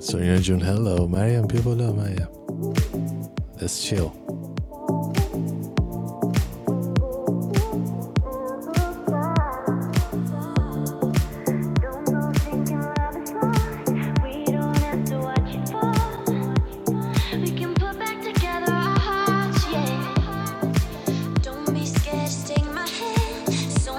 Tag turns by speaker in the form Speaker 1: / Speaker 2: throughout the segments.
Speaker 1: So you're June. Hello, Mariam. People love Mariam. Let's chill. We can put back together our hearts, yeah. So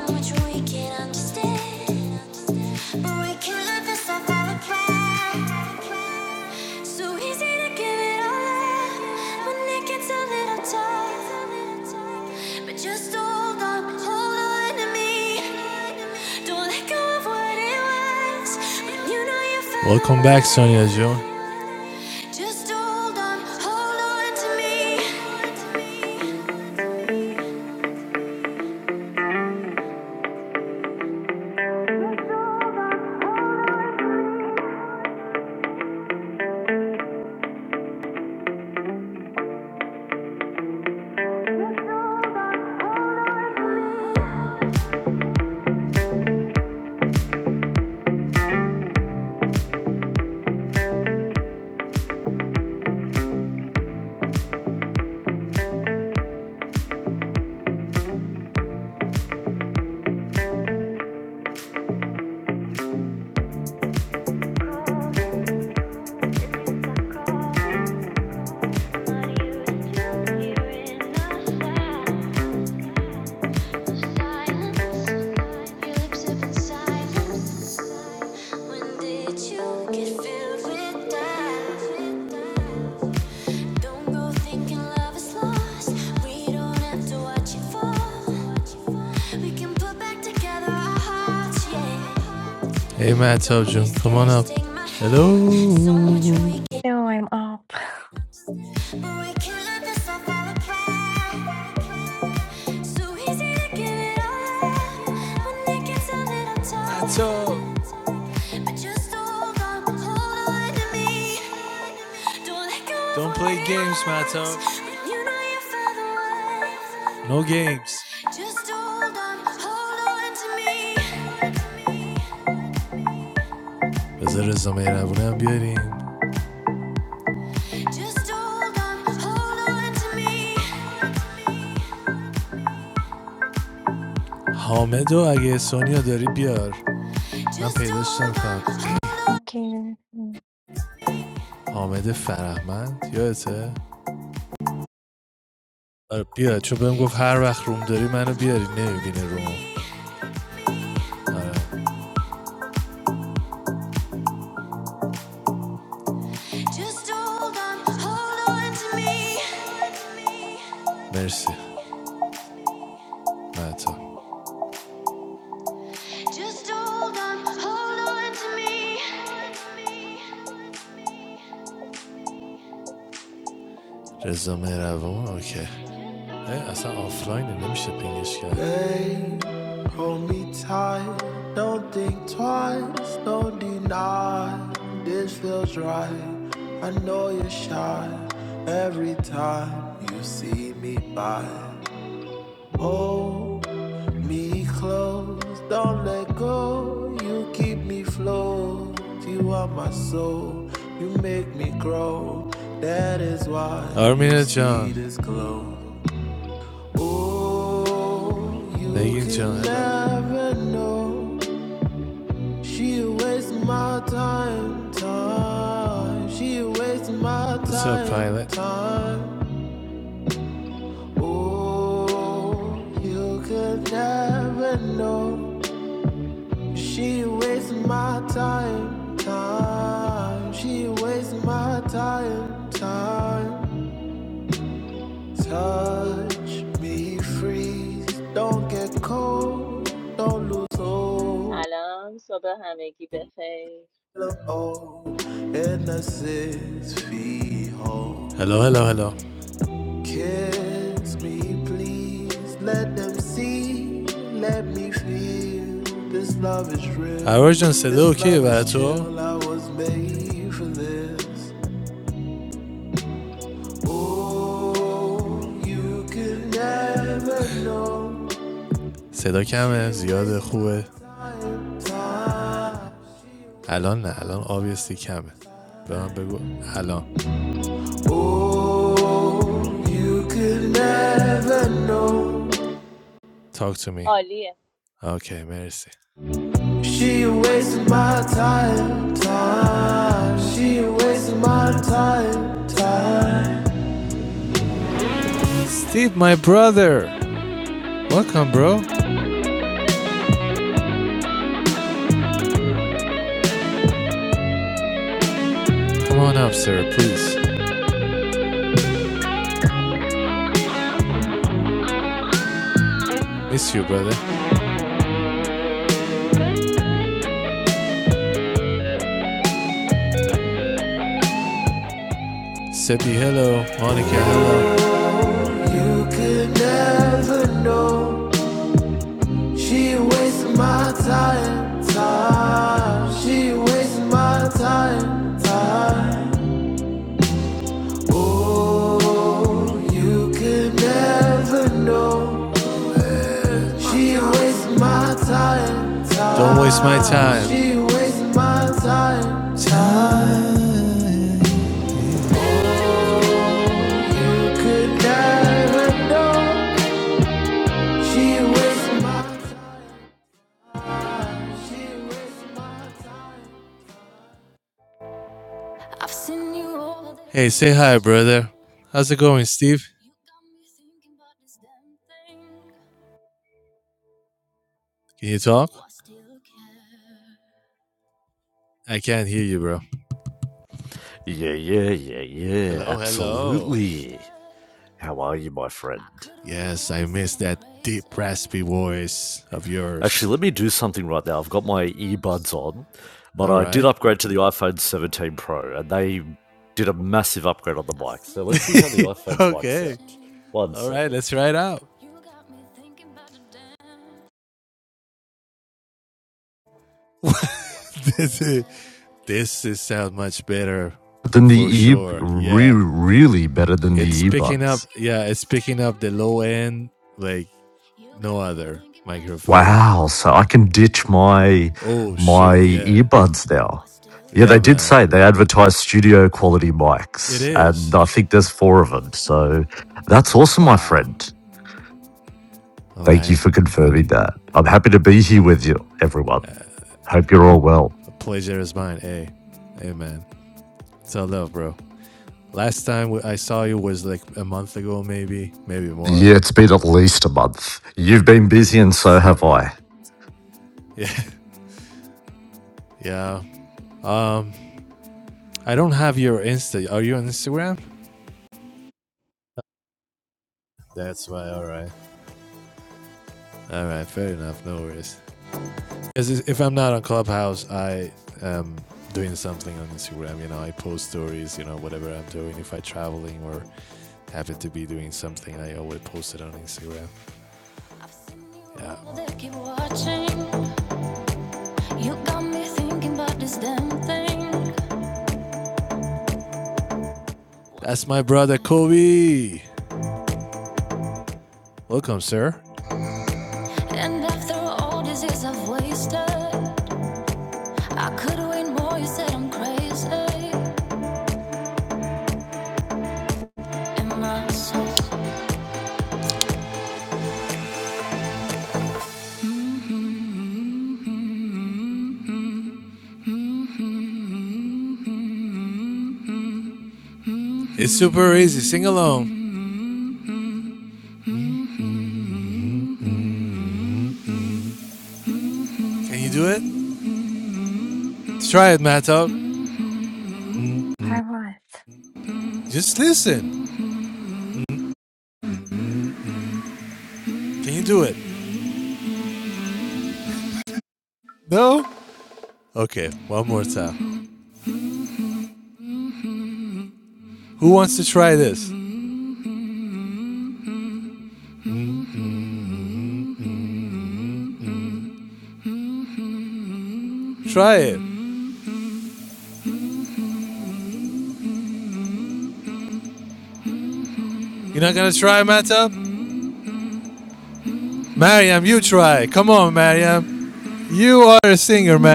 Speaker 1: So Welcome back, Sonia Joe. Just hold on, hold on to me. Hey man, I told you. Come on up. Hello. But So Don't play games, Matto. No games. Just hold on, hold on to me. بذار الزمین ابونم بیاریم حامد و اگه سونیا داری بیار من پیداش نمیکنم حامد فرهمند یادته آره بیا چون بهم گفت هر وقت روم داری منو بیاری نمیبینه روم مرسی مهتا رضا مهربان اوکی اصلا آفلاینه نمیشه پینگش کرد Hold me tight, don't think twice, don't deny. This feels right. I know you're shy every time you see me by. Hold me close, don't let go. You keep me float. You are my soul, you make me grow. That is why Armina you Thank you, John. Never know. She wastes my time, time. She wastes my time. What's up, Pilot? Time. Oh, you could never know. She wastes my time, time. She wastes my time, time. Touch me, freeze. Don't get cold. Don't lose hope.
Speaker 2: Assalamualaikum,
Speaker 1: Oh, in the six feet hole. Hello, hello, hello. Kiss me, please. Let them see. Let me feel. This love is real. هواجان صدا اوکی برای تو I was made for this. Oh, you صدا کمه زیاد خوبه الان نه الان آبیستی کمه به من بگو الان talk to me
Speaker 2: waalaikumsalam.
Speaker 1: Okay, مرسی She wasted my time, time. She wasted my time, time. Steve my brother welcome bro come on up sir please miss you brother Seppi hello Monica hello You could never know. She wastes my time, time. She wastes my time, time. Oh, you could never know. She wastes my time, time. Don't waste my time. She wastes my time, time. You could never know. She wastes my time. She wastes my time. I've seen you all day. Hey, say hi, brother. How's it going, Steve? You got me thinking about this damn thing. Can you talk? Do I still care? I can't hear you, bro.
Speaker 3: Yeah, yeah, yeah, yeah,
Speaker 1: Hello, hello. wasted.
Speaker 3: absolutely. How are you, my
Speaker 1: I
Speaker 3: friend?
Speaker 1: could have Yes, I lost miss an that deep, eraser raspy voice of yours.
Speaker 3: Actually, let me do something right now. I've got my
Speaker 1: in my
Speaker 3: earbuds
Speaker 1: soul.
Speaker 3: on, but
Speaker 1: All
Speaker 3: I did
Speaker 1: right.
Speaker 3: upgrade to the iPhone 17 Pro, and they did a massive upgrade on the
Speaker 1: I've
Speaker 3: mic. So
Speaker 1: seen
Speaker 3: let's see how the
Speaker 1: you
Speaker 3: iPhone's
Speaker 1: all
Speaker 3: mic
Speaker 1: day okay.
Speaker 3: sound. One
Speaker 1: All right,
Speaker 3: second.
Speaker 1: let's try it out. You got me thinking about the damn This is- This is sound much better
Speaker 3: Than
Speaker 1: for
Speaker 3: the ear,
Speaker 1: sure.
Speaker 3: re-
Speaker 1: Yeah.
Speaker 3: really better than
Speaker 1: It's
Speaker 3: the
Speaker 1: picking up
Speaker 3: earbuds.
Speaker 1: yeah, it's picking up the low end like no other microphone.
Speaker 3: Wow, so I can ditch my
Speaker 1: Oh
Speaker 3: my
Speaker 1: shoot, yeah.
Speaker 3: earbuds now. Yeah,
Speaker 1: Yeah
Speaker 3: they did
Speaker 1: man.
Speaker 3: say they advertise studio quality
Speaker 1: It
Speaker 3: mics, and
Speaker 1: is.
Speaker 3: I think there's four of them. So that's awesome, my
Speaker 1: Wow.
Speaker 3: friend. Thank you
Speaker 1: Alright.
Speaker 3: for confirming that. I'm happy to be here with you, everyone. Hope you're all well.
Speaker 1: A pleasure is mine, hey. Hey man. It's all love, bro. Last time I saw you was like a month ago maybe, maybe more.
Speaker 3: Yeah, it's been at least a month. You've been busy, and so have
Speaker 1: Sir.
Speaker 3: I.
Speaker 1: Yeah. Yeah. Um I don't have your Insta. Are you on Instagram? That's why, alright. All right, fair enough. No worries. if I'm not on Clubhouse, I am doing something on Instagram. You know, I post stories. You know, whatever I'm doing. If I'm traveling or happen to be doing something, I always post it on Instagram. Yeah, that's my brother Kobe. Welcome, sir. And after all these years I've wasted, I could win more. You said I'm crazy. Am I so It's super easy. Sing along. Can you do it? Let's try it, Matto. Just listen. Can you do it? No? Okay, one more time. Who wants to try this? Try it. You're not gonna try, Matto? Mariam, you try. Come on, Mariam. You are a singer, man.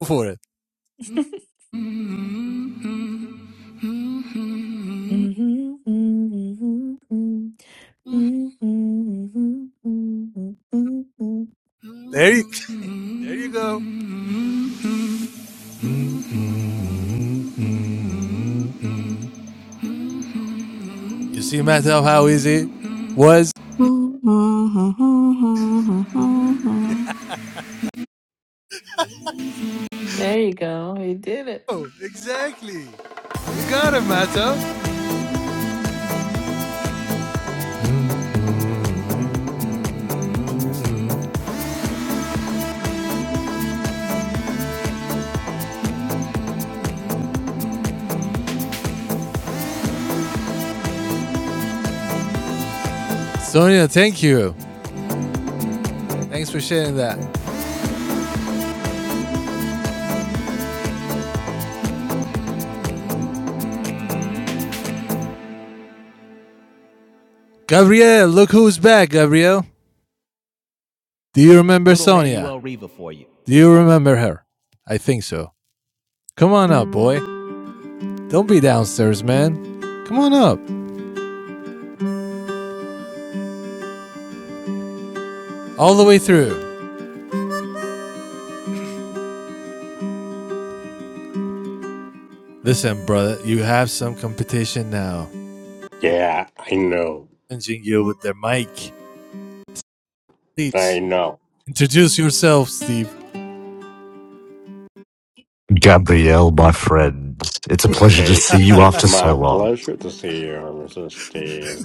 Speaker 1: Go for it. There you, there you go. You see, Matto, how easy it was?
Speaker 4: Mm-hmm.
Speaker 5: There you go. You did it.
Speaker 1: Oh, exactly. You got it, Matto. Sonia, thank you. Thanks for sharing that. Gabriel, look who's back, Gabriel. Do you remember Do you remember her? I think so. Come on up, boy. Don't be downstairs, man. Come on up. All the way through. Listen, brother, you have some competition now. They're
Speaker 6: Yeah, I know.
Speaker 1: Challenging you with their mic.
Speaker 6: I
Speaker 1: Please
Speaker 6: know.
Speaker 1: introduce yourself, Steve.
Speaker 3: Gabrielle, my friend, it's a pleasure to
Speaker 6: It
Speaker 3: see you
Speaker 6: it's
Speaker 3: after
Speaker 6: my
Speaker 3: so long.
Speaker 6: pleasure to see you, Mr. Steve.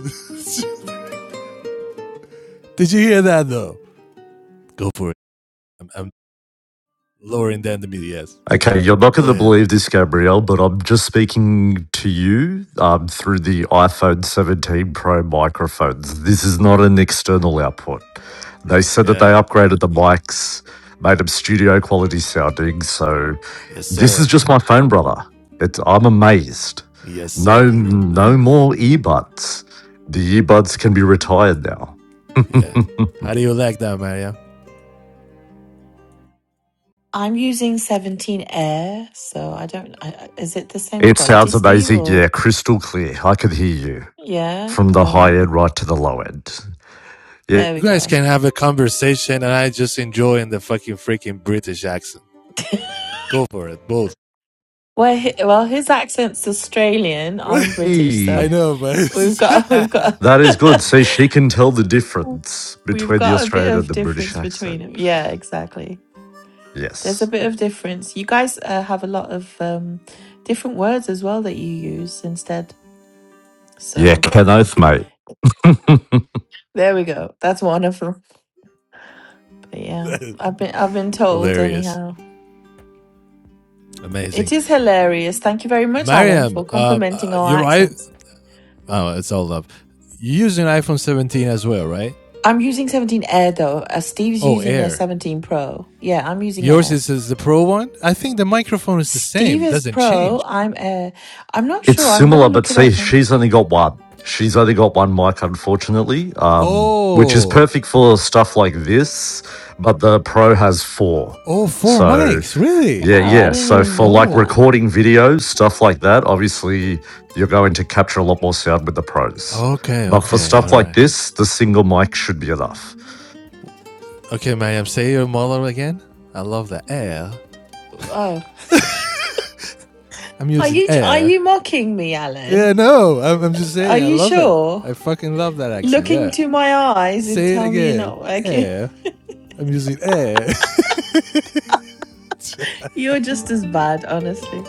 Speaker 1: Did you hear that though? Go for it. I'm, I'm lowering down the media. Yes.
Speaker 3: Okay, you're not
Speaker 1: Go
Speaker 3: going to
Speaker 1: ahead.
Speaker 3: believe this, Gabrielle, but I'm just speaking to you um, through the iPhone 17 Pro microphones. This is not an external output. They said that they
Speaker 1: Yeah.
Speaker 3: upgraded the mics, made them studio quality sounding. So
Speaker 1: Yes,
Speaker 3: this is
Speaker 1: sir.
Speaker 3: just my phone, brother. It's, I'm amazed.
Speaker 1: Yes,
Speaker 3: No,
Speaker 1: sir.
Speaker 3: no more earbuds. The earbuds can be retired now.
Speaker 1: Yeah. How do you like that, Maria?
Speaker 5: I'm using 17 Air, so I don't. I, I- is it the same
Speaker 3: it
Speaker 5: quality,
Speaker 3: sounds
Speaker 5: Steve?
Speaker 3: amazing. Yeah,
Speaker 5: Or
Speaker 3: crystal clear. I can hear you.
Speaker 5: yeah,
Speaker 3: from the
Speaker 5: all
Speaker 3: high
Speaker 5: right
Speaker 3: end
Speaker 5: then.
Speaker 3: right to the low end. Yeah,
Speaker 5: There
Speaker 1: You
Speaker 5: we
Speaker 1: guys
Speaker 5: go.
Speaker 1: can have a conversation, and I just enjoy in the fucking freaking British accent. Go for it, both.
Speaker 5: Well, hi- well, his accent's Australian. I'm British, so
Speaker 1: I
Speaker 3: Eee,
Speaker 1: know, but
Speaker 5: we've
Speaker 1: it's
Speaker 5: got we've got.
Speaker 3: that is good. See, she can tell the difference
Speaker 5: We've
Speaker 3: between the
Speaker 5: got a bit
Speaker 3: Australian and
Speaker 5: of
Speaker 3: the British
Speaker 5: difference between
Speaker 3: accent.
Speaker 5: them. Yeah, exactly. There's a
Speaker 3: Yes.
Speaker 5: bit of difference. You guys uh, have a lot of um, different words as well that you use instead.
Speaker 3: Yeah,
Speaker 5: So
Speaker 3: Ken Oath, mate.
Speaker 5: there we go. That's one of them. But yeah, I've been I've been told
Speaker 1: hilarious,
Speaker 5: anyhow. It
Speaker 1: amazing.
Speaker 5: is hilarious. Thank you very much, Alan,
Speaker 1: Mariam,
Speaker 5: for
Speaker 1: um,
Speaker 5: complimenting
Speaker 1: uh,
Speaker 5: our
Speaker 1: you're right.
Speaker 5: accents.
Speaker 1: Oh, it's all up. You use an iPhone 17 as well, right?
Speaker 5: I'm using 17 Air though. Uh, Steve's
Speaker 1: Oh,
Speaker 5: using a
Speaker 1: Air.
Speaker 5: 17 Pro. Yeah, I'm using
Speaker 1: Yours
Speaker 5: Air.
Speaker 1: is, is the Pro one. I think the microphone is the
Speaker 5: Steve
Speaker 1: same.
Speaker 5: is
Speaker 1: Doesn't
Speaker 5: Pro.
Speaker 1: change.
Speaker 5: I'm Air. I'm not
Speaker 3: it's
Speaker 5: sure. I'm gonna
Speaker 3: similar, but
Speaker 5: look it
Speaker 3: see,
Speaker 5: up. Now.
Speaker 3: she's only got one. She's only got one mic, unfortunately, um, which is
Speaker 1: Oh,
Speaker 3: perfect for stuff like this. But the Pro has four,
Speaker 1: oh, four
Speaker 3: so
Speaker 1: mics, really?
Speaker 3: Yeah,
Speaker 5: Wow, I
Speaker 3: yeah.
Speaker 5: didn't
Speaker 3: So
Speaker 5: even
Speaker 3: for
Speaker 5: know
Speaker 3: like
Speaker 5: that.
Speaker 1: Oh,
Speaker 3: recording videos, stuff like that, obviously you're going to capture a lot more sound with the pros.
Speaker 1: okay,
Speaker 3: But for
Speaker 1: okay, all
Speaker 3: stuff like
Speaker 1: right.
Speaker 3: this, the single mic should be enough.
Speaker 1: Okay, Mariam, say your model again. I love the Air.
Speaker 5: Oh,
Speaker 1: I'm
Speaker 5: are
Speaker 1: using
Speaker 5: you are
Speaker 1: Air.
Speaker 5: you mocking me,
Speaker 1: Yeah,
Speaker 5: Alan?
Speaker 1: no, I'm, I'm just
Speaker 5: Are
Speaker 1: saying, I
Speaker 5: you
Speaker 1: love it.
Speaker 5: sure?
Speaker 1: I fucking love that accent.
Speaker 5: Look
Speaker 1: Yeah.
Speaker 5: into my eyes and
Speaker 1: Say it
Speaker 5: tell me you're
Speaker 1: again.
Speaker 5: not working.
Speaker 1: Eh. I'm using eh.
Speaker 5: You're just as bad, honestly.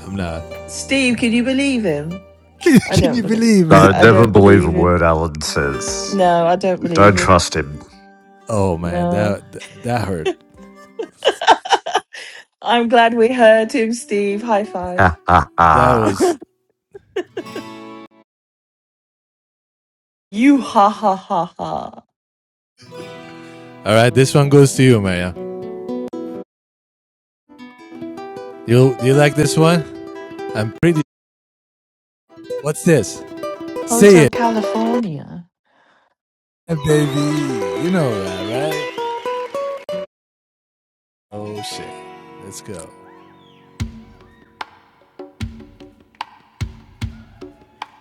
Speaker 1: I'm not.
Speaker 5: Steve, can you believe him?
Speaker 1: Can,
Speaker 5: I
Speaker 1: can
Speaker 5: don't
Speaker 1: you
Speaker 5: believe.
Speaker 1: believe
Speaker 3: No,
Speaker 5: I
Speaker 1: him?
Speaker 3: never
Speaker 5: don't
Speaker 3: believe a
Speaker 5: believe him.
Speaker 3: word Alan says.
Speaker 5: No, I don't believe
Speaker 3: Don't
Speaker 5: him.
Speaker 3: trust him.
Speaker 1: Oh man,
Speaker 5: No.
Speaker 1: that, that that hurt.
Speaker 5: I'm glad we heard him, Steve. High five.
Speaker 3: Ha ha
Speaker 1: That
Speaker 3: ha.
Speaker 1: was
Speaker 5: you ha ha ha ha.
Speaker 1: all right. This one goes to you, Maya. You you like this one? I'm pretty. What's this? Say
Speaker 5: Hotel
Speaker 1: it,
Speaker 5: California.
Speaker 1: Yeah, baby. You know that, right? Oh shit. Let's go.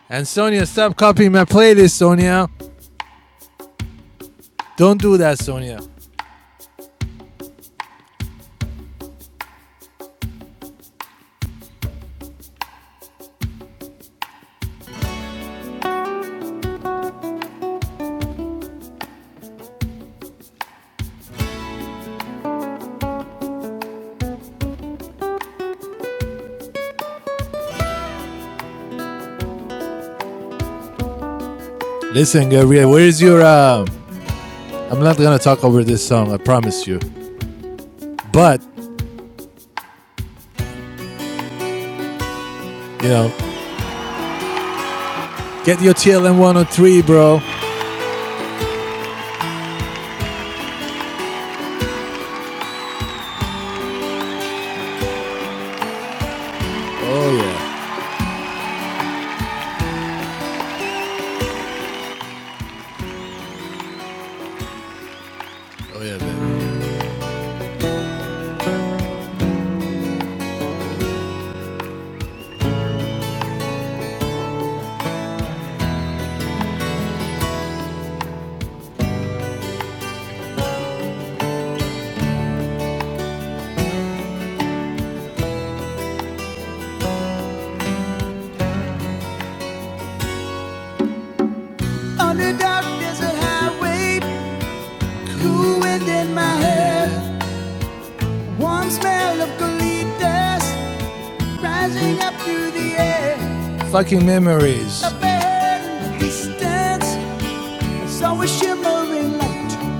Speaker 1: And Sonia, stop copying my playlist, Sonia. Don't do that, Sonia. Listen, Gabriel, where's your? Um, I'm not gonna talk over this song, I promise you. But you know, get your TLM 103, bro. Oh yeah, oh yeah, baby. On the dark desert highway, cool wind in my hair, warm smell of colitas rising up through the air. Fucking memories. Up ahead in the distance, saw a shimmering light.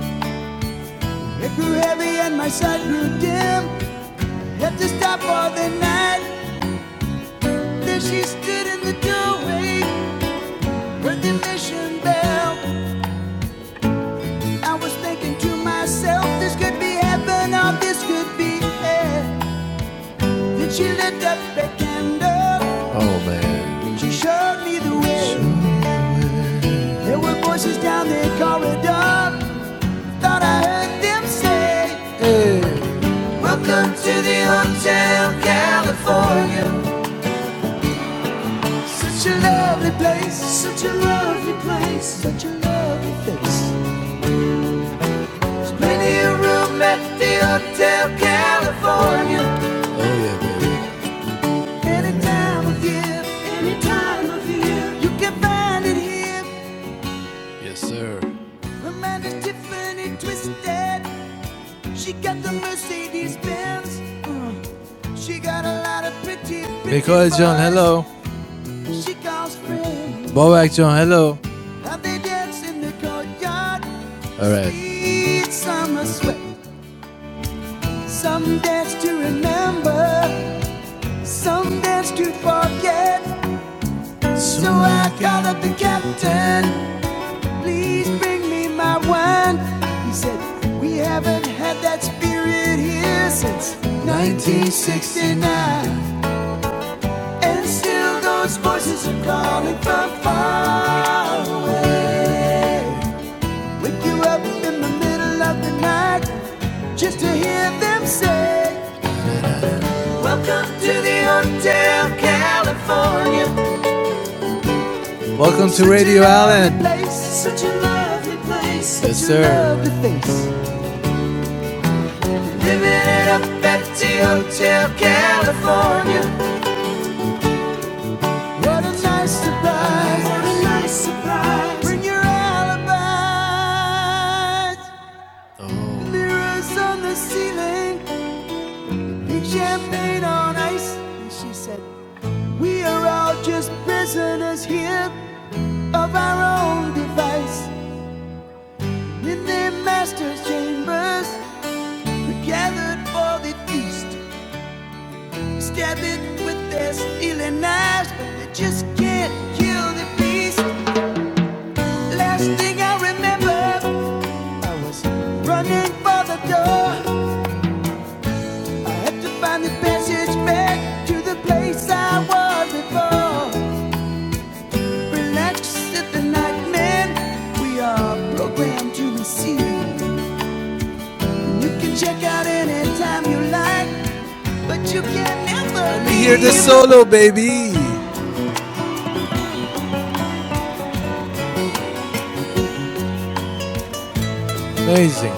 Speaker 1: It grew heavy and my sight grew dim. Had to stop for the night. There she stood in the doorway, heard the mission bell. I was thinking to myself, this could be heaven or this could be hell. Then she lit up the candle, Oh man. she showed me the way. Sure. There were voices down the corridor, thought I heard them say, hey. Welcome to the Hotel California. Such a lovely place, such a lovely place, such a lovely place. There's Plenty of room at the Hotel California. Oh yeah, baby. Any time of year, any time of year, you can find it here. Yes, sir. Amanda Tiffany twisted. She got the Mercedes Benz. Mm, She got a lot of pretty. pretty Mikoy John, hello. She calls friends. Bobak John, hello. And they dance in the courtyard. All right. Sweet summer sweat. Some dance to remember, some dance to forget. So I called up the captain, please bring me my wine. He said, We haven't had that spirit here since 1969. And still those voices are calling from far away. Wake you up in the middle of the night just to hear them say, Welcome to the Hotel California. Welcome to Radio Island. such a lovely place. Yes, sir. lovely face. Living it up at the Hotel California. What a nice surprise. What a nice surprise. Bring your alibis. Mirrors on the ceiling. Pink champagne on ice. And she said, We are all just prisoners here of our own device. In their master's chambers, they gathered for the feast. They Stab it with their steely knives, but they just can't kill the beast. Last thing I remember, I was running for the door. I had to find the passage back to the place I was before. Relax at the nightmare, we are programmed to receive. You can check out anytime you like. But you can never Let me hear the solo, baby. Amazing.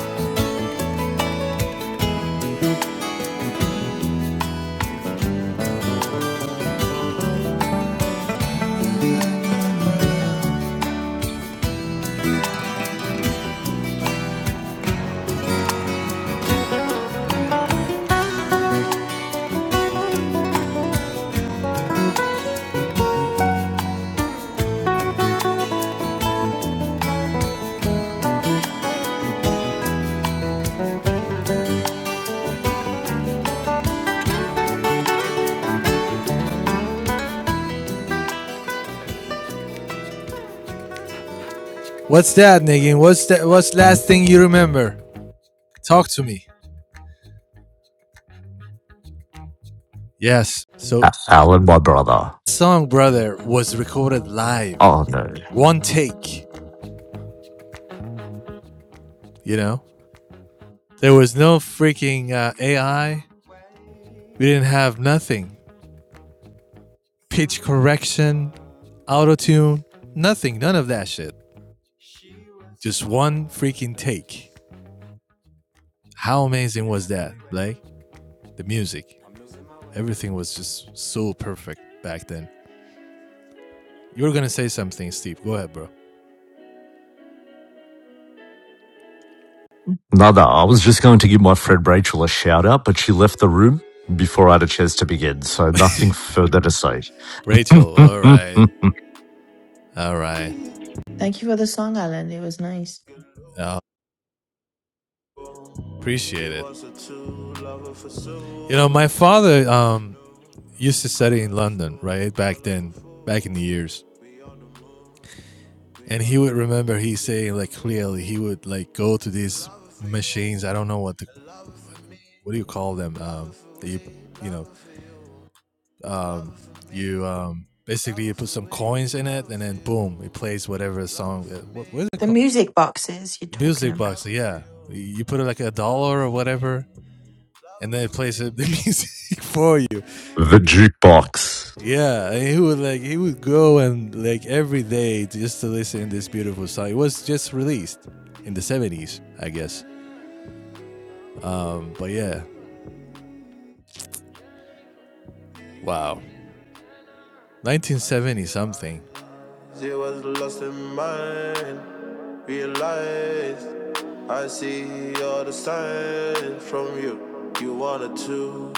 Speaker 1: What's that, Nagin? What's that? What's last thing you remember? Talk to me. Yes. So,
Speaker 3: A- Alan, my brother.
Speaker 1: this song brother was recorded live,
Speaker 3: Oh no.
Speaker 1: one take. You know, there was no freaking uh, AI. We didn't have nothing. Pitch correction, auto tune, nothing. None of that shit. Just one freaking take. How amazing was that, Blake? The music. Everything was just so perfect back then. You were gonna say something, Steve. Go ahead, bro.
Speaker 3: No, no. I was just going to give my friend Rachel a shout out, but she left the room before I had a chance to begin, so nothing further to say.
Speaker 1: Rachel,
Speaker 3: the
Speaker 1: all right, all right.
Speaker 5: Thank you for the song, Alan. It was nice.
Speaker 1: Uh, appreciate it. You know, my father um, used to study in London, right? Back then, back in the years. And he would remember he saying like clearly he would like go to these machines. I don't know what the what do you call them? Um, that you you know um, you um, basically you put some coins in it and then boom, it plays whatever song. uh, What, what is it called?
Speaker 5: The music boxes you're talking
Speaker 1: music
Speaker 5: about.
Speaker 1: box. Yeah, you put it like a dollar or whatever, and then it plays the music for you.
Speaker 3: jukebox.
Speaker 1: Yeah, and he would like he would go and like every day just to listen to this beautiful song. It was just released in the seventies, I guess. But yeah, wow, nineteen seventy something. She was lost in mind, realized I see all the signs from you. You wanted to,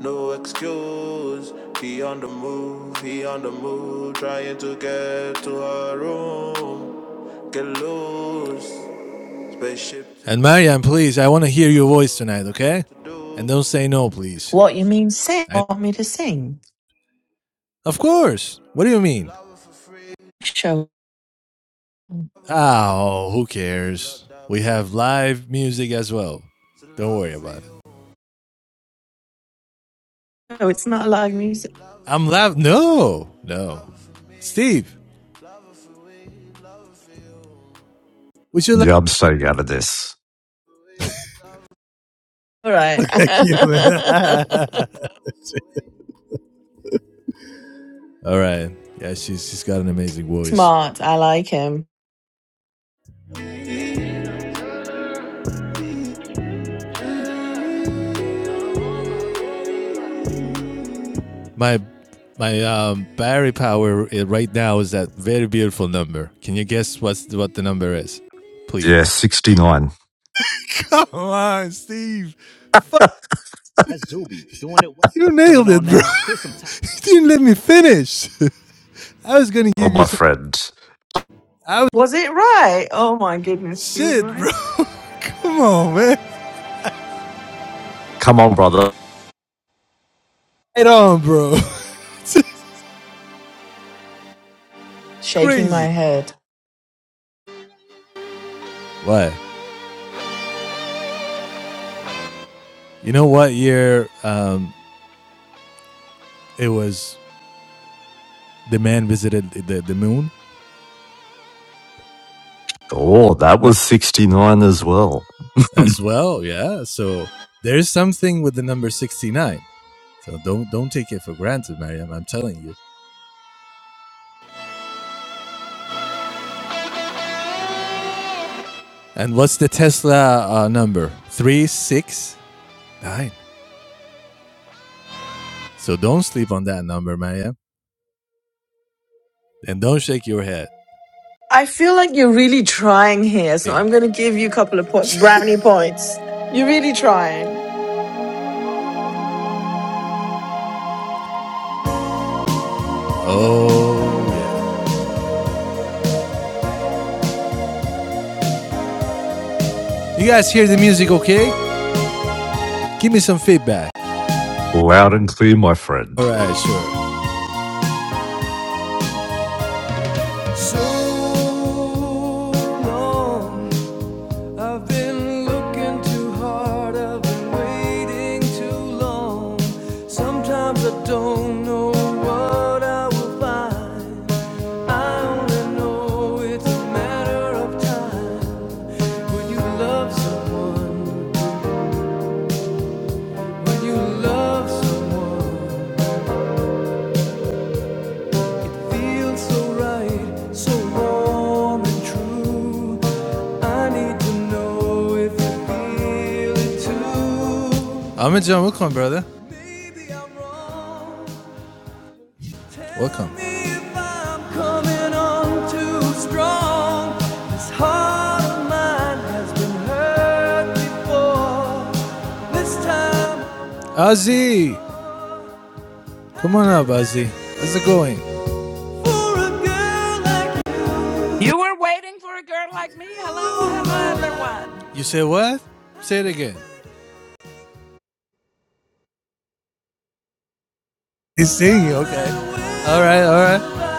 Speaker 1: no excuse. He on the move, he on the move, trying to get to her room. Get loose, spaceship And Marianne, please, I want to hear your voice tonight, okay? And do. not say no, please.
Speaker 5: What you mean sing?
Speaker 1: I,
Speaker 5: Want me to sing?
Speaker 1: of course. What do you mean?
Speaker 5: Show. No,
Speaker 1: Ah, Oh, who cares? We have live music as well. Don't worry about it.
Speaker 5: it's not live music.
Speaker 1: I'm laugh. No, no. Steve, Would you like
Speaker 3: Yeah, I'm staying out of this.
Speaker 5: All right.
Speaker 1: like you? man? All right. Yeah, she's she's got an amazing voice.
Speaker 5: Smart. I like him.
Speaker 1: My my um battery power right now is that very beautiful number. Can you guess what's what the number is? Please.
Speaker 3: Yeah, 69.
Speaker 1: Come on, Steve. Fuck you, ne- you didn't let me finish. I was gonna
Speaker 3: Oh,
Speaker 1: give you
Speaker 3: my
Speaker 1: some.
Speaker 3: friend.
Speaker 1: I was
Speaker 5: Was it right? Oh my goodness, he was
Speaker 1: shit, bro.
Speaker 5: right.
Speaker 1: Come on, man.
Speaker 3: Come on, brother.
Speaker 1: Right on, bro. it's
Speaker 5: Shaking my
Speaker 1: crazy.
Speaker 5: head.
Speaker 1: What? You know what year um it was the man visited the, the moon?
Speaker 3: Oh, that was 69 as well.
Speaker 1: as well. Yeah, so there's something with the number 69. So don't don't take it for granted, Mariam. I'm telling you. And what's the Tesla uh, number? Three six nine. So don't sleep on that number, Mariam, and don't shake your head.
Speaker 5: I feel like you're really trying here, so
Speaker 1: Think.
Speaker 5: I'm going to give you a couple of po- brownie points. You're really trying.
Speaker 1: Oh yeah. You guys hear the music, okay? Give me some feedback.
Speaker 3: Loud and clear, my
Speaker 1: All
Speaker 3: friend.
Speaker 1: right, sure. So long I've been looking too hard, I've been waiting too long. Sometimes I don't know what I will find. I only know it's a matter of time. When you love someone, when you love someone. Feels so right, so I need to John, welcome, brother. Welcome. me Ozzy, come on up, Ozzy. How's it going? for a girl like
Speaker 7: You were waiting for a girl like me. Hello,
Speaker 1: you,
Speaker 7: hello,
Speaker 1: I
Speaker 7: everyone.
Speaker 1: You said what? Say it again. He's singing, okay. All right, all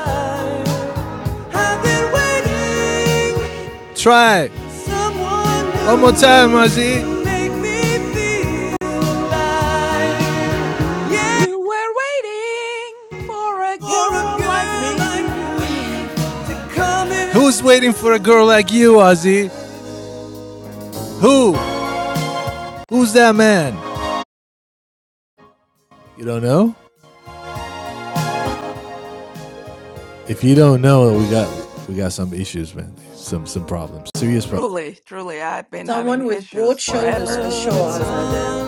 Speaker 1: right. I've been waiting. Try. Someone One more time, Marcy. make me feel alive. Yeah,
Speaker 7: You were waiting for a
Speaker 1: for a
Speaker 7: girl like
Speaker 1: girl like
Speaker 7: me.
Speaker 1: me to come in. Who's waiting for a girl like you, Ozzy? Who? Who's that man? You don't know? If you don't know, we got we got some issues, man. Some some problems. Serious problems.
Speaker 7: Truly, truly, I've been having
Speaker 5: Someone with broad
Speaker 7: issues
Speaker 5: shoulders for
Speaker 7: forever.
Speaker 5: sure, Azadeh.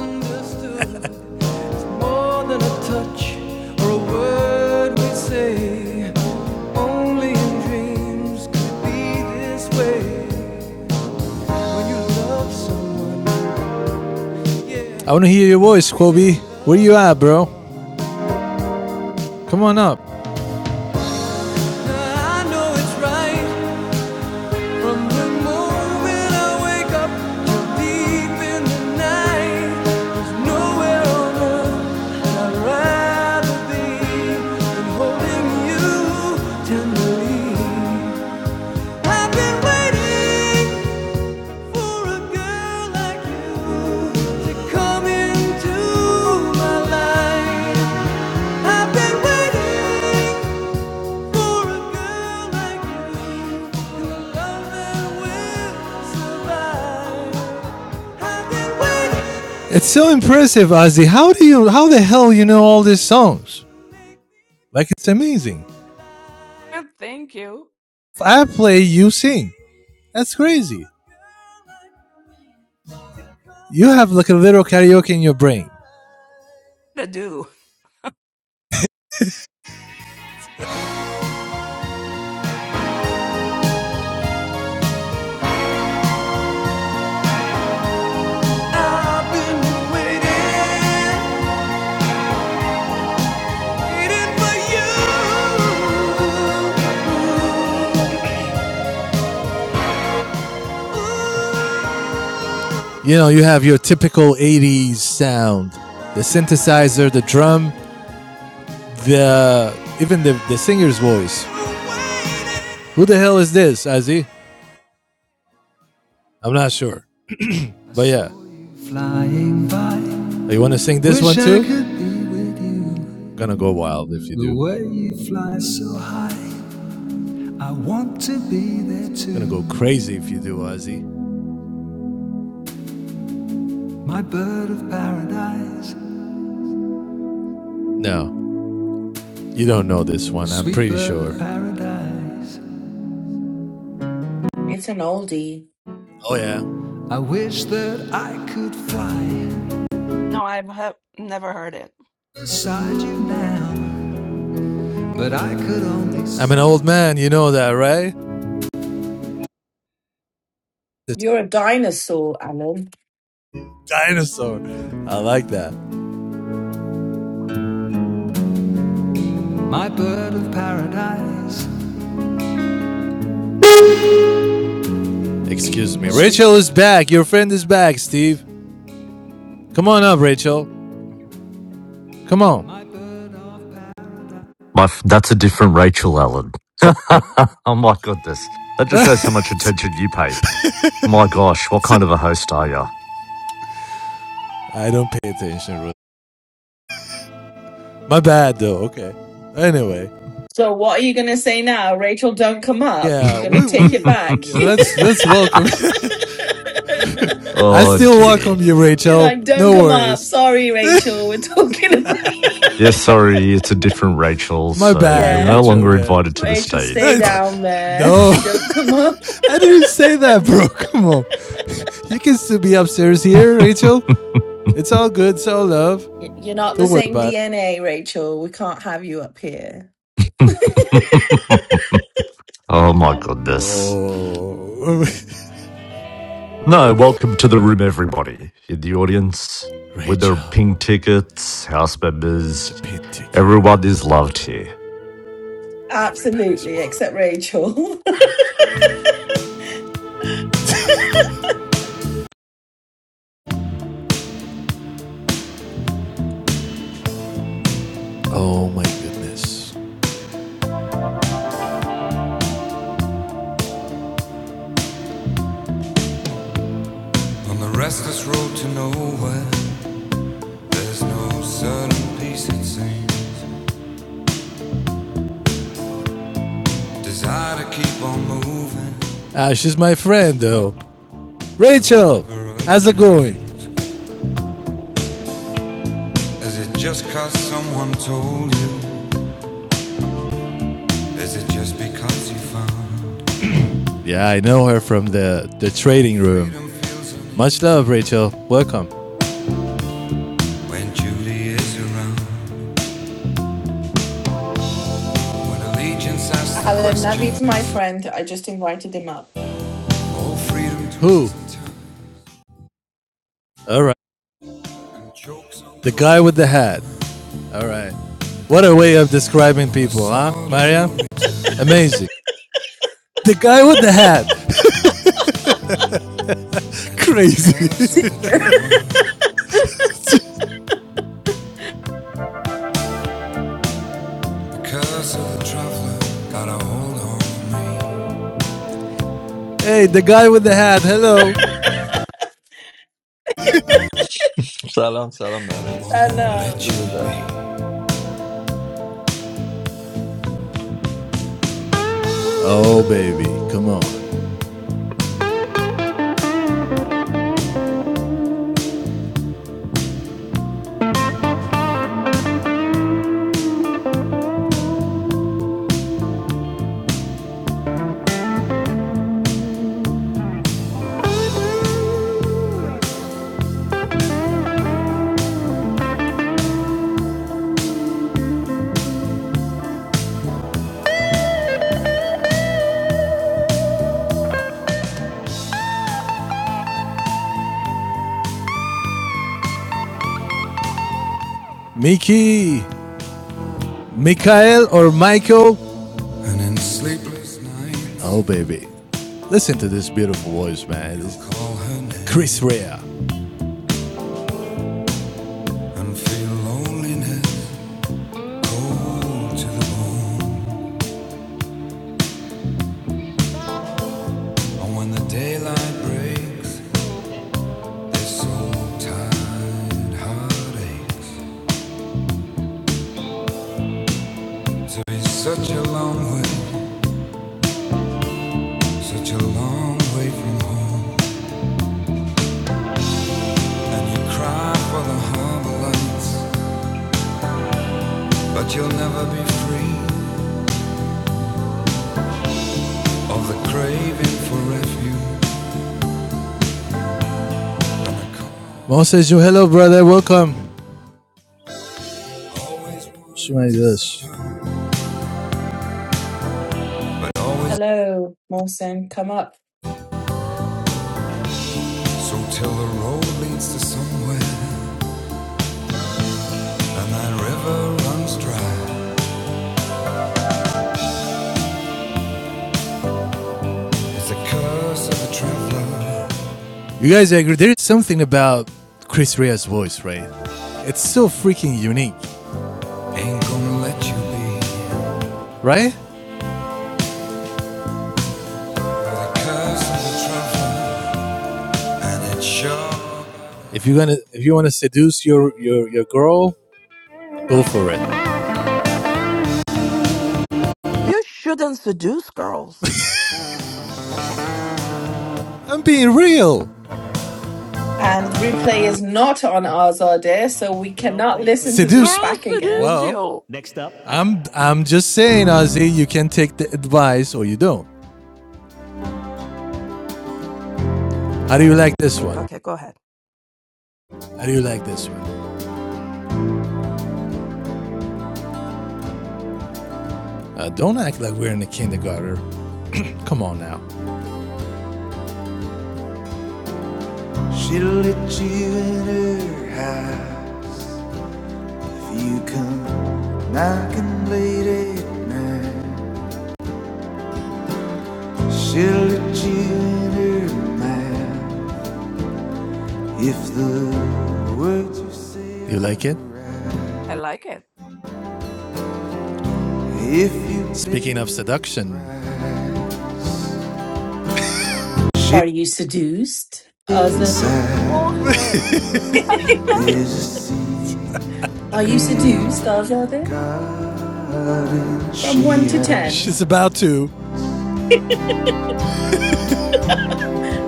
Speaker 1: I want to hear your voice, Kobe. Where you at, bro? Come on up. I know it's right. From the moment I wake up till deep in the night, there's nowhere on earth I'd rather be than holding you tenderly. I've been waiting for a girl like you to come into my life. I've been waiting. It's so impressive, Ozzy. How do you, how the hell you know all these songs? Like it's amazing.
Speaker 7: And thank you.
Speaker 1: If I play, you sing. That's crazy. You have like a little karaoke in your brain.
Speaker 7: To do.
Speaker 1: I've been waiting, waiting for you. you know, you have your typical 80s sound the synthesizer, the drum, the even the, the singer's voice. Who the hell is this, Ozzy? I'm not sure. But yeah. Flying You want to sing this one too? Gonna go wild if you The do. The way you fly so high. I want to be there too. Gonna go crazy if you do, Ozzy. My bird of paradise. No. You don't know this one, I'm Sweet pretty sure. Paradise.
Speaker 5: It's an oldie.
Speaker 1: Oh, yeah. I wish that I could fly
Speaker 7: No, I've have never heard it.
Speaker 1: beside you now, but I could only. see. I'm an old man, you know that, right? This
Speaker 5: You're a dinosaur, Alan.
Speaker 1: dinosaur. I like that. My bird of paradise. Excuse me. Rachel is back. Your friend is back, Steve. Come on up, Rachel. Come on.
Speaker 3: My, f- that's a different Rachel Allen.
Speaker 1: Oh,
Speaker 3: oh, my goodness. That just shows how much attention you pay. My gosh, what kind of a host are
Speaker 1: I don't pay attention. really. My bad, though. Okay. Anyway,
Speaker 5: So what are you gonna say now? Rachel, don't come up.
Speaker 1: Yeah,
Speaker 5: You're
Speaker 3: you?
Speaker 5: gonna
Speaker 1: we
Speaker 5: take
Speaker 1: we
Speaker 5: it back.
Speaker 1: yeah, let's let's welcome. I
Speaker 3: oh,
Speaker 1: still
Speaker 3: dear.
Speaker 1: welcome you,
Speaker 5: You're
Speaker 1: Rachel.
Speaker 5: like, don't
Speaker 1: No
Speaker 5: come up.
Speaker 1: worries.
Speaker 5: Sorry, Rachel, we're talking about
Speaker 3: Yeah, sorry, it's a different Rachel,
Speaker 1: My
Speaker 3: so
Speaker 1: bad,
Speaker 3: you're no
Speaker 5: Yeah.
Speaker 1: Rachel.
Speaker 3: longer
Speaker 1: Yeah.
Speaker 3: invited to the
Speaker 5: Rachel, stay
Speaker 3: stage, but.
Speaker 5: down there.
Speaker 1: no,
Speaker 5: Don't come up.
Speaker 1: I didn't say that, bro. Come on, you can still be upstairs here, Rachel. It's all good. It's all love.
Speaker 5: Y- You're not the
Speaker 1: Don't worry
Speaker 5: same
Speaker 1: about it.
Speaker 5: DNA, Rachel. We can't have you up here.
Speaker 3: oh, my goodness.
Speaker 1: Oh,
Speaker 3: No, welcome to the room, everybody in the audience with their
Speaker 1: Rachel,
Speaker 3: pink tickets, house
Speaker 1: the
Speaker 3: members.
Speaker 1: pit ticket.
Speaker 3: Everyone is loved here.
Speaker 1: Everybody's
Speaker 5: Absolutely,
Speaker 1: welcome.
Speaker 5: except Rachel.
Speaker 1: Oh my goodness. On the restless road to nowhere, there's no certain peace it seems. Desire to keep on moving. Ah, she's my friend though. Rachel, how's it going? Is it just cause someone told you? Is it just because you found Yeah, I know her from the the trading room. Much love, Rachel. Welcome. When Julie is around, when allegiance asks the
Speaker 5: Alan
Speaker 1: questions,
Speaker 5: Navid's my friend. I just invited him up.
Speaker 1: oh freedom to Who? All right, the guy with the hat. All right. What a way of describing people, huh, Maria? Amazing. The guy with the hat. Crazy.
Speaker 5: See you.
Speaker 1: Hey, the guy with the hat. Hello.
Speaker 8: Salam, salam, namaste.
Speaker 5: Hello.
Speaker 8: Good day.
Speaker 1: Oh, baby. Come on. Mickey. Michael or Michael. And in sleepless nights, Oh, baby. Listen to this beautiful voice, man. Chris Rea. and feel loneliness cold to the bone. And when the daylight breaks, It's so heartaches. To be such a long way, such a long way from home. And you cry for the harbor lights, but you'll never be free of the craving for refuge. Mo says, "Yo, hello, brother. Welcome." Always wanted She might do this.
Speaker 5: Hello, Mohsen. Come up.
Speaker 1: so curse of the traveler You guys agree? There's something about Chris Rea's voice, right? It's so freaking unique, Ain't gonna let you be right? sure. If you are gonna, if you wanna seduce your your your girl, go for it.
Speaker 7: You shouldn't seduce girls.
Speaker 1: I'm being real.
Speaker 5: And replay is not on Azadeh, so we cannot listen to this
Speaker 1: Seduce?
Speaker 7: Girls
Speaker 5: back
Speaker 7: seduce
Speaker 5: again.
Speaker 1: Well,
Speaker 7: you.
Speaker 1: I'm I'm just saying, Ozzy. You can take the advice or you don't. How do you like
Speaker 7: I
Speaker 1: this
Speaker 7: mean,
Speaker 1: one?
Speaker 7: okay, go ahead.
Speaker 1: How do you like this one? Uh, don't act like we're in the kindergarten. Come on now. She'll let you in her half. You come knocking late at night. She'll, You like it?
Speaker 7: I like it.
Speaker 1: Speaking of seduction,
Speaker 5: Are you seduced,
Speaker 7: Ah,
Speaker 5: Azadeh?
Speaker 7: Bullshit.
Speaker 5: Are you seduced, Azadeh? From 1 to 10.
Speaker 1: She's about to.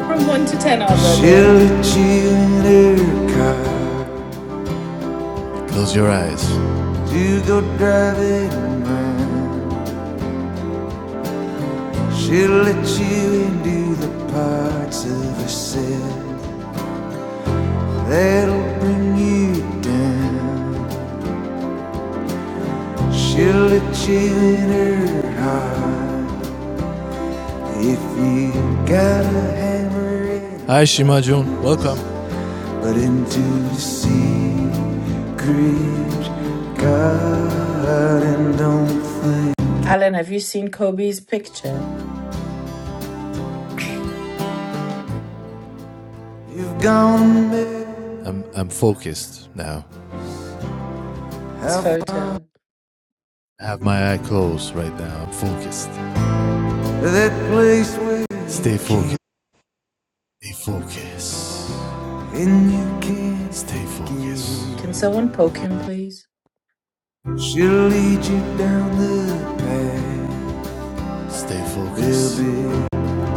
Speaker 5: From one to ten
Speaker 1: she'll
Speaker 5: Azade.
Speaker 1: let you in her car close your eyes. to go driving around. She'll let you into the parts of herself that'll bring you down. She'll let you in her heart. If you got a hammer in, Hi, Shima Jun. Welcome. but into secret God and don't think
Speaker 5: Alan, have you seen Kobe's picture?
Speaker 1: you've gone mad. I'm I'm focused now.
Speaker 5: His photo.
Speaker 1: I have my eye closed right now. I'm focused. Stay focused. Stay focused. And you can't Stay focused.
Speaker 5: Can someone poke him, please?
Speaker 1: She'll lead you down the path Stay focused.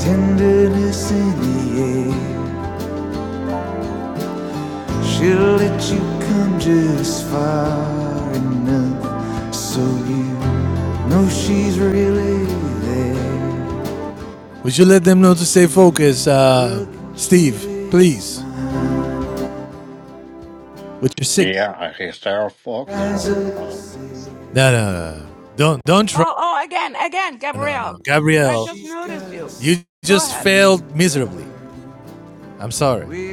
Speaker 1: Tenderness in the air. She'll let you come just fine. Would you let them know to stay focused, uh, Steve? Please, with your sick.
Speaker 6: Yeah, I hear Star Fox is all the time.
Speaker 1: No, no, no, no. Don't, don't try.
Speaker 7: Oh, oh, again, again,
Speaker 1: No, no,
Speaker 7: Gabrielle.
Speaker 1: no.
Speaker 7: I
Speaker 1: Gabrielle,
Speaker 7: just noticed you.
Speaker 1: you
Speaker 7: Go
Speaker 1: just
Speaker 7: ahead.
Speaker 1: failed miserably. I'm sorry.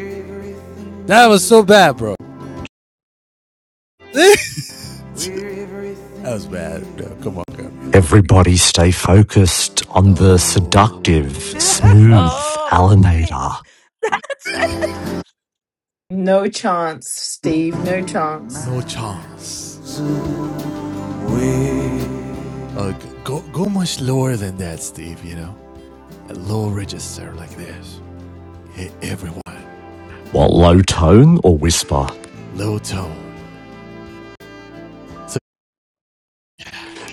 Speaker 1: That was so bad, bro. that was bad. No, come on, Gabrielle.
Speaker 3: Everybody stay focused on the
Speaker 1: Oh,
Speaker 3: seductive, smooth
Speaker 7: All right.
Speaker 3: alanator.
Speaker 7: That's it.
Speaker 5: No chance, Steve. No chance.
Speaker 1: no chance. Oh, go, go much lower than that, Steve. You know, a low register like this. Hit everyone.
Speaker 3: What low tone or whisper?
Speaker 1: Low tone. So-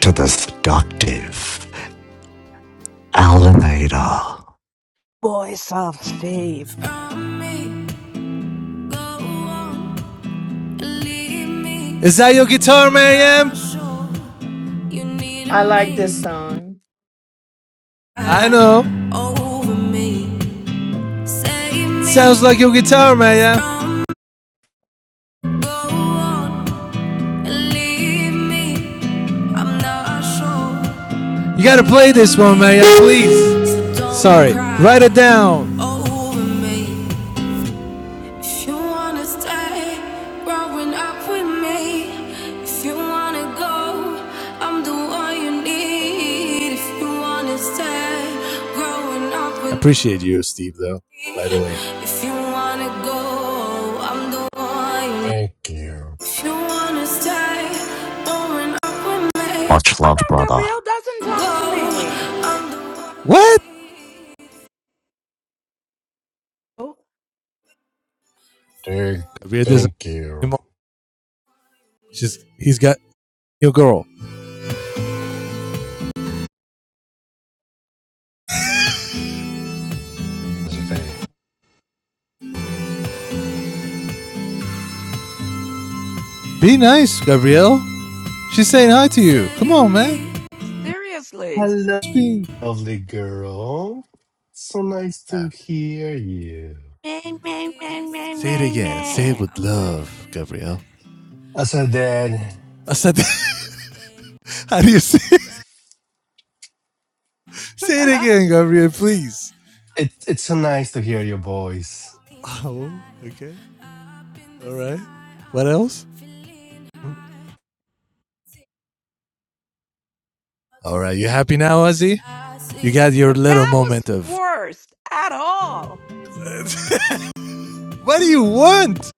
Speaker 3: To the seductive alanator.
Speaker 7: Voice of Steve. How
Speaker 1: Is that your guitar, Miriam?
Speaker 5: I like this song.
Speaker 1: I know. Sounds like your guitar, Miriam. You gotta play this one, Miriam, please. Sorry. Write it down. i appreciate you, Steve, though, by the way. if you wanna go, I'm the one.
Speaker 6: Thank you.
Speaker 1: If you wanna stay, don't
Speaker 3: Much love,
Speaker 7: come
Speaker 3: brother.
Speaker 7: Gabrielle doesn't talk
Speaker 1: go.
Speaker 7: to me?
Speaker 1: What?
Speaker 7: Oh,
Speaker 6: Thank,
Speaker 1: Gabriel doesn't
Speaker 6: thank you,
Speaker 1: anymore. She's he's got your girl.
Speaker 6: Mr. Faye.
Speaker 1: Be nice, Gabrielle. She's saying hi to you. Come on, man.
Speaker 7: seriously.
Speaker 6: Hello,
Speaker 1: It's been
Speaker 6: lovely girl. So nice to hear you.
Speaker 7: Man, man, man, man,
Speaker 1: Say it
Speaker 7: man,
Speaker 1: again. Say it
Speaker 7: man.
Speaker 1: with love, Gabrielle.
Speaker 6: Also, Dad,
Speaker 1: I said, that. how do you say? it? Say it
Speaker 7: that
Speaker 1: again, Gabrielle, please.
Speaker 6: it, it's so nice to hear your voice.
Speaker 1: Oh, okay. All right. What else? All right. You happy now, Ozzy? You got your little
Speaker 7: was
Speaker 1: moment of.
Speaker 7: worst at all.
Speaker 1: What do you want?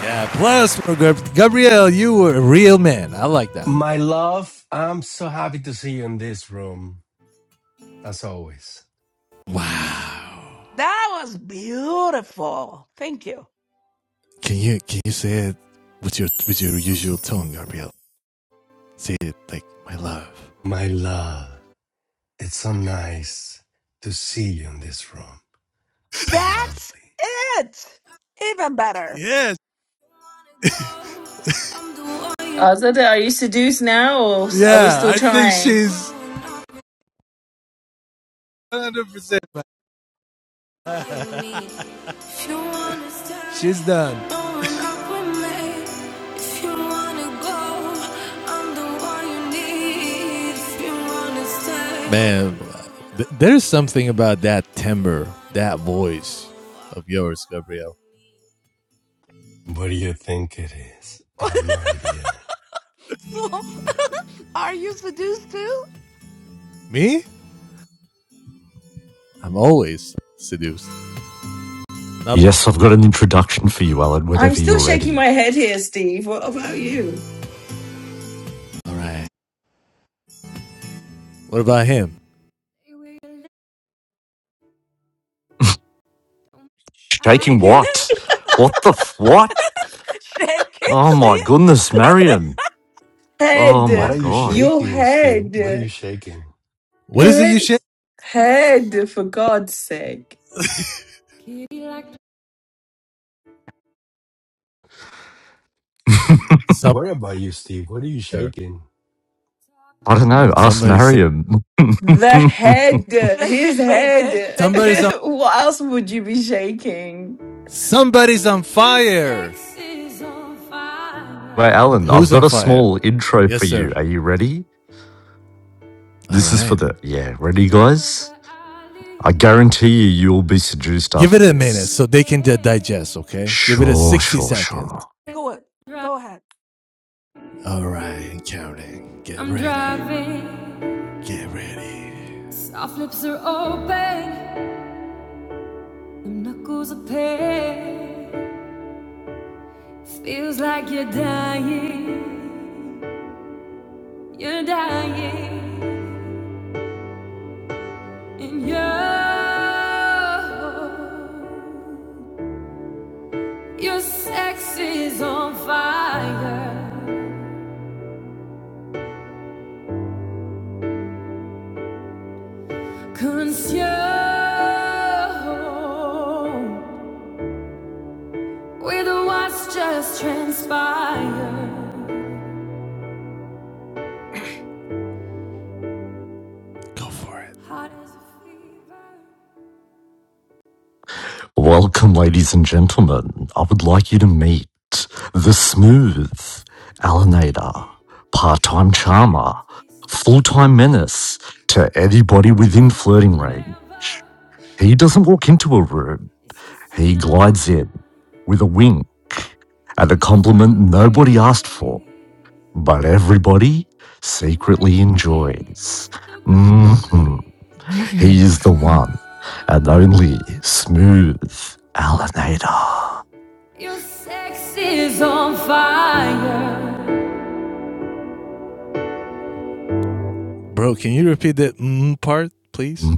Speaker 1: Yeah. Plus, for Gab- Gabrielle, you were a real man. I like that. Man.
Speaker 6: My love, I'm so happy to see you in this room, as always.
Speaker 1: Wow.
Speaker 7: That was beautiful. Thank you.
Speaker 1: Can you can you say it with your with your usual tone, Gabrielle? Say it like my love.
Speaker 6: My love. It's so nice to see you in this room. So
Speaker 7: That's
Speaker 6: lovely.
Speaker 7: it. Even better.
Speaker 1: Yes.
Speaker 5: Azada, are you seduced now or s- are we
Speaker 1: Yeah.
Speaker 5: still
Speaker 1: I think
Speaker 5: trying?
Speaker 1: she's 100% She's done. If you wanna go, I'm the one you need. If you wanna stay. Man, th- there's something about that timbre, that voice of yours, Gabriel.
Speaker 6: What do you think it is? I have no idea.
Speaker 7: so, are you seduced too?
Speaker 1: Me? I'm always seduced. Now,
Speaker 3: Yes, I've got an introduction for you, Alan,
Speaker 5: I'm
Speaker 3: whenever
Speaker 5: still
Speaker 3: you're
Speaker 5: shaking
Speaker 3: ready.
Speaker 5: my head here, Steve. What about you?
Speaker 1: all right. What about him?
Speaker 3: Shaking
Speaker 7: Shaking
Speaker 3: what?
Speaker 7: it.
Speaker 3: What the f- what?
Speaker 7: Shake it,
Speaker 3: Oh
Speaker 7: Steve.
Speaker 3: my goodness, Marion. Oh
Speaker 6: What
Speaker 3: my
Speaker 6: are
Speaker 5: Head,
Speaker 6: you
Speaker 3: god.
Speaker 5: your
Speaker 6: shaking, Steve? What are you
Speaker 5: head,
Speaker 6: shaking?
Speaker 1: What is it you
Speaker 5: head,
Speaker 1: shit?
Speaker 5: head, for God's sake.
Speaker 3: I
Speaker 1: Somewhere.
Speaker 6: Worry about you, Steve. What are you shaking?
Speaker 3: don't know. Ask
Speaker 1: Somebody said.
Speaker 3: Mariam.
Speaker 5: The head,
Speaker 7: Shake
Speaker 5: his
Speaker 7: it, baby.
Speaker 5: head.
Speaker 7: Shake
Speaker 1: Somebody's on.
Speaker 7: it.
Speaker 5: what else would you be shaking?
Speaker 1: Somebody's on fire.
Speaker 3: Wait, Alan, I've
Speaker 1: Who's on
Speaker 3: got a
Speaker 1: fire?
Speaker 3: small intro
Speaker 1: Yes,
Speaker 3: for
Speaker 1: sir.
Speaker 3: you. Are you ready?
Speaker 1: All
Speaker 3: This is for
Speaker 1: right.
Speaker 3: the. Yeah, ready, guys? I guarantee you, you'll be seduced
Speaker 1: Give it
Speaker 3: after
Speaker 1: a minute
Speaker 3: this.
Speaker 1: so they can di- digest, okay? Give it a
Speaker 3: Sure,
Speaker 1: 60
Speaker 3: sure,
Speaker 1: seconds.
Speaker 3: sure.
Speaker 7: Go it, Go ahead.
Speaker 1: All right, counting. Get I'm ready. driving. Get ready. Soft lips are open. Your knuckles are pale. Feels like you're dying. You're dying. And your your sex is on fire. Consume with what's just transpired. Go for it. Hot as a fever,
Speaker 3: Welcome, ladies and gentlemen. I would like you to meet the smooth
Speaker 1: still
Speaker 3: Alanator, part time charmer, full
Speaker 1: tasting,
Speaker 3: time menace to anybody
Speaker 1: but
Speaker 3: within
Speaker 1: it's not
Speaker 3: flirting
Speaker 1: forever.
Speaker 3: range. He doesn't walk into a room,
Speaker 1: It's just
Speaker 3: he glides
Speaker 1: tonight,
Speaker 3: in with a wing and a
Speaker 1: and we're still
Speaker 3: compliment
Speaker 1: the
Speaker 3: nobody asked for,
Speaker 1: greatest,
Speaker 3: but everybody
Speaker 1: the
Speaker 3: secretly
Speaker 1: greatest,
Speaker 3: enjoys.
Speaker 1: the
Speaker 3: hmm
Speaker 1: greatest.
Speaker 3: He is the one and only
Speaker 1: Oh,
Speaker 3: smooth Alanator.
Speaker 1: your sex is on fire. Bro, can you repeat that mm part, please?
Speaker 3: Mm,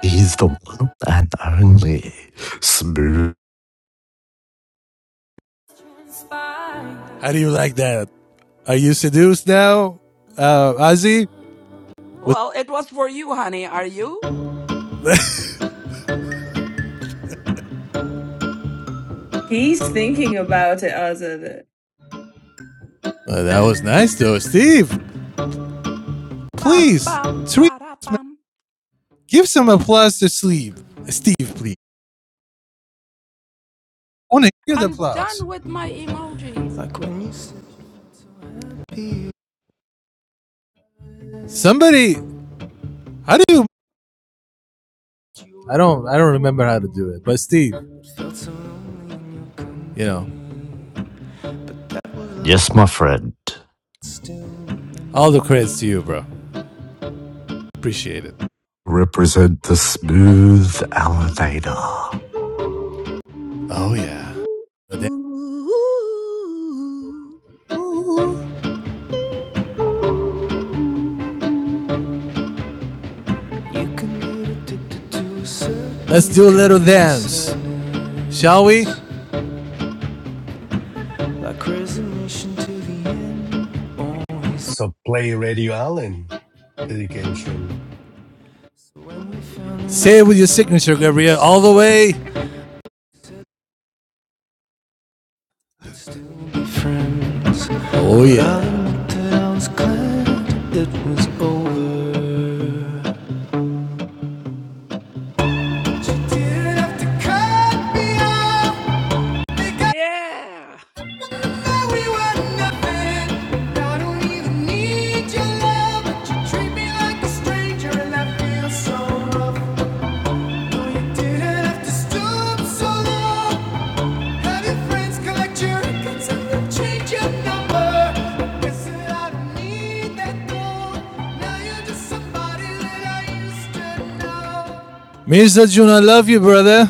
Speaker 3: He is the one and only smooth.
Speaker 1: How do you like that? Are you seduced now, uh, Ozzy? With
Speaker 7: Well, it was for you, honey. Are you?
Speaker 5: He's thinking about it, Azad.
Speaker 1: Uh, that was nice though, Steve.
Speaker 7: Ba
Speaker 1: Please,
Speaker 7: bam
Speaker 1: sweet,
Speaker 7: ba da bam.
Speaker 1: give some applause to Steve. Steve, please. I want to hear the
Speaker 7: I'm
Speaker 1: applause.
Speaker 7: done with my emojis.
Speaker 1: Like when you Somebody, how do you? I don't, I don't remember how to do it. But Steve, you know,
Speaker 3: Yes, my friend.
Speaker 1: all the credits to you, bro. Appreciate it.
Speaker 3: Represent the smooth Alanator.
Speaker 1: Oh yeah.
Speaker 7: Ooh, Ooh.
Speaker 1: Let's do a little dance, shall we? Like
Speaker 6: So play Radio Allen dedication.
Speaker 1: Say it with your signature, Gabriel, all the way. Oh, yeah.
Speaker 7: Yeah.
Speaker 1: like so so Mr. June, I love you, brother.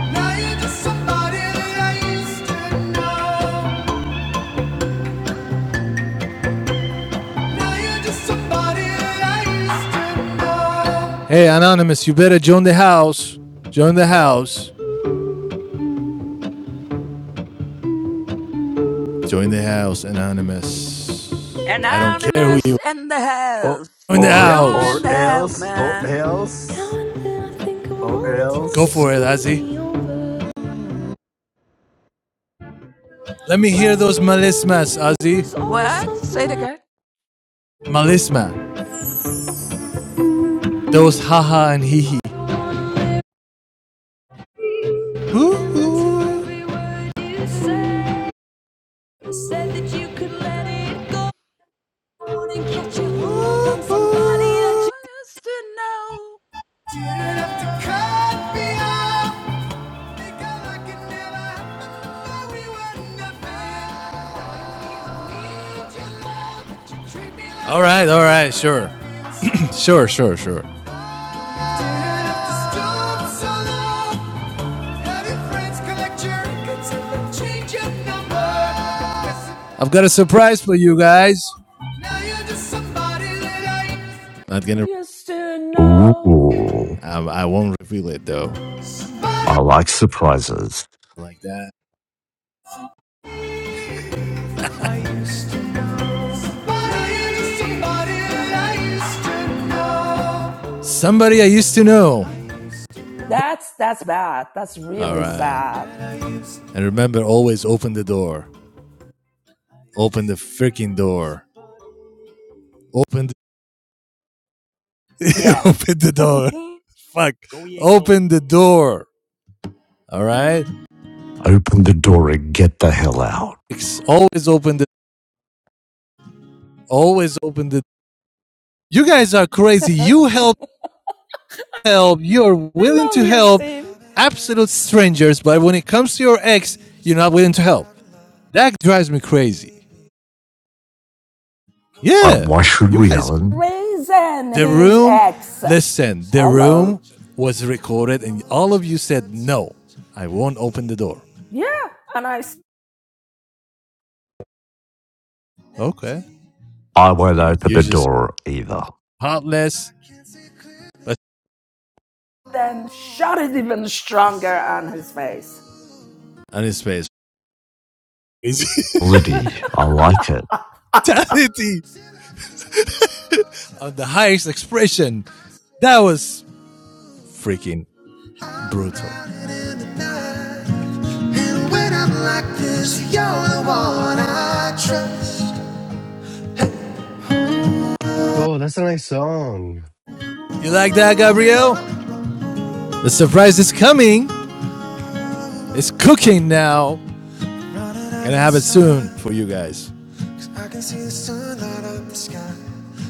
Speaker 1: Now you're just somebody that I used to know. Now you're just somebody that I used to know. Hey, Anonymous, you better join the house. Join the house. Join the house, Anonymous. I don't care who you
Speaker 7: Anonymous
Speaker 1: are.
Speaker 7: in the
Speaker 6: Or
Speaker 7: house.
Speaker 1: Join the
Speaker 6: or
Speaker 1: house.
Speaker 7: Join
Speaker 6: or
Speaker 7: the house,
Speaker 6: else or
Speaker 7: man.
Speaker 6: else or
Speaker 1: Go
Speaker 6: else.
Speaker 1: for it, Ozzy. Let me hear those malismas, Ozzy.
Speaker 7: What? Say it again.
Speaker 1: Malisma. Those haha and hee hee.
Speaker 7: Uh, You go. You're to know.
Speaker 1: All right, all right, sure. Sure, sure, sure. I've got a surprise for you guys. Not gonna.
Speaker 7: Just to know.
Speaker 3: Ooh,
Speaker 1: I, I won't reveal it though.
Speaker 3: I like surprises.
Speaker 1: Like that. somebody I used to know.
Speaker 7: That's that's bad. That's
Speaker 1: All
Speaker 7: really
Speaker 1: right.
Speaker 7: sad.
Speaker 1: And remember, always open the door. Open the freaking door. Open the,
Speaker 7: Yeah.
Speaker 1: open the door.
Speaker 7: I
Speaker 1: Fuck. Oh, yeah. Open the door. All right.
Speaker 3: Open the door and get the hell out.
Speaker 1: always open the. Always open the. You guys are crazy. You
Speaker 7: love
Speaker 1: help, help. You're willing to
Speaker 7: you,
Speaker 1: help
Speaker 7: Steve.
Speaker 1: absolute strangers, but when it comes to your ex, you're not willing to help. That drives me crazy.
Speaker 3: Uh,
Speaker 1: Yeah,
Speaker 3: why should
Speaker 1: you
Speaker 3: we,
Speaker 1: guys,
Speaker 3: Alan?
Speaker 7: Raising
Speaker 1: the
Speaker 7: his
Speaker 1: room.
Speaker 7: ex.
Speaker 1: Listen, the
Speaker 7: Hello.
Speaker 1: room was recorded, and all of you said no. I won't open the door.
Speaker 7: Yeah. And I
Speaker 1: Okay,
Speaker 3: I won't open
Speaker 1: you
Speaker 3: the
Speaker 1: just
Speaker 3: door either.
Speaker 1: heartless. let
Speaker 7: then shot it even stronger on his face.
Speaker 1: on his face.
Speaker 3: Liddy, I like it.
Speaker 1: Brutality of the highest expression. That was freaking brutal.
Speaker 6: Oh, that's a nice song.
Speaker 1: You like that, Gabriel? The surprise is coming. It's cooking now. Gonna have it soon for you guys. I can see the sunlight up the sky.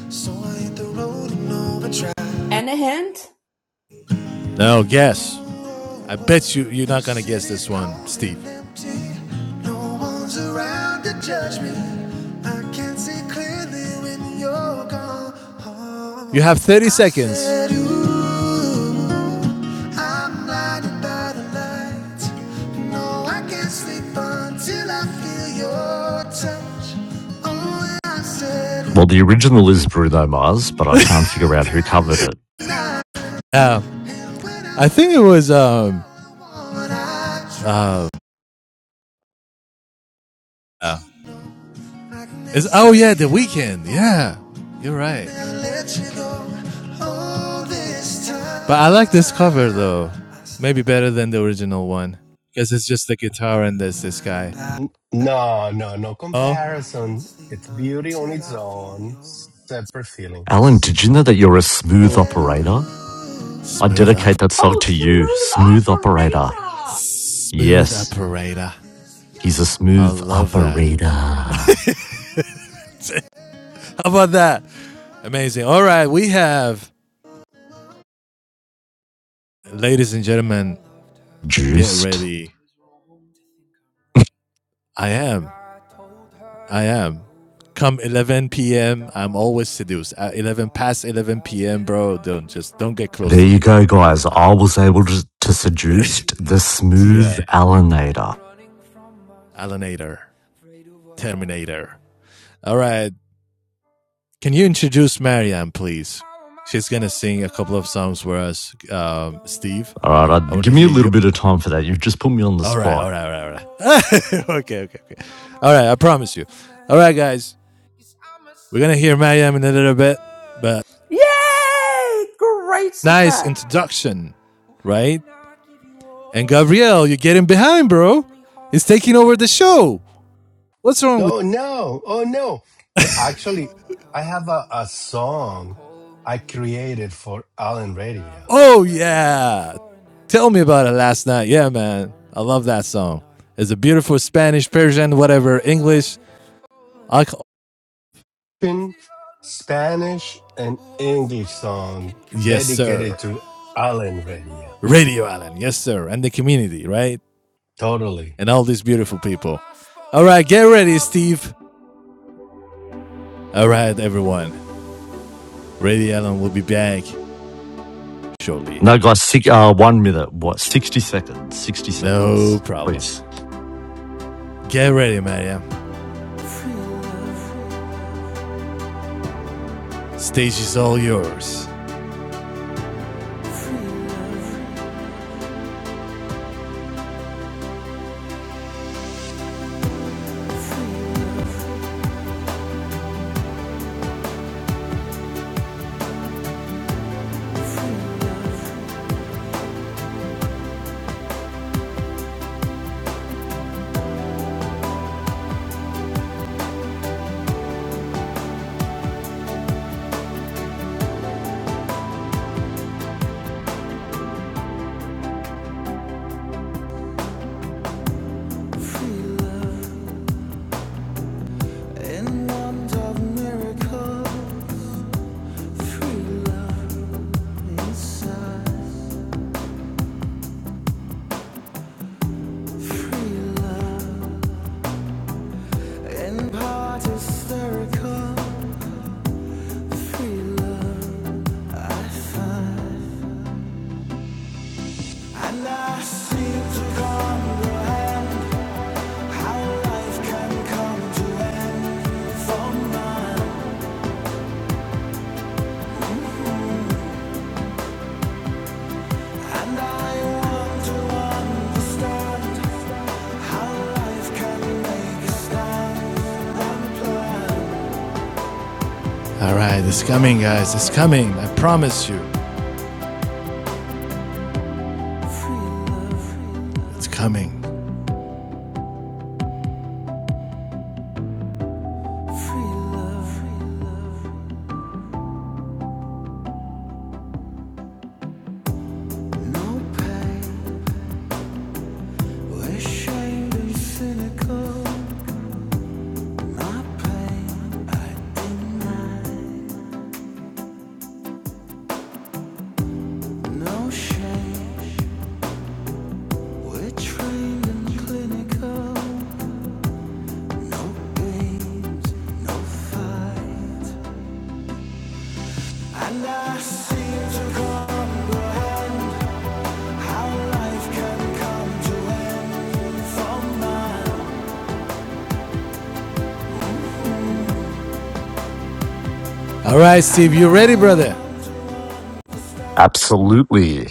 Speaker 1: So I hit the road and overdrive.
Speaker 7: Any hint?
Speaker 1: No, guess. I bet you you're not gonna guess this one, Steve. no one's around to judge me. I can't see clearly when you're gone. You have 30 seconds. said, I'm blinded by the light. No, I can't sleep until I feel your touch. Oh, I said,
Speaker 3: Well, the original is Bruno Mars, but I can't figure
Speaker 1: I'm
Speaker 3: out who
Speaker 1: drowning.
Speaker 3: covered it.
Speaker 1: Uh, I think it was um uh, uh, it's oh yeah, the Weeknd. Yeah. You're right. But I like this cover though. Maybe better than the original one. Because it's just the guitar and there's this guy.
Speaker 6: N- No, no, no
Speaker 1: Oh.
Speaker 6: comparison. It's beauty on its own, separate feelings.
Speaker 3: Alan, did you know that you're a smooth operator? I
Speaker 1: Smooth up
Speaker 3: dedicate that song
Speaker 7: Oh,
Speaker 3: to you, Smooth
Speaker 7: smooth
Speaker 3: Operator.
Speaker 7: operator.
Speaker 1: smooth
Speaker 3: Yes,
Speaker 1: operator.
Speaker 3: he's a
Speaker 1: I
Speaker 3: smooth
Speaker 1: love that.
Speaker 3: operator.
Speaker 1: How about that? Amazing. All right, we have ladies and gentlemen, get
Speaker 3: Juiced.
Speaker 1: ready I am. I am. Come 11 p.m., I'm always seduced. At 11 past 11 p.m., bro, don't just don't get close
Speaker 3: There
Speaker 1: to
Speaker 3: you
Speaker 1: me.
Speaker 3: go, guys. I was able to, to seduce the smooth
Speaker 1: yeah,
Speaker 3: Alanator.
Speaker 1: Alienator, Terminator. All right, can you introduce Marianne, please? She's gonna sing a couple of songs for us. Um, Steve,
Speaker 3: All right, I,
Speaker 1: I want to
Speaker 3: give me a
Speaker 1: hear you.
Speaker 3: little bit of time for that. You've just put me on the
Speaker 1: All right, all
Speaker 3: spot.
Speaker 1: right, all right, all right. okay, okay, okay. All right, I promise you. All right, guys, we're gonna hear Marianne in a little bit, but
Speaker 7: Yay! Great
Speaker 1: nice
Speaker 7: surprise.
Speaker 1: introduction, right? And Gabriel, you're getting behind, bro. It's taking over the show. What's wrong with
Speaker 6: Oh no! Oh no! I- Actually, I have a, a song I created for Allen Radio,
Speaker 1: Oh yeah. Tell me about it last night. Yeah, man. I love that song. It's a beautiful Spanish, Persian, whatever, English. I
Speaker 6: in Spanish and English song
Speaker 1: yes, sir.
Speaker 6: dedicated to Allen Radio.
Speaker 1: Radio Allen. Yes, sir. And the community, right?
Speaker 6: Totally,
Speaker 1: And all these beautiful people. All right, get ready, Steve. All right, everyone. Radio Allen will be back shortly.
Speaker 3: No, guys, six, uh, one minute. What? Sixty seconds. Sixty
Speaker 1: No
Speaker 3: seconds,
Speaker 1: problem.
Speaker 3: please.
Speaker 1: Get ready, Maria. Stage is all yours. All right, it's coming, guys. It's coming. I promise you. It's coming. All right, Steve, you ready, brother?
Speaker 3: Absolutely.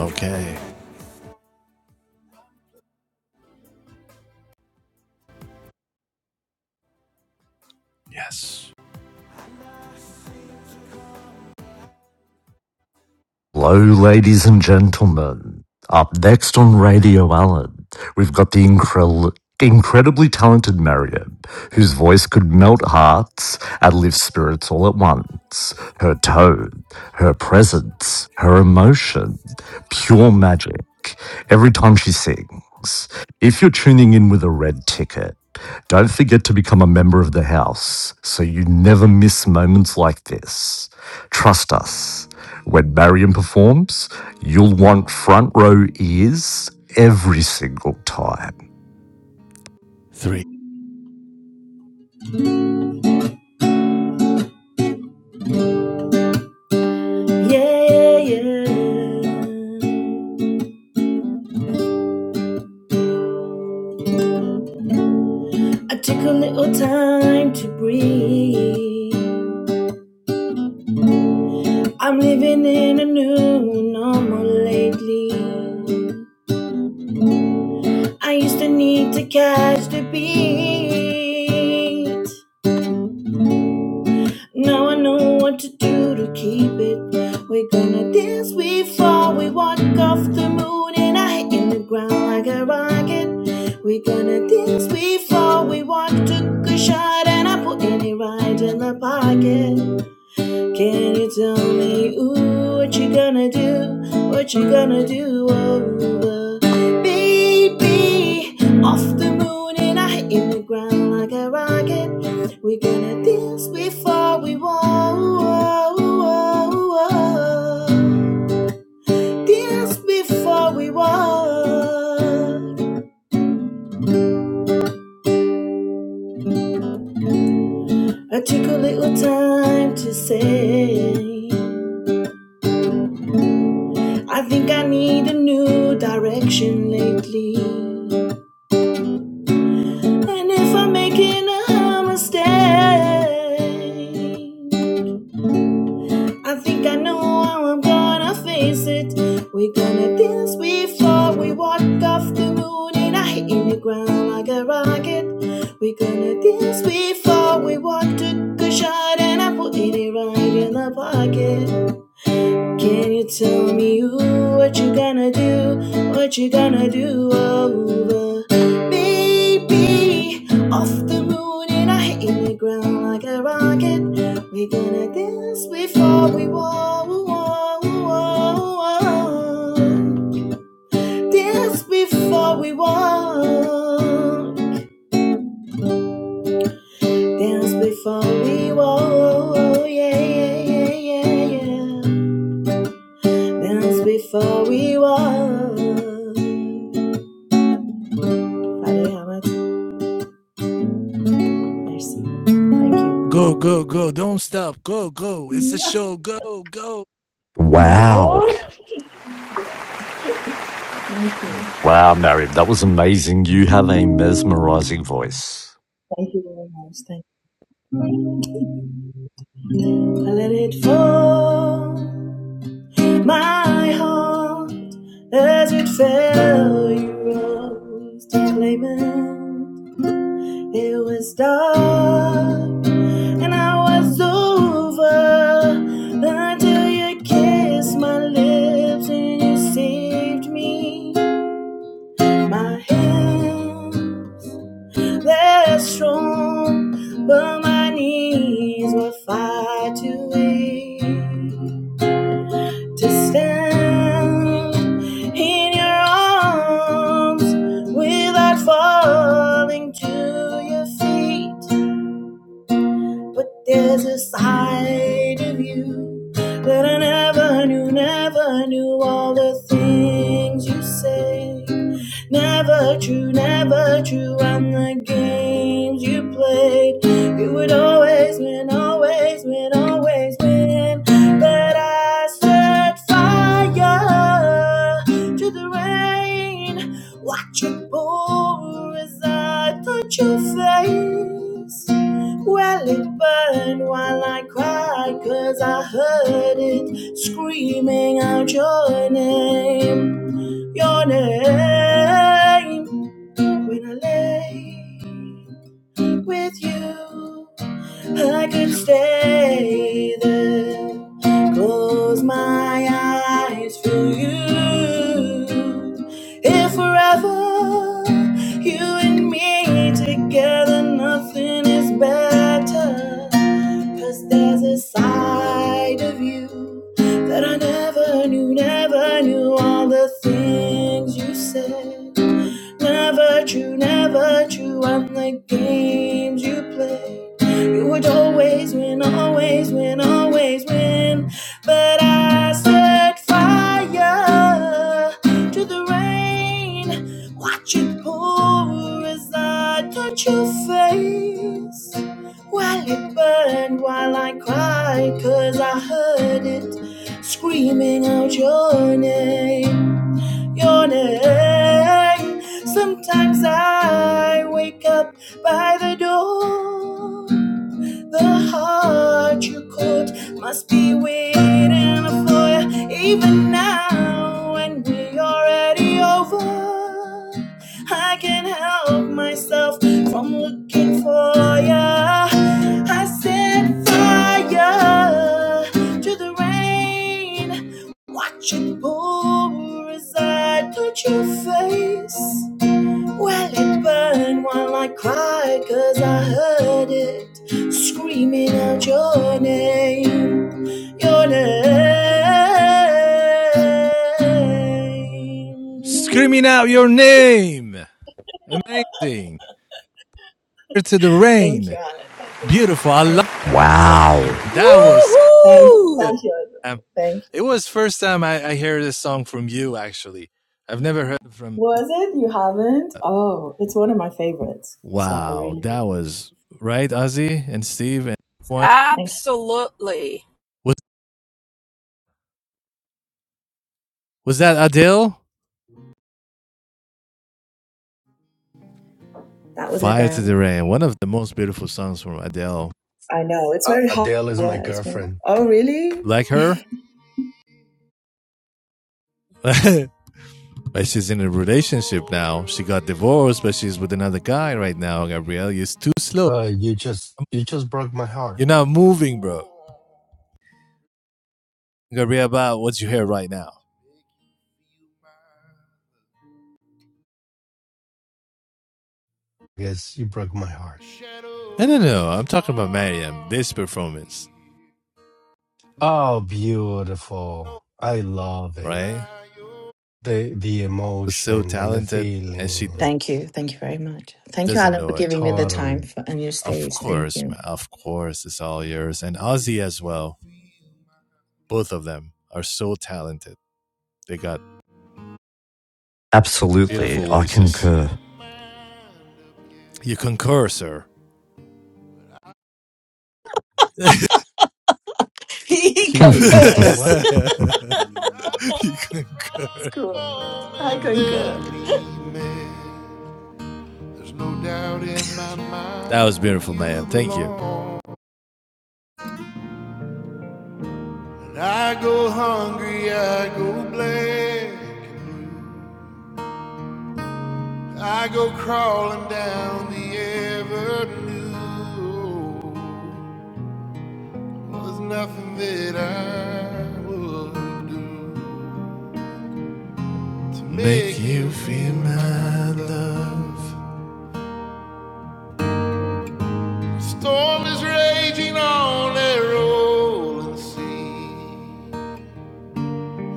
Speaker 1: Okay. Yes.
Speaker 3: Hello, ladies and gentlemen. Up next on Radio Allen, we've got the increl- incredibly talented Miriam, whose voice could melt hearts and lift spirits all at once. Her tone, her presence, her emotion, pure magic every time she sings. If you're tuning in with a red ticket, don't forget to become a member of the house so you never miss moments like this. Trust us. When Marion performs, you'll want front row ears every single time.
Speaker 1: Three.
Speaker 5: Yeah, yeah, yeah. I took a little time to breathe. I'm living in a new normal lately. I used to need to catch the beat. Now I know what to do to keep it. We're gonna dance before we walk off the moon and I hit in the ground like a rocket. We're gonna dance before we walk, took a shot and I put it right in the pocket. Can you tell me, ooh, what you gonna do? What you gonna do? Oh, uh, baby, off the moon and I hit the ground like a rocket. We're gonna dance before we walk. Dance before we walk. I took a little time to say, I think I need a new direction lately. And if I'm making a mistake, I think I know how I'm gonna face it. We're gonna dance before we walk off the moon, and I hitting the ground like a rocket. We're gonna dance before we walk to a shot, and I put it right in the pocket. Can you tell me ooh, what you gonna do? What you gonna do over? Baby, off the moon and I hit the ground like a rocket. We're gonna dance before we walk, walk, walk, walk. Dance before we walk. Dance before we walk. Yeah, yeah, yeah, yeah, yeah. Dance before we walk. Father, how mercy. Thank you.
Speaker 1: Go, go, go. Don't
Speaker 5: Thank you.
Speaker 1: stop. Go, go. It's a show. Go, go.
Speaker 3: Wow.
Speaker 5: Thank you.
Speaker 3: Wow, Marion, that was amazing. You have a mesmerizing voice.
Speaker 5: Thank you very much. Thank you. I let it fall. My heart as it fell, you rose to claim it. It was dark and I was over until you kissed my lips and you saved me. My hands, they're strong, but my knees were far too weak to stand in your arms without falling to your feet. But there's a side of you that I never knew, never knew all the things you say. Never true, never true, and the games you played. You would always win, always win, always win. But I set fire to the rain. Watch it pour as I touch your face. Well, it burned while I cried 'cause I heard it screaming out your name, your name. When I lay wasn't with you. I could stay there, close my eyes for you. If forever you and me together, nothing is better. 'Cause there's a side of you that I never knew, never knew all the things you said. Never true, never true. And the games you play, you would always win, always win, always win. But I set fire to the rain. Watch it pour as I touch your face. While it burned while I cried, 'cause I heard it screaming out your name your name. Sometimes I wake up by the door the heart you caught must be waiting for you even now when we are already over. I can't help myself from looking for ya. I set fire to the rain. Watch it pour as I touch your face. Well, it burned while I cried 'cause I heard it screaming out your name, your name.
Speaker 1: Screaming out your
Speaker 5: Thank you.
Speaker 1: name. Amazing. Here to the
Speaker 5: Thank you,
Speaker 1: rain.
Speaker 5: Alan. Thank you.
Speaker 1: Beautiful. I love
Speaker 5: Thank you, darling. Thank you.
Speaker 3: Wow.
Speaker 1: it. that
Speaker 5: Thank
Speaker 1: was
Speaker 5: you. Thank
Speaker 7: Woohoo!
Speaker 1: good.
Speaker 5: you.
Speaker 1: Um,
Speaker 5: Thank you.
Speaker 1: it was first time I, I hear this song from you actually. I've never heard it from
Speaker 5: Was it? You haven't? Oh, it's one of my favorites. So I
Speaker 1: Wow,
Speaker 5: really
Speaker 1: that
Speaker 5: like it.
Speaker 1: was right, Ozzy and Steve and one
Speaker 5: Thank you.
Speaker 7: Absolutely.
Speaker 1: was was that Adele?
Speaker 5: That was a
Speaker 1: Fire to
Speaker 5: down.
Speaker 1: the Rain, one of the most beautiful songs from Adele.
Speaker 5: I know. It's
Speaker 6: uh,
Speaker 5: very hard.
Speaker 6: Adele is my
Speaker 5: Yeah, it's one of
Speaker 6: girlfriend.
Speaker 5: Oh, really?
Speaker 1: Like her? But she's in a relationship now. She got divorced, but she's with another guy right now. Gabrielle, you're too slow.
Speaker 6: Uh, you just you just broke my heart.
Speaker 1: You're not moving, bro. Gabrielle, about what you hear right now?
Speaker 6: Yes, you broke my heart.
Speaker 1: I don't know. I'm talking about Mariam. This performance,
Speaker 6: Oh, beautiful! I love it.
Speaker 1: right?
Speaker 6: The the
Speaker 1: Was so
Speaker 6: emotion and the
Speaker 1: talented, and she does,
Speaker 5: Thank
Speaker 6: feelings.
Speaker 5: you. Thank you very much. Thank you,
Speaker 1: doesn't
Speaker 5: Alan, for
Speaker 1: know it.
Speaker 5: giving me the time
Speaker 6: Totally.
Speaker 5: for, on your
Speaker 1: Of
Speaker 5: stage. Thank
Speaker 1: course, man.
Speaker 5: you.
Speaker 1: Of course, it's all yours. And Ozzy as well. Both of them are so talented. They got
Speaker 3: Absolutely.
Speaker 1: beautiful
Speaker 3: I
Speaker 1: voices.
Speaker 3: concur.
Speaker 1: You concur, sir.
Speaker 5: He
Speaker 6: He could he could
Speaker 5: concurs.
Speaker 6: what?
Speaker 1: concur.
Speaker 5: That's cool. I concur.
Speaker 1: That was beautiful, man. Thank you. I go hungry, I go black, I go crawling down the avenue. There's nothing that I would do to Make make you feel love. Storm is raging on that rolling sea,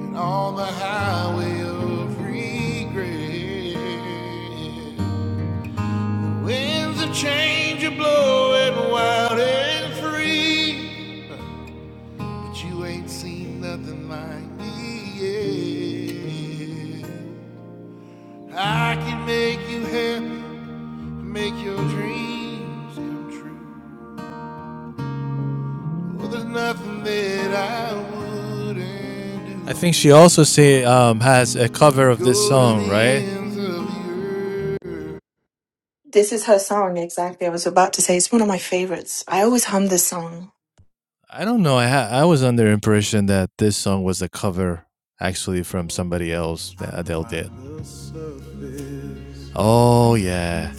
Speaker 1: and on the highway of regret. Winds of change are blowing wild and free, but you ain't seen nothing like me yet. I can make you happy, make your dreams come true. Well, there's nothing that I wouldn't do. I think she also say um has a cover of this song, right?
Speaker 5: This is her song, exactly. I was about to say it's one of my favorites. I always hum this song.
Speaker 1: I don't know. I ha- I was under the impression that this song was a cover actually from somebody else that Adele did. Oh, yeah.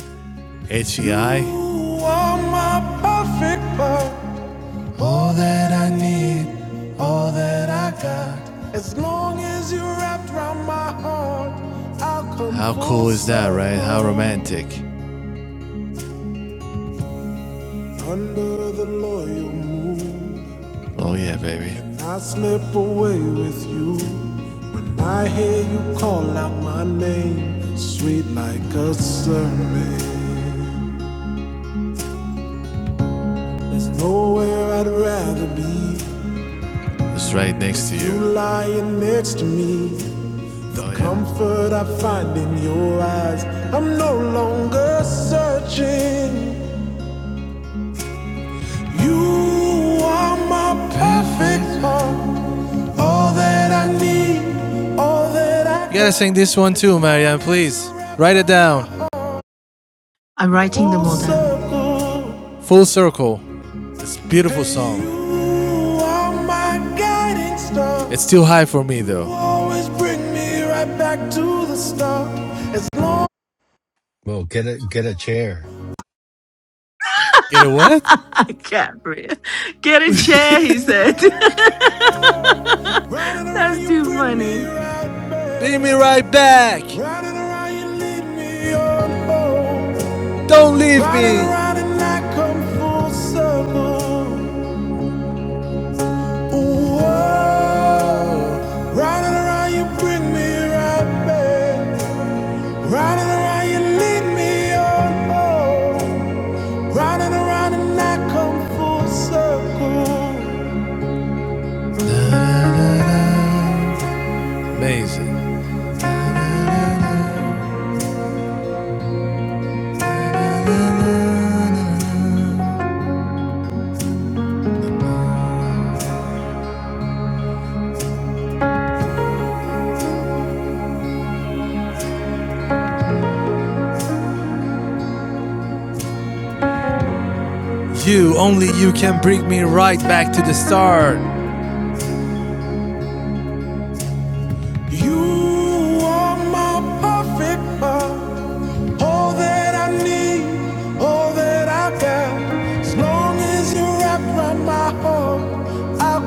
Speaker 1: H E I. You are my perfect world. All that I need, that I got. As long as you're wrapped around my heart, I'll come How cool is that, right? How romantic. Under the loyal moon, Oh, yeah, baby. And I slip away with you. When I hear you call out my name, sweet like a serpent. Nowhere I'd rather be. It's right next to You you. lying next to me, the Oh, yeah. comfort I find in your eyes. I'm no longer searching. You are my perfect heartbeat. You gotta sing this one too, Marianne, please. Write it down.
Speaker 5: I'm writing them all down.
Speaker 1: Full circle. It's a beautiful song. It's too high for me though. right
Speaker 6: Well, get a get a chair.
Speaker 1: Get it what?
Speaker 5: I can't breathe. Get a chair, he said.
Speaker 1: Round and around,
Speaker 5: that's
Speaker 1: you
Speaker 5: too
Speaker 1: bring me
Speaker 5: funny.
Speaker 1: right back. Bring me right back. Round and around, you lead me on home. Don't leave Round me. and me. and I come full circle. Ooh, oh. Round and around, you bring me right back. Round and around, you lead me on home. Amazing. You, only you can bring me right back to the start. You are my perfect love. I need, all that I got. As long as you wrap around my heart, I'm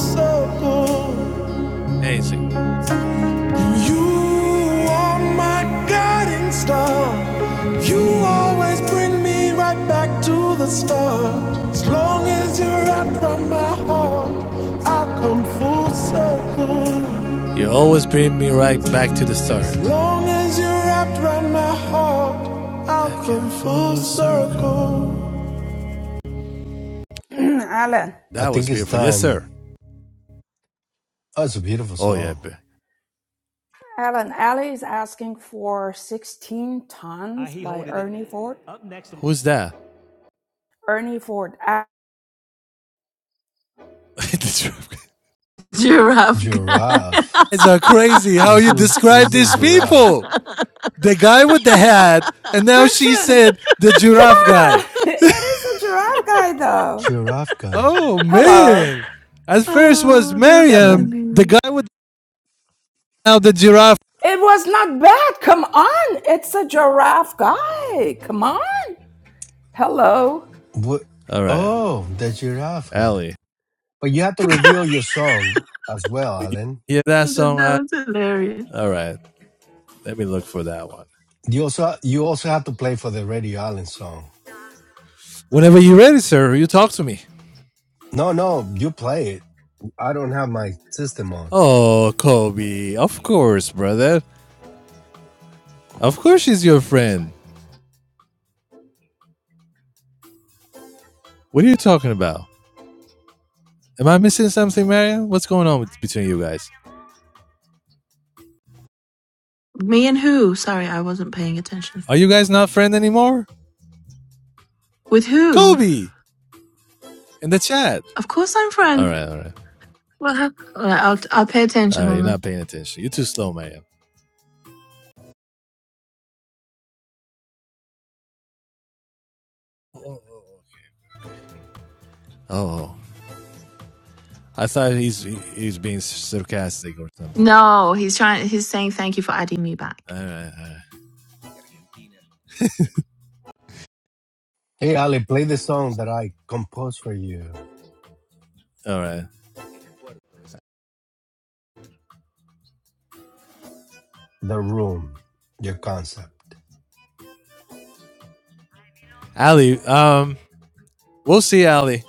Speaker 1: so cool. Amazing. You always bring me right back to the start.
Speaker 7: Alan.
Speaker 6: I
Speaker 1: That was
Speaker 6: think it's
Speaker 1: beautiful. Yes, sir.
Speaker 6: time. Oh, it's a beautiful
Speaker 1: Oh, yeah.
Speaker 6: song.
Speaker 7: Alan Alley is asking for 16 tons by Ernie Ford.
Speaker 1: Who's that?
Speaker 7: Ernie Ford.
Speaker 5: Giraffe.
Speaker 6: Giraffe.
Speaker 1: it's so crazy how
Speaker 6: Who's
Speaker 1: you
Speaker 6: who's
Speaker 1: describe
Speaker 6: who's the
Speaker 1: these
Speaker 6: giraffe?
Speaker 1: people. The guy with the hat, and now she
Speaker 7: Description!
Speaker 1: said the
Speaker 7: Come
Speaker 1: giraffe guy.
Speaker 7: on! It is a giraffe guy, though.
Speaker 6: Giraffe guy.
Speaker 1: Oh,
Speaker 7: Hello.
Speaker 1: man. At first was
Speaker 5: Oh, that's
Speaker 6: That but
Speaker 1: Miriam, the
Speaker 5: funny.
Speaker 1: guy with the, now the giraffe.
Speaker 7: It was not bad. Come on! It's a giraffe guy. Come on! Hello.
Speaker 6: what?
Speaker 1: All right.
Speaker 6: Oh, the giraffe guy.
Speaker 1: Ali.
Speaker 6: But you have to reveal your song as well, Alan.
Speaker 1: hear that
Speaker 5: So that
Speaker 1: song
Speaker 5: that
Speaker 1: at?
Speaker 5: was hilarious.
Speaker 1: All right, let me look for that one.
Speaker 6: You also you also have to play for the Radio Alan song.
Speaker 1: Whenever you're ready, sir, you talk to me.
Speaker 6: No, no, you play it. I don't have my system on.
Speaker 1: Oh, Kobe, of course, brother. Of course she's your friend. What are you talking about? Am I missing something, Marion? What's going on with, between you guys?
Speaker 5: Me and who? Sorry, I wasn't paying attention.
Speaker 1: Are you guys not friends anymore?
Speaker 5: With who?
Speaker 1: Kobe in the chat.
Speaker 5: Of course I'm
Speaker 1: All
Speaker 5: Fran.
Speaker 1: right, all right,
Speaker 5: Well, how- all right, I'll I'll pay
Speaker 1: all
Speaker 5: attention.
Speaker 1: right. You're
Speaker 5: Hold
Speaker 1: not
Speaker 5: on.
Speaker 1: paying attention. You're too slow, Marion. Oh, I thought he's he, he's being sarcastic or something.
Speaker 5: No, he's trying. He's saying thank you for adding me
Speaker 1: All
Speaker 5: back.
Speaker 1: right, all right,
Speaker 6: Hey, Ali, play the song that I composed for you.
Speaker 1: all right.
Speaker 6: The room, your concept.
Speaker 1: Ali, um, we'll see, Ali.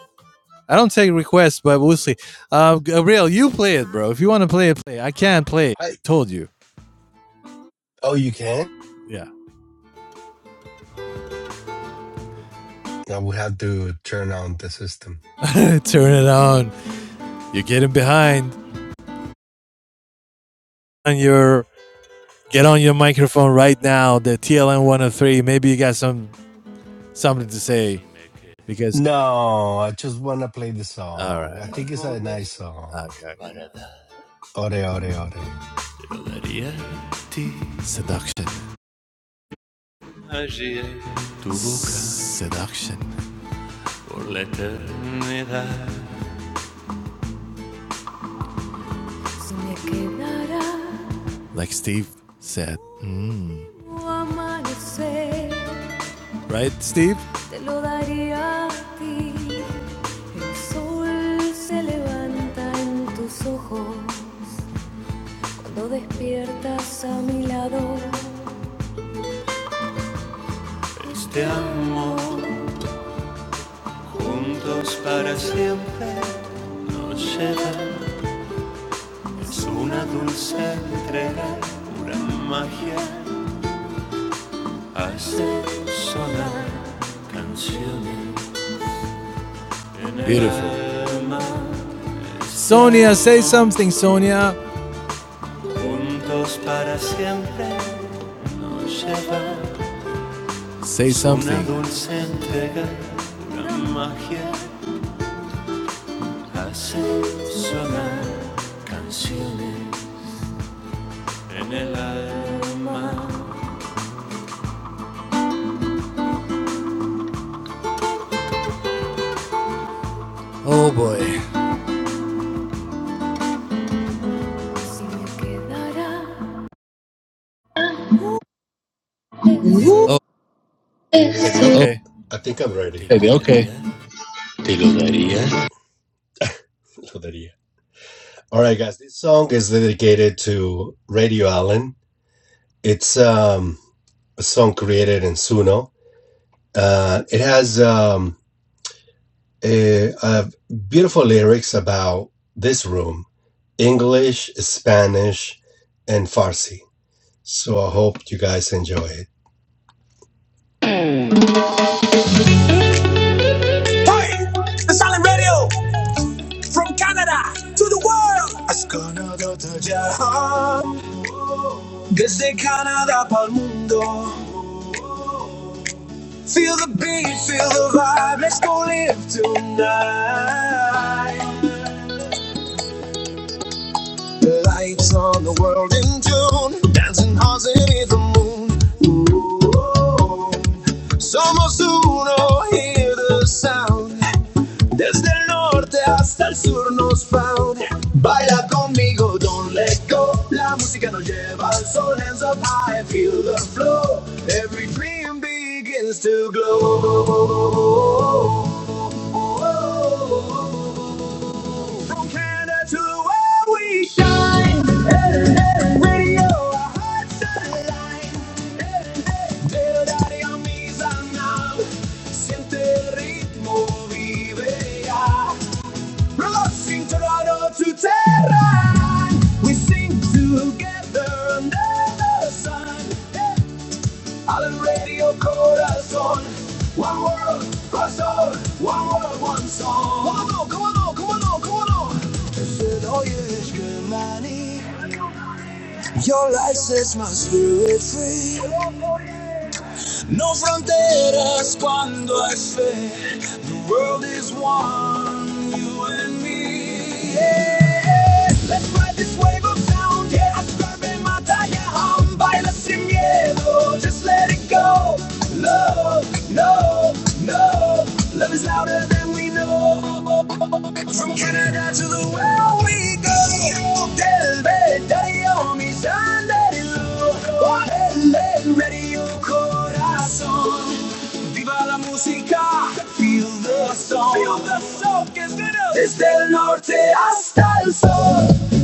Speaker 1: I don't take requests, but we'll see. Uh, Gabriel, you play it, bro. If you want to play it, play. it. I can't play. It.
Speaker 6: I
Speaker 1: Told you.
Speaker 6: oh, you can.
Speaker 1: Yeah.
Speaker 6: Now we have to turn on the system.
Speaker 1: Turn it on. You're getting behind on your. Get on your microphone right now. The TLM 103. Maybe you got some something to say because.
Speaker 6: No, I just want to play the
Speaker 1: All
Speaker 6: song. I
Speaker 1: right.
Speaker 6: think it's a nice song.
Speaker 1: Okay.
Speaker 6: Ore, ore, ore.
Speaker 1: Seduction. Seduction. Like Steve said. Right, Steve? Te lo daría a ti. El sol se levanta en tus ojos cuando despiertas a mi lado. Te amo juntos para siempre. Nos llevas una dulce entrega. La magia hace Beautiful. Sonia, say something, Sonia. Juntos para siempre. Nos llevas Say una something. Una dulce entrega. La magia hace Canción Oh boy. Oh, baby,
Speaker 6: Oh,
Speaker 1: okay.
Speaker 6: I think I'm ready. Maybe. Te lo daría. Lo daría. All right, guys. This song is dedicated to Radio Allen. It's um, a song created in Suno. Uh, it has um, a, a beautiful lyrics about this room, English, Spanish, and Farsi. So I hope you guys enjoy it. The Silent Radio from Canada to the world. Desde Canadá para el mundo. Feel the beat, feel the vibe, let's go live tonight. The lights on the world in tune, dancing hearts beneath the moon. Ooh, oh, oh. Somos uno, hear the sound. Desde el norte hasta el sur nos found. Baila conmigo, don't let go. La música nos lleva al sol, hands up high, feel the flow. Every dream begins to glow. From Canada to where we shine. Radio, a hot satellite. El área misa now. Siente el ritmo, vive ya. Rocking Toronto to Tehran. We sing together under the sun al radio corazón. One world, one corazón, one world, one song. Come on, come on, come on, come on. Sevdoye aşkı mani. Your light sets my spirit free. No fronteras cuando hay fe. The world is one, you and me. Yeah. Let's ride this wave of sound. Yeah, I swear en batalla. um, Baila sin miedo. Just let it go. Love, no, no. Love is louder than we know. From Canada to the world we go. Del Bedallo, mi sandalero. Ven, Radio Corazón. Viva la música. Feel the song. Feel the song. que es veraz. Desde el norte hasta el sur.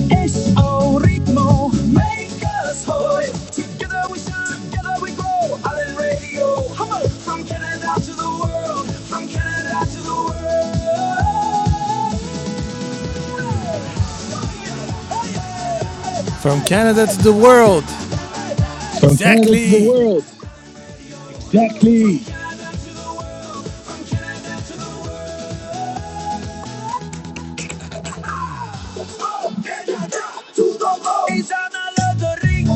Speaker 6: Es un ritmo. Make us whole. So Together we shine. Together we grow. Island Radio. Come on. From Canada to the world. From Canada to the world.
Speaker 1: From Canada to the world.
Speaker 6: From
Speaker 1: Exactly.
Speaker 6: He's on a ring.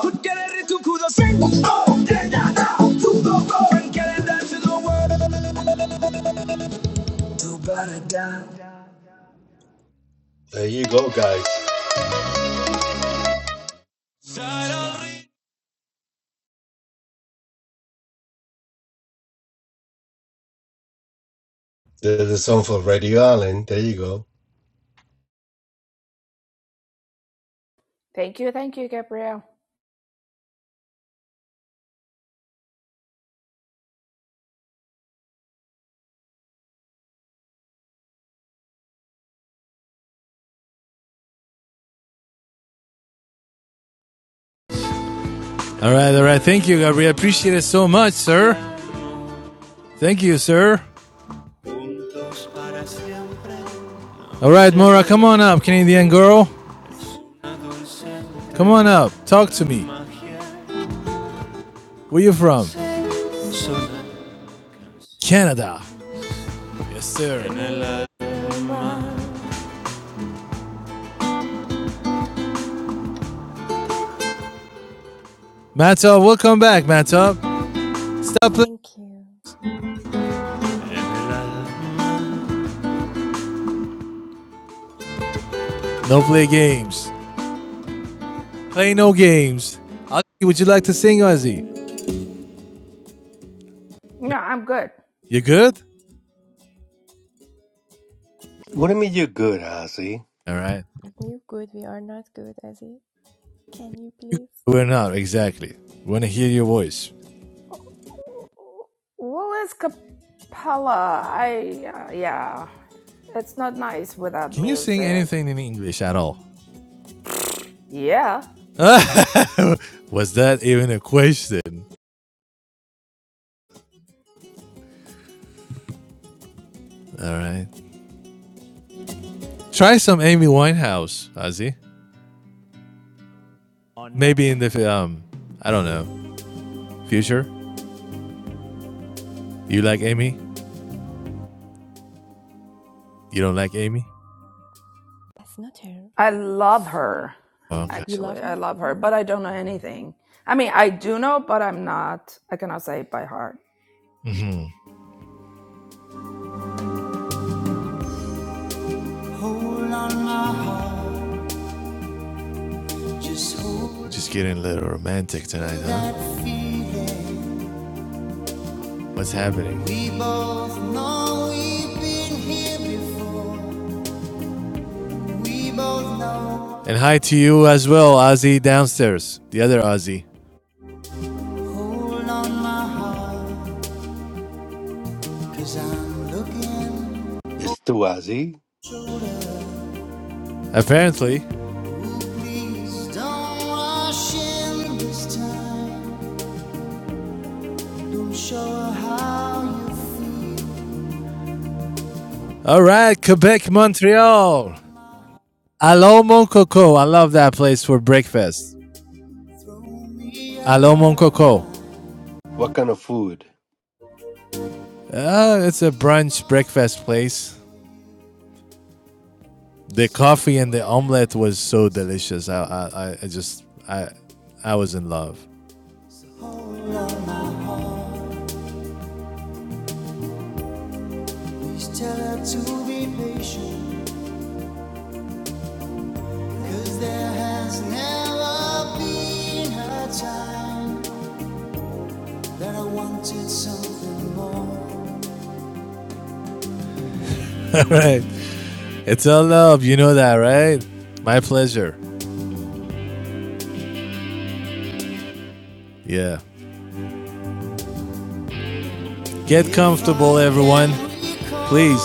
Speaker 6: Put Kelly to Kudo Bring Kelly down to the world. There you go, guys. There's a song for Radio Island. There you go.
Speaker 7: Thank you, thank you, Gabrielle.
Speaker 1: All right, all right. Thank you, Gabriel. Appreciate it so much, sir. Thank you, sir. All right, Mora, come on up, Canadian girl. Come on up. Talk to me. Where you from? Canada. Yes, sir. Matop, welcome back, Matop. Stop playing. No play games. Play no games. would you like to sing, Ozzy?
Speaker 7: No, I'm good.
Speaker 1: You good?
Speaker 6: What do you mean you're good, Ozzy?
Speaker 1: All right. We're not, exactly. Wanna hear your voice.
Speaker 7: Willis Capella. I, uh, yeah. It's not nice without
Speaker 1: Can you sing
Speaker 7: music.
Speaker 1: anything in English at all?
Speaker 7: Yeah.
Speaker 1: Was that even a question? Alright. Try some Amy Winehouse, Ozzy. Maybe in the um I don't know. Future? You like Amy? You don't like Amy?
Speaker 7: I love her,
Speaker 1: Okay.
Speaker 7: actually. I love her, but I don't know anything. I mean, I do know, but I'm not, I cannot say it by heart.
Speaker 1: Hold on my heart, just hold Just getting a little romantic tonight, huh? What's happening? We know we've been here before. We both And hi to you as well, Ozzy downstairs, the other Ozzy.
Speaker 6: It's too Ozzy.
Speaker 1: Apparently. All right, Quebec, Montreal. Allo Mon Coco. I love that place for breakfast. Allo Mon Coco.
Speaker 6: What kind of food?
Speaker 1: Uh, it's a brunch breakfast place. The coffee and the omelette was so delicious. I, I, I I just, I, I was in love. Please tell her to be patient. Cause there has never been a time that I wanted something more. All right. It's all love. You know that, right? My pleasure. Yeah. Get comfortable, everyone. Please.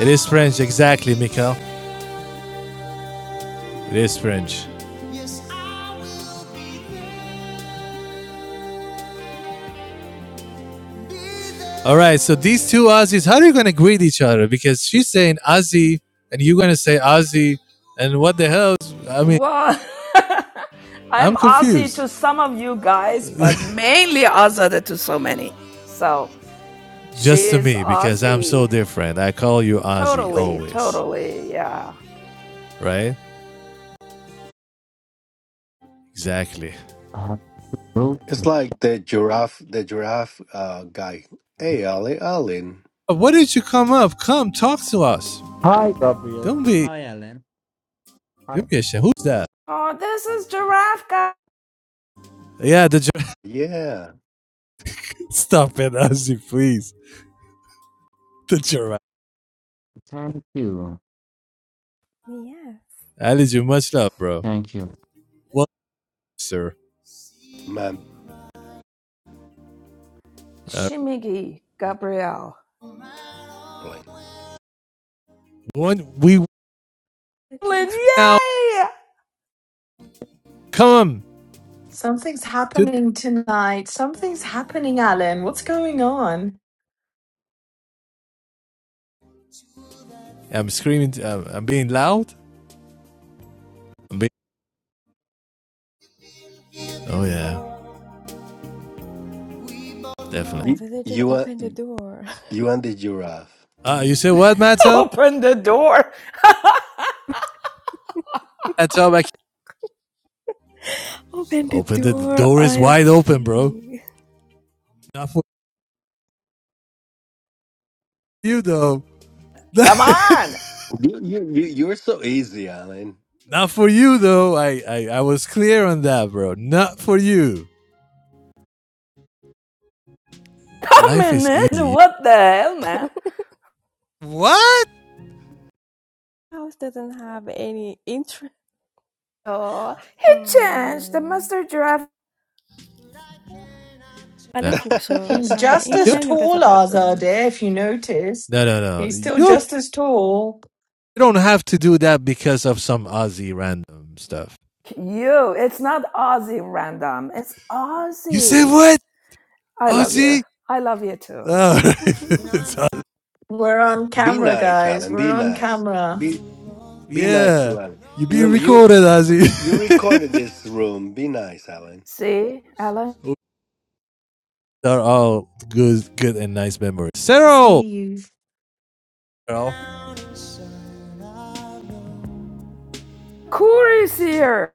Speaker 1: It is French. Exactly, Mikael. It is French. All right. So these two Aussies, how are you going to greet each other? Because she's saying Aussie and you're going to say Aussie. And what the hell? I mean,
Speaker 7: Well, I'm
Speaker 1: I'm
Speaker 7: Aussie
Speaker 1: confused.
Speaker 7: to some of you guys, but mainly Azada to so many. So she
Speaker 1: Just to
Speaker 7: is
Speaker 1: me, because I'm
Speaker 7: Aussie.
Speaker 1: so different. I call you Ozzy
Speaker 7: Totally,
Speaker 1: always,
Speaker 7: totally, yeah.
Speaker 1: right? Exactly.
Speaker 9: Uh, Ruth.
Speaker 6: It's like the giraffe, the giraffe uh, guy. Hey, Ollie, Allen.
Speaker 1: Uh, Why did you come up? Come talk to us.
Speaker 9: Hi,
Speaker 1: Don't
Speaker 9: Gabriel.
Speaker 1: be,
Speaker 9: Hi, Alan. Hi.
Speaker 1: don't be ashamed. Who's that?
Speaker 7: Oh, this is Giraffe Guy.
Speaker 1: Yeah, the giraffe.
Speaker 6: Yeah,
Speaker 1: Stop it, Ozzy, please. The giraffe.
Speaker 9: Thank you.
Speaker 1: Ali, you much love, bro.
Speaker 9: Thank you.
Speaker 1: Well, sir.
Speaker 6: man.
Speaker 1: Uh,
Speaker 7: Shimigi Gabrielle.
Speaker 6: Ollie.
Speaker 1: one, we
Speaker 7: Lynn,
Speaker 1: now
Speaker 7: Yay!
Speaker 1: come
Speaker 5: Something's
Speaker 1: to. The-
Speaker 5: happening tonight. Something's happening, Alan. What's going on?
Speaker 1: I'm screaming. um, I'm being loud. I'm being. Oh yeah, definitely.
Speaker 6: You, you are. You and the giraffe.
Speaker 1: Uh, you say what, Matt? Up,
Speaker 7: Open the door.
Speaker 1: Matt? I can't. Open the, the door is wide open, bro. Not for you though.
Speaker 7: Come on.
Speaker 6: You, you, you, you're so easy, Alan.
Speaker 1: Not for you though. I, I I was clear on that, bro. Not for you.
Speaker 7: Come
Speaker 1: Life
Speaker 7: in.
Speaker 1: is easy.
Speaker 7: What the hell, man?
Speaker 1: What?
Speaker 7: Oh, he changed the master giraffe.
Speaker 1: No,
Speaker 5: He's just as tall as Adair, if you notice.
Speaker 1: no, no.
Speaker 5: He's
Speaker 1: no.
Speaker 5: still
Speaker 1: You're
Speaker 5: just as tall.
Speaker 1: you don't have to do that because of some Aussie random stuff.
Speaker 7: You, it's not Aussie random. It's
Speaker 1: You say
Speaker 7: Aussie.
Speaker 1: what?
Speaker 7: I love you.
Speaker 1: Aussie?
Speaker 7: I love you too.
Speaker 1: Oh, right. no, no.
Speaker 5: We're on
Speaker 6: be
Speaker 5: camera,
Speaker 6: nice,
Speaker 5: guys.
Speaker 6: Alan.
Speaker 5: We're
Speaker 6: Be
Speaker 5: on
Speaker 6: nice.
Speaker 5: camera.
Speaker 6: Be be nice
Speaker 1: yeah.
Speaker 6: to Alan.
Speaker 1: You be
Speaker 6: Remember, you
Speaker 1: recorded, Ozzy.
Speaker 6: you recorded this room. Be nice, Alan.
Speaker 7: See, Ellen?
Speaker 1: Those are all good, good and nice memories. Cyril,
Speaker 5: See you.
Speaker 1: Cyril.
Speaker 7: Corey's here.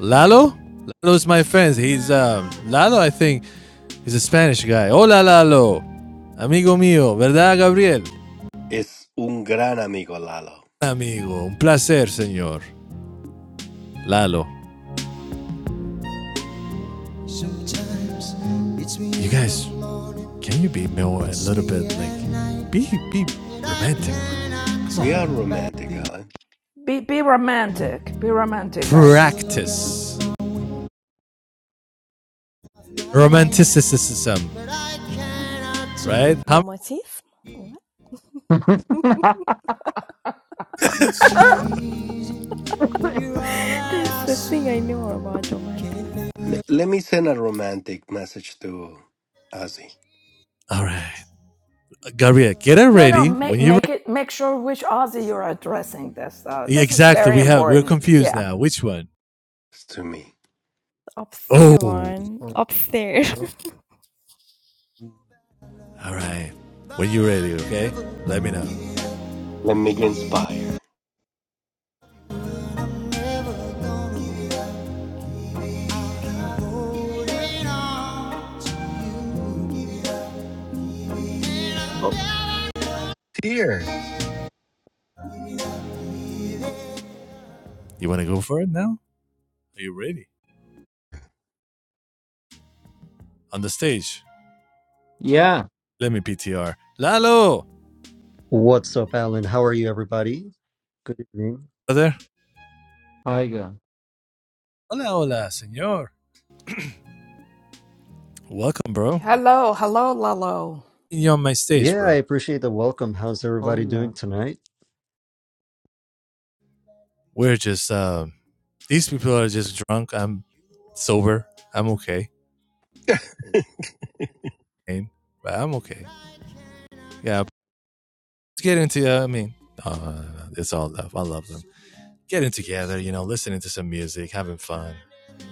Speaker 1: Lalo, Lalo's my friend. He's um, Lalo. I think He's a Spanish guy. Hola, Lalo. Amigo mío, ¿verdad, Gabriel?
Speaker 6: It's un gran amigo, Lalo.
Speaker 1: Amigo, un placer, señor. Lalo. You guys, can you be more a little bit like be be romantic?
Speaker 6: We are romantic, Alan.
Speaker 7: Be be romantic. Be romantic, guys.
Speaker 1: Practice romanticism, right? How,
Speaker 6: L- let me send a romantic message to Ozzy.
Speaker 1: all right, Gabriel, get it
Speaker 7: No, no.
Speaker 1: ready when
Speaker 7: Make
Speaker 1: you're
Speaker 7: make it. Make sure which Aussie you're addressing. This. Uh,
Speaker 1: ready.
Speaker 7: this is
Speaker 1: Exactly,
Speaker 7: very
Speaker 1: we have we're
Speaker 7: important.
Speaker 1: confused
Speaker 7: Yeah.
Speaker 1: now. Which one?
Speaker 6: It's to me.
Speaker 1: Oh, all
Speaker 9: Hello.
Speaker 1: right. When you're ready, okay? Let me know.
Speaker 6: Let me get inspired. Oh, dear.
Speaker 1: You want to go for it now? Are you ready? On the stage.
Speaker 9: yeah.
Speaker 1: Let me PTR. Lalo!
Speaker 10: What's up, Alan? How are you, everybody? Good evening.
Speaker 1: Brother,
Speaker 9: Hi, girl.
Speaker 1: Hola, hola, senor. welcome, bro.
Speaker 7: Hello, hello, Lalo.
Speaker 1: You're on my stage,
Speaker 10: Yeah, I
Speaker 1: bro.
Speaker 10: appreciate the welcome. How's everybody doing
Speaker 9: Hola.
Speaker 10: tonight?
Speaker 1: We're just, um, these people are just drunk. I'm sober. I'm okay. But I'm okay. Yeah, let's get into, uh, I mean, uh, it's all love. I love them. Getting together, you know, listening to some music, having fun.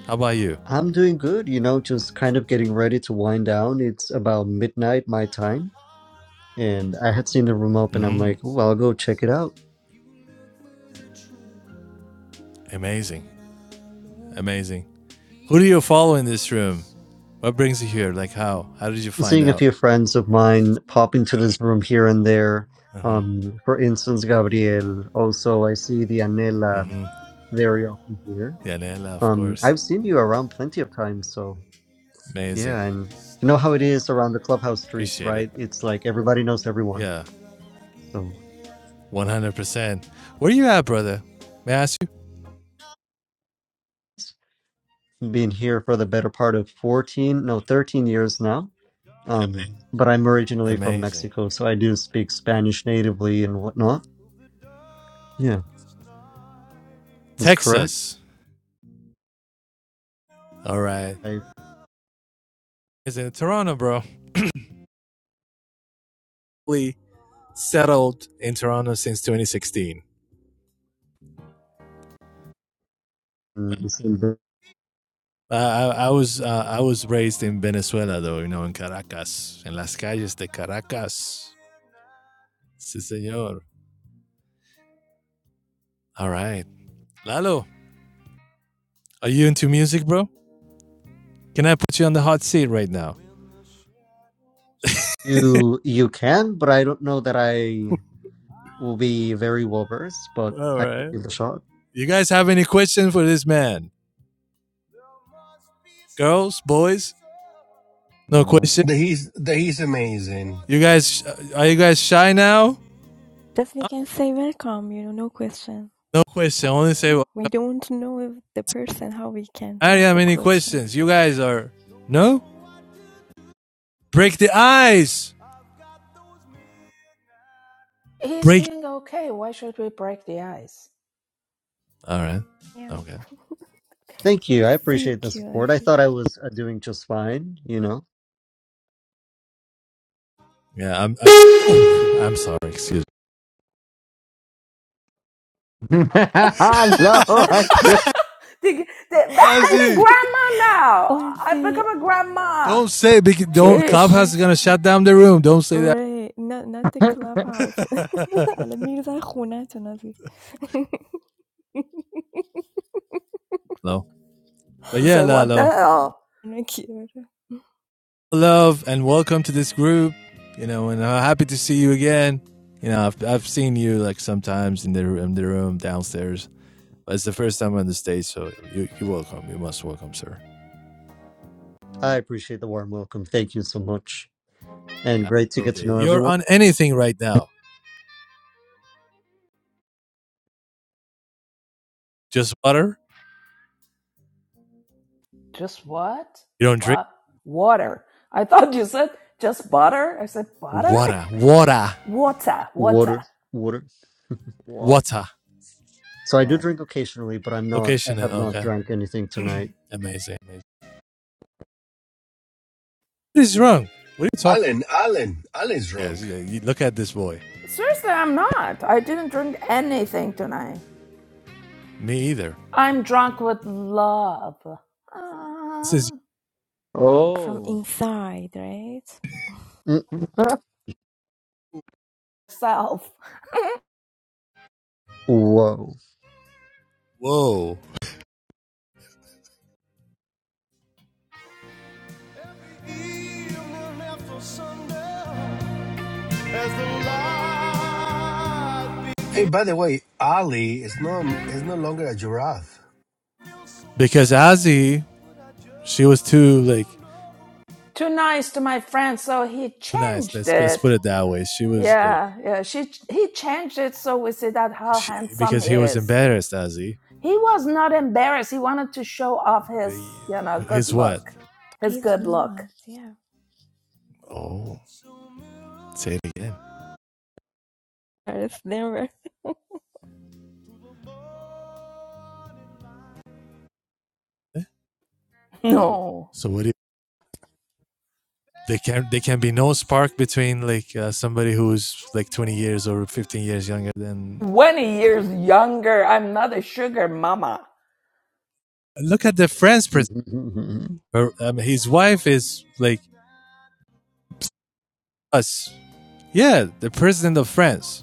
Speaker 1: How about you?
Speaker 10: I'm doing good, you know, just kind of getting ready to wind down. It's about midnight my time, and I had seen the room open. I'm
Speaker 1: Mm-hmm.
Speaker 10: like, oh, I'll go check it out.
Speaker 1: Amazing. Amazing. Who do you follow in this room? What brings you here? Like how? How did you find
Speaker 10: Seeing a
Speaker 1: out?
Speaker 10: few friends of mine pop into this room here and there. Um, for instance, Gabriel. Also, I see the Anela very often here.
Speaker 1: Yanela, of
Speaker 10: Um,
Speaker 1: course.
Speaker 10: I've seen you around plenty of times, so.
Speaker 1: Amazing.
Speaker 10: Yeah, and you know how it is around the clubhouse streets,
Speaker 1: Appreciate it.
Speaker 10: right? It's like everybody knows everyone.
Speaker 1: Yeah,
Speaker 10: So
Speaker 1: 100%. Where you at, brother? May I ask you?
Speaker 10: being here for the better part of 14, no, 13 years now. Um, Okay. but I'm originally from
Speaker 1: Amazing.
Speaker 10: Mexico, so I do speak Spanish natively and whatnot. Yeah, that's correct.
Speaker 1: Texas. All right.
Speaker 10: I
Speaker 1: It's in Toronto, bro. We settled in Toronto since 2016. Uh, I, I was uh, I was raised in Venezuela, though, you know, in Caracas, in las calles de Caracas. Sí, señor. All right. Lalo, are you into music, bro? Can I put you on the hot seat right now?
Speaker 10: you you can, but I don't know that I will be very well versed, but
Speaker 1: All
Speaker 10: I can
Speaker 1: right.
Speaker 10: give it a shot.
Speaker 1: You guys have any questions for this man? Girls, boys? No
Speaker 9: No.
Speaker 1: question?
Speaker 6: The, he's the, he's amazing.
Speaker 1: You guys, uh, are you guys shy now? No question. Only say, well, I don't have any questions. You guys are, no? Break the ice!
Speaker 7: He's
Speaker 1: Break.
Speaker 7: doing okay. Why should we break the ice?
Speaker 1: Alright. Okay.
Speaker 10: Thank you. I appreciate the support. I thought I was uh, doing just fine, you know.
Speaker 1: Yeah, I'm, I'm, I'm sorry. Excuse me.
Speaker 9: Hello. thank you.
Speaker 7: The- the- I'm a
Speaker 1: Ozzy!
Speaker 7: grandma now. I have become a grandma.
Speaker 1: Don't say, don't,
Speaker 7: Jeez.
Speaker 1: Clubhouse is gonna shut down the room. Don't say that. No. But
Speaker 7: I
Speaker 1: yeah,
Speaker 7: say, what the
Speaker 1: Lalo.
Speaker 7: hell?
Speaker 1: Love and welcome to this group. You know, and I'm happy to see you again. You know, I've, I've seen you like sometimes in the, in the room downstairs It's the first time on the stage, so you, you're welcome. You must welcome, sir.
Speaker 10: I appreciate the warm welcome. Thank you so much. And great to get to
Speaker 1: Totally.
Speaker 10: know
Speaker 1: You're
Speaker 10: everyone.
Speaker 1: on anything right now. Just water?
Speaker 7: Just what?
Speaker 1: You don't drink?
Speaker 7: But water. I thought you said just butter. I said butter?
Speaker 1: Water. Water.
Speaker 7: Water, water.
Speaker 10: Water, water.
Speaker 9: What?
Speaker 1: Water.
Speaker 10: So I do
Speaker 9: Right.
Speaker 10: drink occasionally, but I'm
Speaker 1: Okay,
Speaker 10: not, I
Speaker 1: Chanel.
Speaker 10: have not
Speaker 1: Okay.
Speaker 10: drank anything tonight.
Speaker 1: Amazing. Amazing. What is wrong? What are you talking
Speaker 6: Alan, Alan, Alan's
Speaker 1: about? Yes,
Speaker 6: drunk.
Speaker 1: yeah. You look at this boy.
Speaker 7: Seriously, I'm not. I didn't drink anything tonight.
Speaker 1: Me either.
Speaker 7: I'm drunk with love.
Speaker 1: This is,
Speaker 7: Ah,
Speaker 9: Oh.
Speaker 10: Mm,
Speaker 7: self.
Speaker 10: Whoa.
Speaker 1: whoa.
Speaker 6: Hey, by the way, Ali is no is no longer a giraffe.
Speaker 1: Because Ozzy, she was too, like,
Speaker 7: Too nice to my friend, so he
Speaker 1: too nice.
Speaker 7: changed
Speaker 1: Let's, let's put
Speaker 7: it.
Speaker 1: it that way. She was, like,
Speaker 7: Yeah, yeah. She he changed it so we see that how
Speaker 1: she,
Speaker 7: handsome
Speaker 1: because
Speaker 7: he
Speaker 1: he was
Speaker 7: is.
Speaker 1: embarrassed, Ozzy.
Speaker 7: He was not embarrassed. He wanted to show off his, you know, good
Speaker 1: His
Speaker 7: look.
Speaker 1: what?
Speaker 7: His good look.
Speaker 1: Oh, say it again.
Speaker 7: No.
Speaker 1: So what do you There can there can be no spark between like uh, somebody who's like 20 years or 15 years younger than.
Speaker 7: 20 years younger. I'm not a sugar mama.
Speaker 1: Look at the France president.
Speaker 10: Mhm.
Speaker 1: Her, um, his wife is like us. Yeah, the president of France,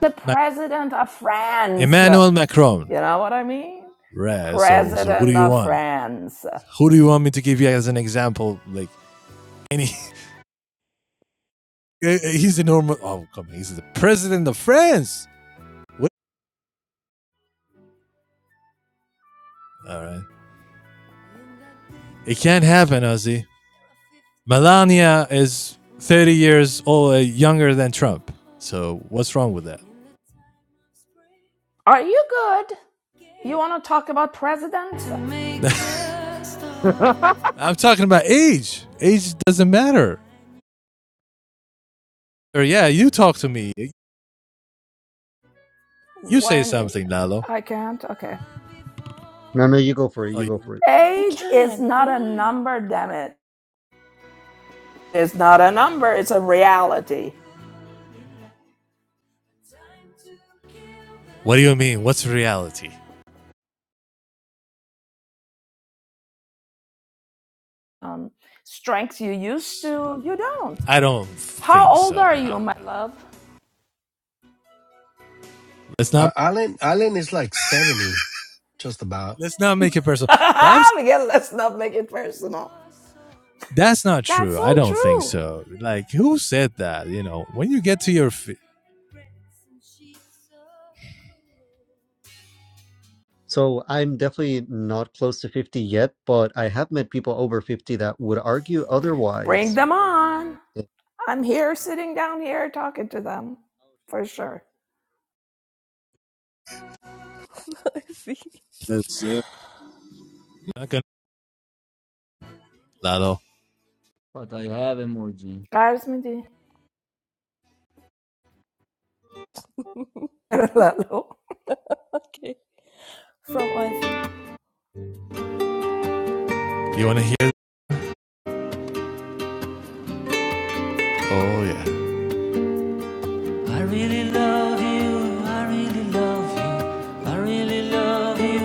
Speaker 7: The
Speaker 1: Ma-
Speaker 7: president of France.
Speaker 1: Emmanuel
Speaker 7: You
Speaker 1: Macron.
Speaker 7: know what I mean?
Speaker 1: Right. So so who do
Speaker 7: President
Speaker 1: you
Speaker 7: of
Speaker 1: want?
Speaker 7: France.
Speaker 1: Who do you want me to give you as an example? Like any. He's a normal. Oh, come on. He's the president of France. What? All right. It can't happen, Ozzy. Melania is 30 years old, uh, younger than Trump. So what's wrong with
Speaker 7: Are you good? You want to talk about presidents?
Speaker 1: that?
Speaker 9: but
Speaker 1: I'm talking about age. Age doesn't matter. Or yeah, you talk to me. You say
Speaker 7: When
Speaker 1: something, Lalo.
Speaker 7: I can't? Okay.
Speaker 10: No, no, you go for it.
Speaker 1: Oh,
Speaker 10: You go
Speaker 1: you-
Speaker 10: for it.
Speaker 7: Age is not a number, damn it. It's not a number, it's a reality.
Speaker 1: what do you mean? What's reality?
Speaker 7: Um, strengths you used to, you don't.
Speaker 1: I don't
Speaker 7: How
Speaker 1: think
Speaker 7: old
Speaker 1: so.
Speaker 7: are
Speaker 1: No,
Speaker 7: you,
Speaker 1: Nah,
Speaker 7: my
Speaker 1: no. nah.
Speaker 7: love?
Speaker 1: Let's not
Speaker 6: Uh, Allen Allen is like seventy, just about.
Speaker 1: let's not make it personal. But I'm
Speaker 7: Miguel, let's not make it personal.
Speaker 1: that's not
Speaker 7: That's
Speaker 1: true. I
Speaker 7: so
Speaker 1: don't think
Speaker 7: true.
Speaker 1: so. Like who said that? You know, when you get to your feet,
Speaker 10: So I'm definitely not close to 50 yet, but I have met people over 50 that would argue otherwise.
Speaker 7: Bring them on.
Speaker 10: Yeah.
Speaker 7: I'm here sitting down here talking to them for sure.
Speaker 1: that's uh, not gonna. Lalo,
Speaker 9: I have emoji.
Speaker 7: Guys, me too. Lalo.
Speaker 1: you want to hear? Oh yeah. I really love you. I really love you. I really love you.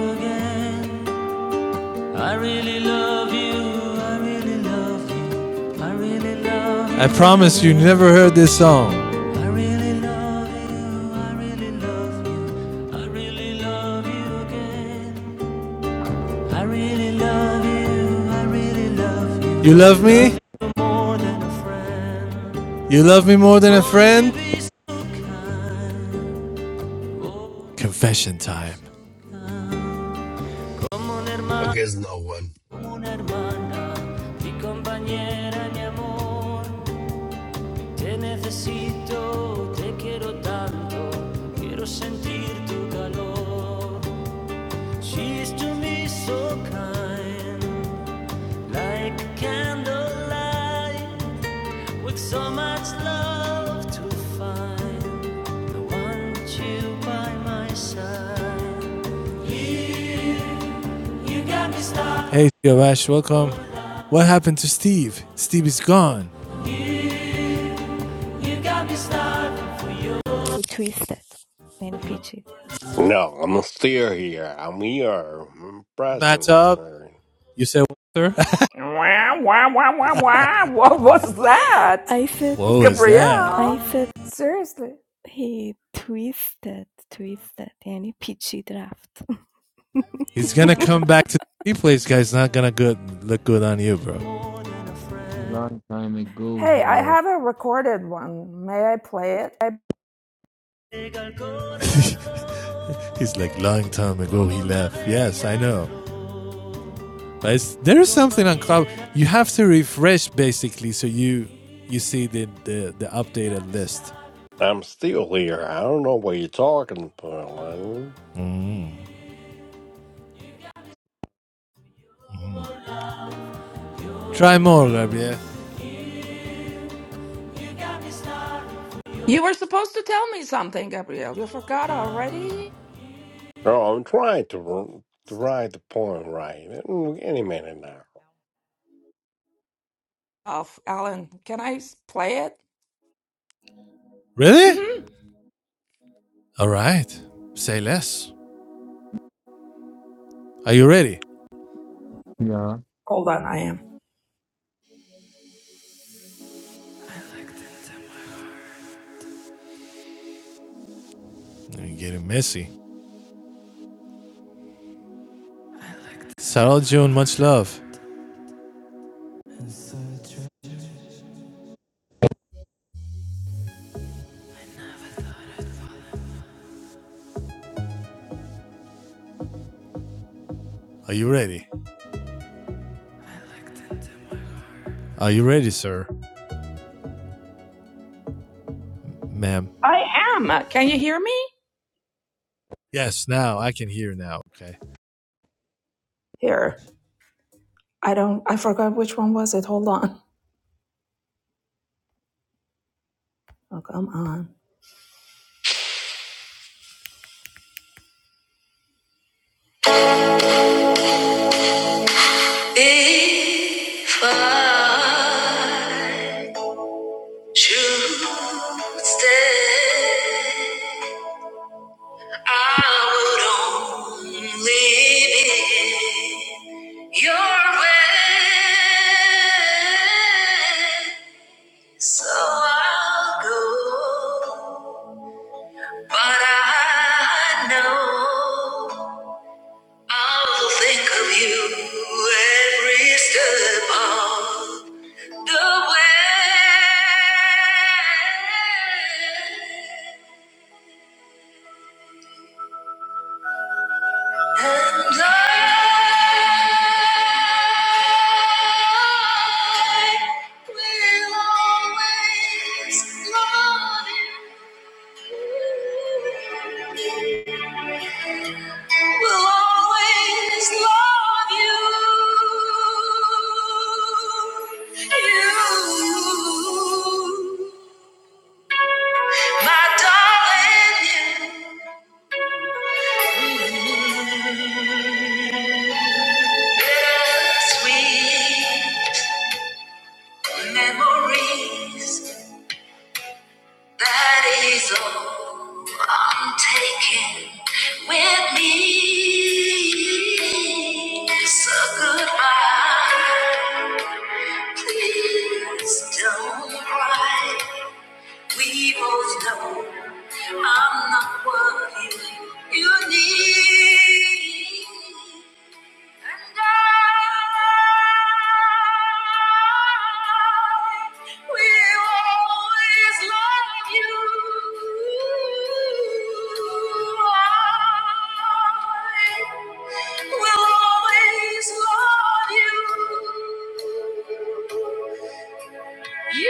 Speaker 1: I promise you never heard this song. I really love You You love me? You love me more than a friend? Confession time.
Speaker 6: I guess no one.
Speaker 1: She's to me so kind, like a candlelight. With so much love to find, I want you by my side. You got me stuck, Hey, Yo Ash, welcome. What happened to Steve? Steve is gone. you got me stuck.
Speaker 6: No, I'm still here. I'm here. I'm
Speaker 1: Matt
Speaker 6: present,
Speaker 1: up.
Speaker 6: sir.
Speaker 1: You said,
Speaker 7: Wah, wah, wah, wah, wah. What was that?
Speaker 1: "What was that?"
Speaker 7: Gabrielle? Seriously.
Speaker 1: He's gonna come back to the replays, guys. Not gonna good look good on you, bro.
Speaker 9: Long time ago
Speaker 7: Hey,
Speaker 9: he
Speaker 7: I
Speaker 9: left.
Speaker 7: have a recorded one. May I play it? I-
Speaker 1: He's like, long time ago he left. Yes, I know. But it's, there is something on cloud. You have to refresh basically, so you you see the the, the updated list.
Speaker 6: I'm still here. I don't know what you're talking about. Lenny.
Speaker 1: Try more, Rabia.
Speaker 7: you were supposed to tell me something, Gabrielle. You forgot already?
Speaker 6: No, I'm trying to r- to write the point right. Mm, Any minute now.
Speaker 7: Oh, Alan, can I s- play it?
Speaker 1: Really?
Speaker 7: hmm
Speaker 1: All right. Say less. Are you ready?
Speaker 9: Yeah.
Speaker 7: Hold on, I am.
Speaker 1: I'm getting messy. Sarah June, much love. Are you ready? Are you ready, sir, ma'am?
Speaker 7: I am. Can you hear me?
Speaker 1: Yes. Now I can hear now. Okay.
Speaker 7: Here. I don't, I forgot which one was it. Hold on. Oh, come on. If I should stay, I would only be your way. So I'll go, but I know. I'll think of you every step of the way. And I will always love you. we Will always love you. You, my darling, you. Bittersweet memories That is all I'm taking with me. So goodbye. Please don't cry. We both know I'm not what you, you need. And I will always love you. I will always love you.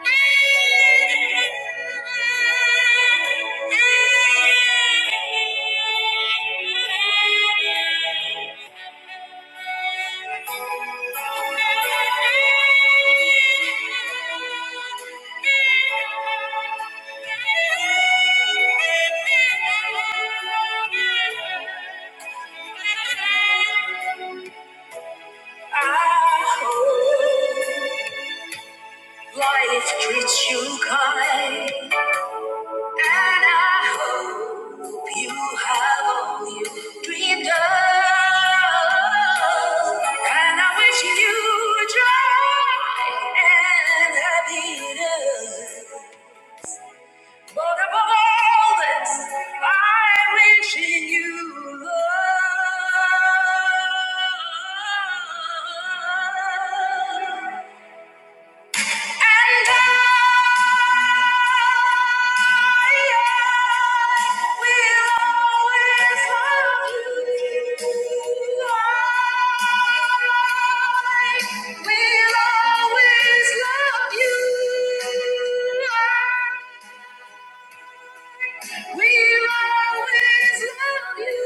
Speaker 7: You. I hope. Life treats you kind, and I hope you have all you dreamed of. And I wish you joy and happiness. But above all this, I'm wishing you love. And I will always love you. I will always love you. We will always love you.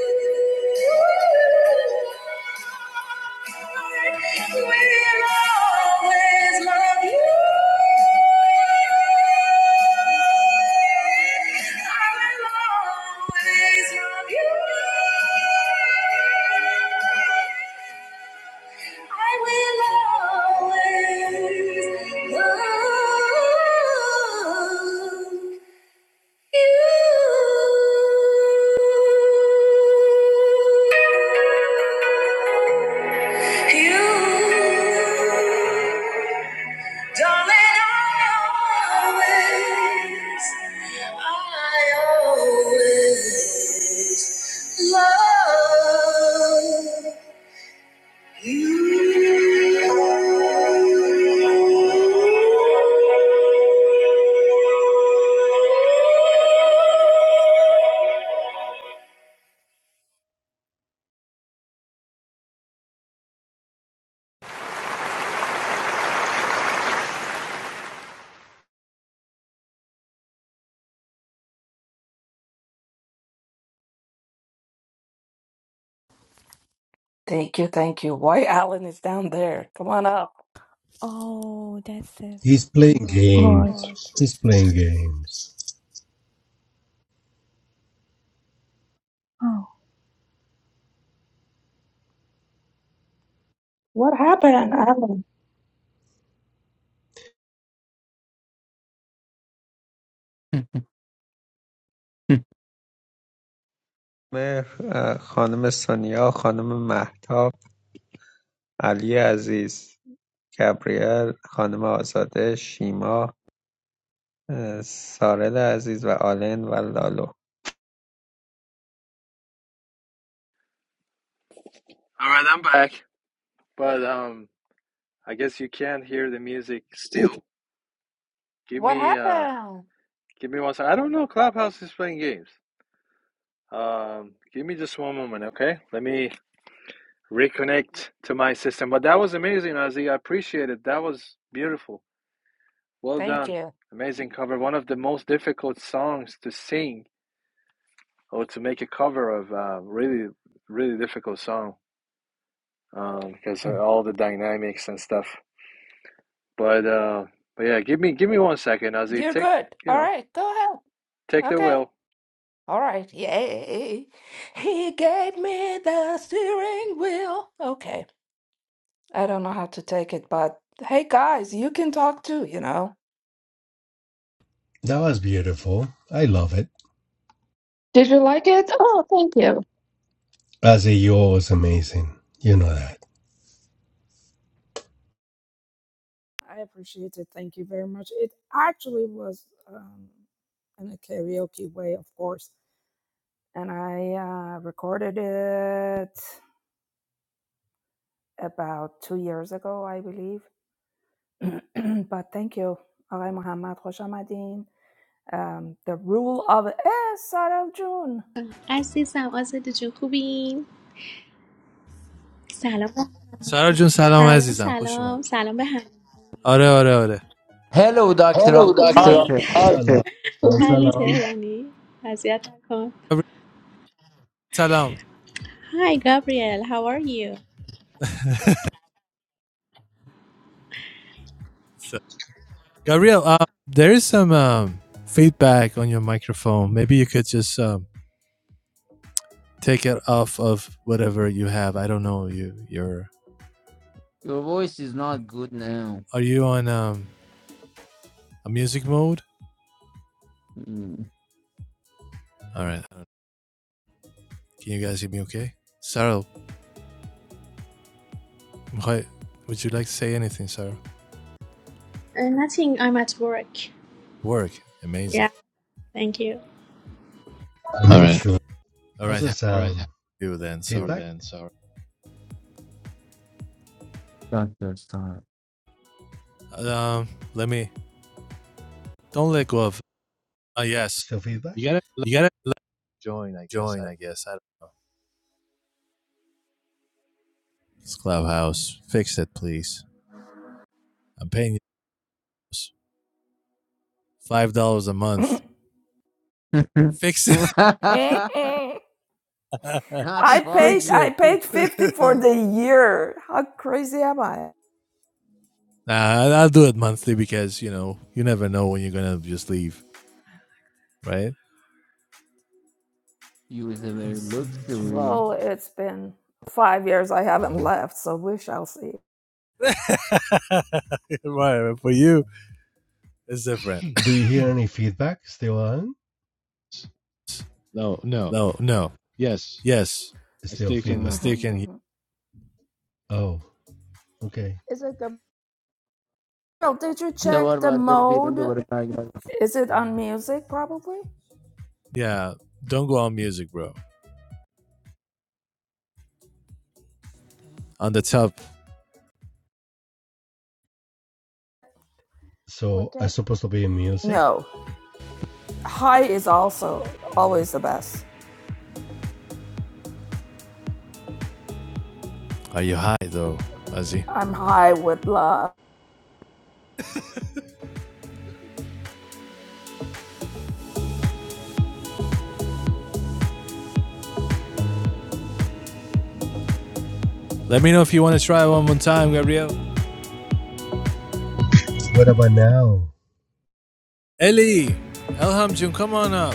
Speaker 7: We will always love you. I will always love you. I will always love Love. Thank you, thank you. White Allen is down there. Come on up.
Speaker 6: He's playing Right. games. He's playing games. Oh, what happened, Alan?
Speaker 11: خانم سونیا، خانم مهتاب، علی عزیز، گبریل، خانم آزاده، شیما، اه، سارل عزیز و آلن و لالو
Speaker 1: All right, I'm back. But um, I guess you can't hear the music still. Give
Speaker 7: What
Speaker 1: me uh,
Speaker 7: happened?
Speaker 1: give me one second. I don't know. Clubhouse is playing games. Um, give me just one moment, okay? Let me reconnect to my system. But that was amazing, Aziz. I appreciate it. That was beautiful. Well
Speaker 7: Thank
Speaker 1: done.
Speaker 7: you.
Speaker 1: Amazing cover. One of the most difficult songs to sing or to make a cover of. Uh, really, really difficult song um, because of all the dynamics and stuff. But uh, but yeah, give me give me one second, Aziz.
Speaker 7: You're
Speaker 1: Take
Speaker 7: good.
Speaker 1: you
Speaker 7: All
Speaker 1: know
Speaker 7: right, go ahead.
Speaker 1: take the
Speaker 7: Okay.
Speaker 1: wheel.
Speaker 7: All right. Yay. He gave me the steering wheel. Okay. I don't know how to take it, but hey, guys, you can talk too, you know.
Speaker 6: That was beautiful. I love it. Did you like it? Oh, thank you. Ozzy, you're always amazing. You know that.
Speaker 7: I appreciate it. Thank you very much. It actually was um, in a karaoke way, of course. And I uh, recorded it about two years ago, I believe. but thank you, Alay Mohammad Khosh Amadeen. Um, the rule of eh, Sarah June.
Speaker 12: عزیزم آزاده جون خوبی؟ سلام به
Speaker 1: سارا
Speaker 12: همگی.
Speaker 1: جون سلام
Speaker 12: سلام
Speaker 1: عزیزم خوش
Speaker 12: سلام
Speaker 1: اومدی
Speaker 12: سلام به همه
Speaker 1: آره آره آره
Speaker 9: Hello, Doctor
Speaker 6: Hello, Dr.
Speaker 12: خوبی؟
Speaker 9: Arthur.
Speaker 6: Arthur.
Speaker 12: علی تهرانی اذیت نکن
Speaker 1: سلام
Speaker 12: Hi Gabriel how are you?
Speaker 1: Gabriel, uh, there is some um, feedback on your microphone. Maybe you could just um, take it off of whatever you have. I don't know. You, you're.
Speaker 9: Your voice is not good now.
Speaker 1: Are you on um, a music mode?
Speaker 9: Mm.
Speaker 1: All right. Can you guys hear me? Okay. Sarah, why, would you like to say anything, Sarah?
Speaker 12: Uh, nothing I'm at work
Speaker 1: Work. Amazing.
Speaker 12: Yeah thank you
Speaker 6: Salam. Sure.
Speaker 1: All
Speaker 6: How's
Speaker 1: right. How
Speaker 6: that sound?
Speaker 1: are you then,
Speaker 6: Fe-
Speaker 1: Sarah?
Speaker 9: Doctor
Speaker 1: Um, let me. Don't let go of. Uh, yes.
Speaker 6: Still feedback?
Speaker 1: You gotta join. I guess. I don't know. It's Clubhouse. Fix it, please. I'm paying you five dollars a month
Speaker 9: Mhm.
Speaker 1: Fix it.
Speaker 9: Not
Speaker 7: I paid
Speaker 9: five,
Speaker 1: Fix
Speaker 9: it's
Speaker 7: I
Speaker 1: it.
Speaker 7: paid
Speaker 9: six.
Speaker 7: fifty for the year. How crazy am I?
Speaker 1: Nah, I'll do it monthly because, you know, you never know when you're going to just leave, right?
Speaker 9: You is a very luxury.
Speaker 7: Well, it's been five years I haven't left, so we shall see.
Speaker 1: right. but For you, it's different.
Speaker 6: Do you hear any feedback still on?
Speaker 1: No, no. Yes. I
Speaker 6: like,
Speaker 7: Mm-hmm.
Speaker 1: still can
Speaker 6: hmm
Speaker 1: hear.
Speaker 6: oh, okay. Is it good
Speaker 7: No, did you
Speaker 9: Yeah, what
Speaker 7: check the
Speaker 9: about very people the
Speaker 7: mode?
Speaker 9: work I got?
Speaker 7: Is it on music probably?
Speaker 1: Yeah. Don't go on music, bro. On the top.
Speaker 6: So I weekend? supposed to be in music?
Speaker 7: No. High is also always the best.
Speaker 1: Are you high, though, Ozzy?
Speaker 7: I'm high with love.
Speaker 1: Let me know if you want to try one more time, Gabriel.
Speaker 6: What about now?
Speaker 1: Ellie! Elhamjun, come on up.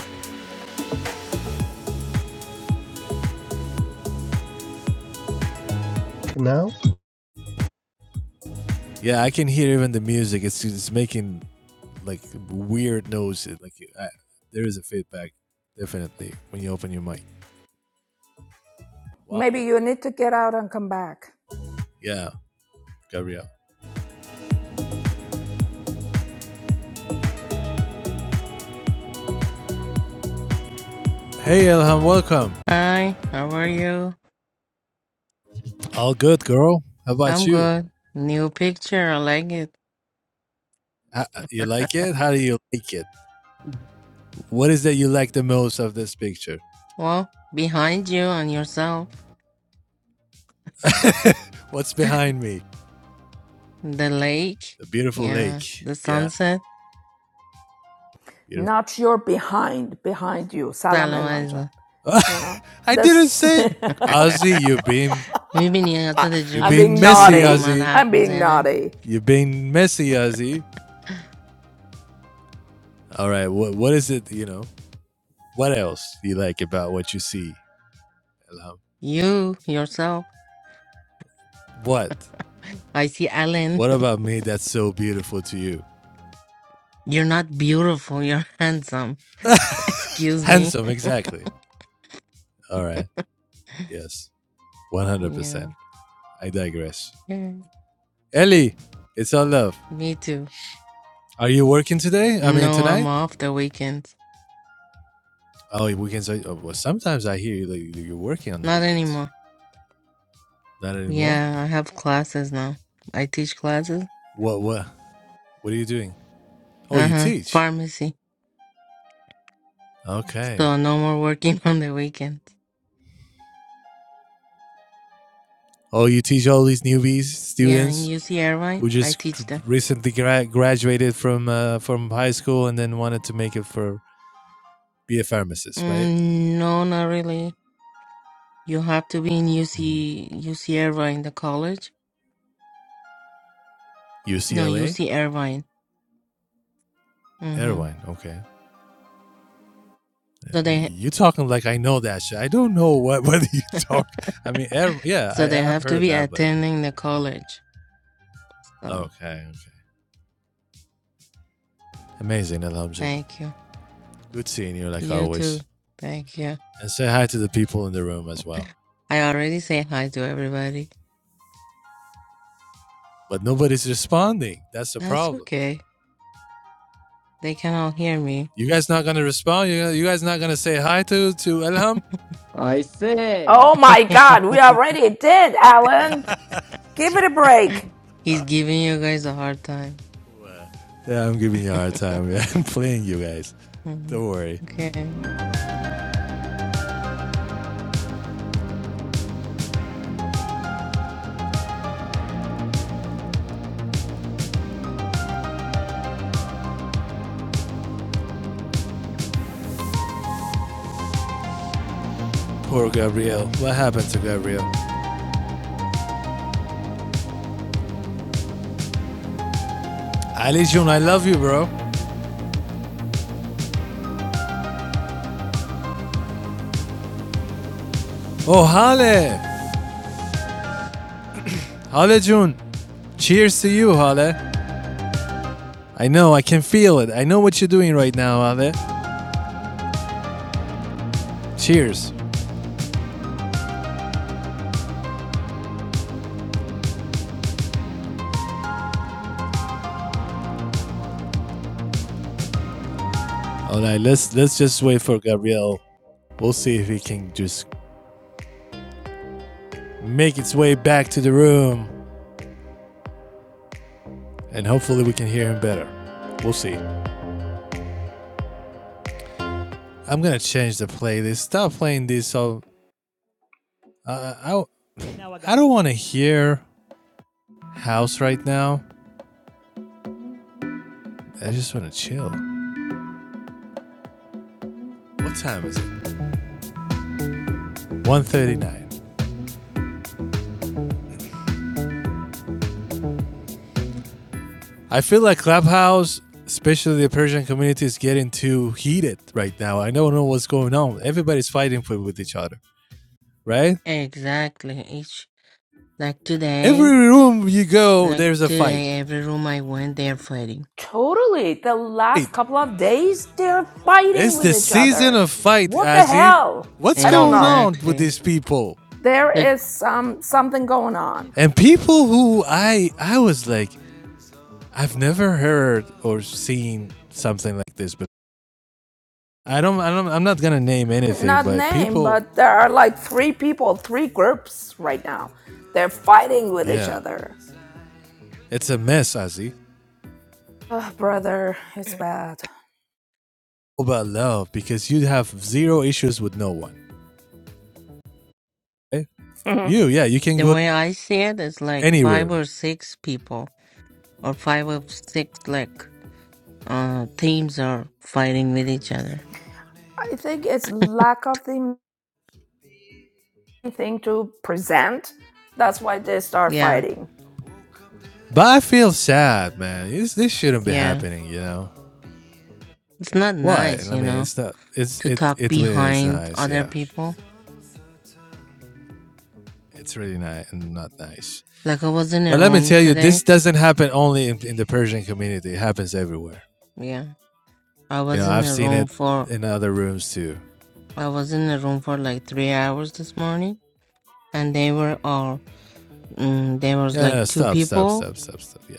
Speaker 6: Now?
Speaker 1: Yeah, I can hear even the music. It's, it's making like weird noises. Like I, there is a feedback, definitely, when you open your mic. Wow.
Speaker 7: Maybe you need to get out and come back.
Speaker 1: Yeah, Gabriel. Hey Elham, welcome.
Speaker 13: Hi, how are you?
Speaker 1: All good, girl. How about
Speaker 13: I'm
Speaker 1: you?
Speaker 13: good. New picture, I like it.
Speaker 1: Uh, uh, You like it? How do you like it? What is that you like the most of this picture?
Speaker 13: Well, behind you and yourself,
Speaker 1: What's behind me?
Speaker 13: the lake,
Speaker 1: The beautiful
Speaker 13: yeah,
Speaker 1: lake.
Speaker 13: the
Speaker 1: Yeah,
Speaker 13: sunset.
Speaker 1: beautiful.
Speaker 7: Not your behind, behind you. Salam
Speaker 13: سلام
Speaker 7: Elamja.
Speaker 13: عزیزم
Speaker 7: You know?
Speaker 1: I didn't
Speaker 7: This
Speaker 1: say it. Ozzy, you've been
Speaker 13: میبینی حضرت
Speaker 1: you've
Speaker 7: I'm
Speaker 13: جون
Speaker 1: been
Speaker 7: being
Speaker 13: چجوری
Speaker 1: messy,
Speaker 13: با
Speaker 7: naughty.
Speaker 13: من
Speaker 1: Ozzy.
Speaker 7: I'm
Speaker 13: حرف
Speaker 7: being
Speaker 13: میزنه
Speaker 7: naughty.
Speaker 1: You've been messy, Ozzy. All right. What What is it? You know. What else do you like about what you see, Ilham?
Speaker 13: You, yourself,
Speaker 1: What?
Speaker 13: I see Alan.
Speaker 1: What about me that's so beautiful to you?
Speaker 13: You're not beautiful, you're handsome. Excuse me.
Speaker 1: Handsome, exactly. All right. Yes.
Speaker 13: Yeah,
Speaker 1: 100%. I digress.
Speaker 13: yeah,
Speaker 1: Ellie, it's all love.
Speaker 13: me too.
Speaker 1: Are you working today? I mean,
Speaker 13: No, I'm
Speaker 1: tonight?
Speaker 13: off the weekends.
Speaker 1: Oh, weekends. Are, oh, well, sometimes I hear you, like, you're working on the
Speaker 13: Not
Speaker 1: weekends.
Speaker 13: anymore.
Speaker 1: Not anymore?
Speaker 13: Yeah, I have classes now. I teach classes
Speaker 1: What, what, what are you doing? Oh, you
Speaker 13: Uh-huh.
Speaker 1: teach.
Speaker 13: Pharmacy.
Speaker 1: Okay.
Speaker 13: So no more working on the weekends.
Speaker 1: Oh, you teach all these newbies,
Speaker 13: Yeah, in
Speaker 1: students
Speaker 13: UC Irvine,
Speaker 1: who
Speaker 13: I
Speaker 1: just
Speaker 13: teach them.
Speaker 1: recently gra- graduated from uh, from high school and then wanted to make it for be a pharmacist, right?
Speaker 13: Mm, no, not really. You have to be in
Speaker 1: hmm
Speaker 13: UC UC Irvine, the college. No,
Speaker 1: UCLA,
Speaker 13: UC Irvine. Mm-hmm.
Speaker 1: Irvine. Okay.
Speaker 13: So they
Speaker 1: You talking like I know that shit. I don't know what whether you talk. I mean, ev- yeah,
Speaker 13: so they
Speaker 1: I, I've
Speaker 13: have to
Speaker 1: heard
Speaker 13: be
Speaker 1: that, but
Speaker 13: attending the college. So
Speaker 1: okay, okay, amazing, Alhamdulillah.
Speaker 13: thank you.
Speaker 1: Good seeing you, like
Speaker 13: You too.
Speaker 1: always.
Speaker 13: Thank you.
Speaker 1: And say hi to the people in the room as well.
Speaker 13: I already say hi to everybody.
Speaker 1: But nobody's responding. That's the
Speaker 13: That's
Speaker 1: problem.
Speaker 13: okay. They can all hear me.
Speaker 1: You guys not gonna respond. You you guys not gonna say hi to to Elham.
Speaker 9: I say,
Speaker 7: Oh my God, we already did, Alan. Give it a break.
Speaker 13: He's giving you guys a hard time.
Speaker 1: Yeah, I'm giving you a hard time. Yeah, I'm playing you guys.
Speaker 13: hmm
Speaker 1: Don't worry.
Speaker 13: Okay.
Speaker 1: Poor Gabriel. What happened to Gabriel? Ali Jun, I love you, bro. Oh, Hale. Hale Jun. Cheers to you, Hale. I know. I can feel it. I know what you're doing right now, Ave. Cheers. All right, let's let's just wait for Gabriel. We'll see if he can just make its way back to the room, and hopefully we can hear him better. We'll see. I'm gonna change the playlist. Stop playing this. So uh, I I don't want to hear house right now. I just want to chill. What time is it? 1:39. I feel like Clubhouse, especially the Persian community, is getting too heated right now. I don't know what's going on. Everybody's fighting for, with each other, right?
Speaker 13: Exactly. It's like
Speaker 1: Every
Speaker 13: today,
Speaker 1: room you go,
Speaker 13: like
Speaker 1: there's a fight.
Speaker 13: today, every room I went, they're fighting.
Speaker 7: Totally. The last
Speaker 1: Wait,
Speaker 7: couple of days, they're fighting
Speaker 1: it's
Speaker 7: with
Speaker 1: the
Speaker 7: each
Speaker 1: season
Speaker 7: other.
Speaker 1: of fight,
Speaker 7: What the
Speaker 1: Azzy.
Speaker 7: hell?
Speaker 1: What's
Speaker 7: I don't
Speaker 1: going
Speaker 7: know.
Speaker 1: on with
Speaker 13: Exactly.
Speaker 1: these people?
Speaker 7: There
Speaker 13: Like
Speaker 7: is some something going on.
Speaker 1: And people who I I was like, I've never heard or seen something like this. But I don't, I don't I'm not gonna name anything.
Speaker 7: Not
Speaker 1: But
Speaker 7: name,
Speaker 1: people,
Speaker 7: but there are like three people, three groups right now. They're fighting with each
Speaker 1: yeah,
Speaker 7: other.
Speaker 1: it's a mess, Azzy.
Speaker 7: Oh, brother, it's bad.
Speaker 1: about love because you have zero issues with no one. Eh?
Speaker 7: Mhm.
Speaker 1: You, yeah, you can
Speaker 13: the
Speaker 1: go to
Speaker 13: way I see it, it's like
Speaker 1: any
Speaker 13: five
Speaker 1: room.
Speaker 13: or six people, or five or six like uh teams are fighting with each other.
Speaker 7: I think it's lack of the thing to present. That's why they start
Speaker 13: Yeah,
Speaker 7: fighting.
Speaker 1: But I feel sad, man. This this shouldn't be
Speaker 13: yeah.
Speaker 1: happening, you know.
Speaker 13: It's not
Speaker 1: Why?
Speaker 13: nice,
Speaker 1: I
Speaker 13: you
Speaker 1: mean,
Speaker 13: know,
Speaker 1: it's not. It's
Speaker 13: to
Speaker 1: it.
Speaker 13: talk
Speaker 1: It really is
Speaker 13: behind
Speaker 1: nice.
Speaker 13: other
Speaker 1: Yeah,
Speaker 13: people.
Speaker 1: it's really nice and not nice.
Speaker 13: Like I was in a
Speaker 1: But let me
Speaker 13: room
Speaker 1: tell you, this
Speaker 13: today.
Speaker 1: doesn't happen only in, in the Persian community. It happens everywhere.
Speaker 13: Yeah, I
Speaker 1: You
Speaker 13: was
Speaker 1: know,
Speaker 13: in
Speaker 1: I've
Speaker 13: a
Speaker 1: seen
Speaker 13: room
Speaker 1: it
Speaker 13: for
Speaker 1: in other rooms too.
Speaker 13: I was in a room for like three hours this morning, and they were all. Mm, there was
Speaker 1: Yeah, no,
Speaker 13: like
Speaker 1: no,
Speaker 13: two
Speaker 1: stop, stop,
Speaker 13: people.
Speaker 1: stop, stop, stop. Yeah,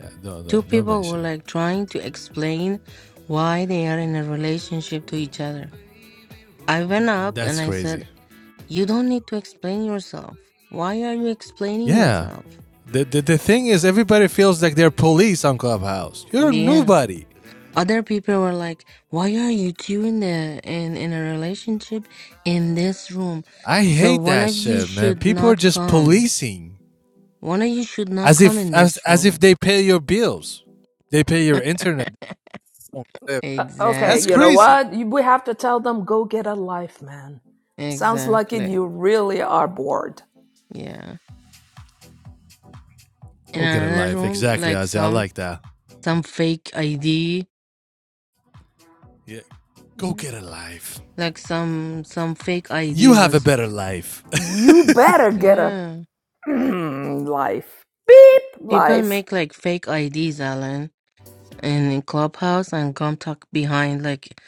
Speaker 1: yeah. Don't,
Speaker 13: Two
Speaker 1: don't, don't
Speaker 13: people were
Speaker 1: mention
Speaker 13: like
Speaker 1: it.
Speaker 13: trying to explain why they are in a relationship to each other. I went up and
Speaker 1: That's
Speaker 13: I said,
Speaker 1: crazy.
Speaker 13: You don't need to explain yourself. Why are you explaining
Speaker 1: Yeah.
Speaker 13: yourself?
Speaker 1: The, the, the thing is, everybody feels like they're police on Clubhouse. You're
Speaker 13: Yeah.
Speaker 1: nobody.
Speaker 13: Other people were like, Why are you two in the in, in a relationship in this room?
Speaker 1: I
Speaker 13: So
Speaker 1: hate
Speaker 13: one
Speaker 1: that
Speaker 13: of you
Speaker 1: shit, man.
Speaker 13: should
Speaker 1: People are
Speaker 13: not
Speaker 1: just
Speaker 13: come.
Speaker 1: policing
Speaker 13: One of you should not
Speaker 1: as
Speaker 13: come
Speaker 1: if
Speaker 13: in
Speaker 1: as
Speaker 13: this
Speaker 1: as if
Speaker 13: room.
Speaker 1: they pay your bills. They pay your internet.
Speaker 7: Uh, okay,
Speaker 1: That's
Speaker 7: you know
Speaker 13: Exactly.
Speaker 1: crazy.
Speaker 7: what? You, we have to tell them go get a life, man. Sounds like it.
Speaker 13: Exactly.
Speaker 7: You really are bored.
Speaker 13: Yeah. in
Speaker 1: Go get a
Speaker 13: another
Speaker 1: life.
Speaker 13: room
Speaker 1: Exactly,
Speaker 13: like
Speaker 1: Isaiah. I
Speaker 13: some
Speaker 1: like that.
Speaker 13: some fake id
Speaker 1: Yeah. Go
Speaker 13: Mm.
Speaker 1: get a life.
Speaker 13: like some some fake
Speaker 1: You
Speaker 13: id
Speaker 1: have a
Speaker 13: was
Speaker 1: better life.
Speaker 7: You better get a
Speaker 13: yeah
Speaker 7: life. Beep
Speaker 13: people
Speaker 7: life.
Speaker 13: make like fake ids alan in in clubhouse and come talk behind like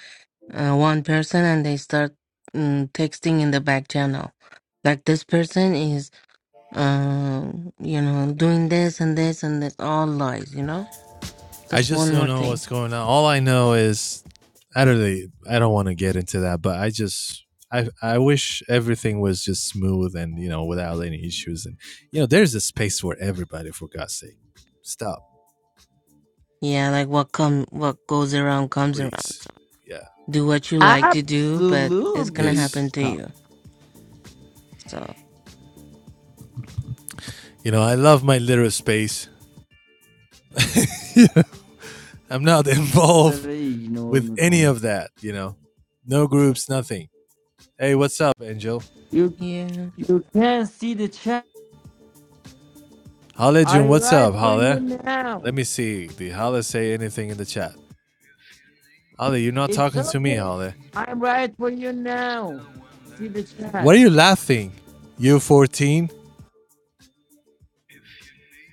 Speaker 13: uh, one person and they start mm, texting in the back channel like this person is uh you know doing this and this and this all lies you know
Speaker 1: I
Speaker 13: that's
Speaker 1: just
Speaker 13: one
Speaker 1: don't
Speaker 13: more
Speaker 1: know
Speaker 13: thing
Speaker 1: what's going on. All I know is I don't really, I don't want to get into that, but I just I I wish everything was just smooth and you know without any issues and you know there's a space for everybody for God's sake. Stop,
Speaker 13: yeah like what come what goes around comes around
Speaker 1: please.
Speaker 13: so.
Speaker 1: Yeah.
Speaker 13: do what you like to do, but it's gonna
Speaker 9: absolutely
Speaker 1: Yes.
Speaker 13: happen to
Speaker 9: stop.
Speaker 13: you. So
Speaker 1: You know, I love my little space. I'm not involved
Speaker 9: Three, ignore
Speaker 1: with
Speaker 9: me,
Speaker 1: any
Speaker 9: Connor.
Speaker 1: of that, you know. No groups, nothing. Hey, what's up, Angel?
Speaker 9: You
Speaker 13: yeah.
Speaker 9: you can't see the chat.
Speaker 1: Hale
Speaker 9: I
Speaker 1: Jun, what's
Speaker 9: write
Speaker 1: up,
Speaker 9: for
Speaker 1: Hale?
Speaker 9: you
Speaker 1: Let
Speaker 9: now.
Speaker 1: me see. Did Hale say anything in the chat? Holly, you're not
Speaker 9: It's
Speaker 1: talking to me,
Speaker 9: okay.
Speaker 1: Holly.
Speaker 9: I write for you now. See the
Speaker 1: What
Speaker 9: chat
Speaker 1: are you laughing? u 14?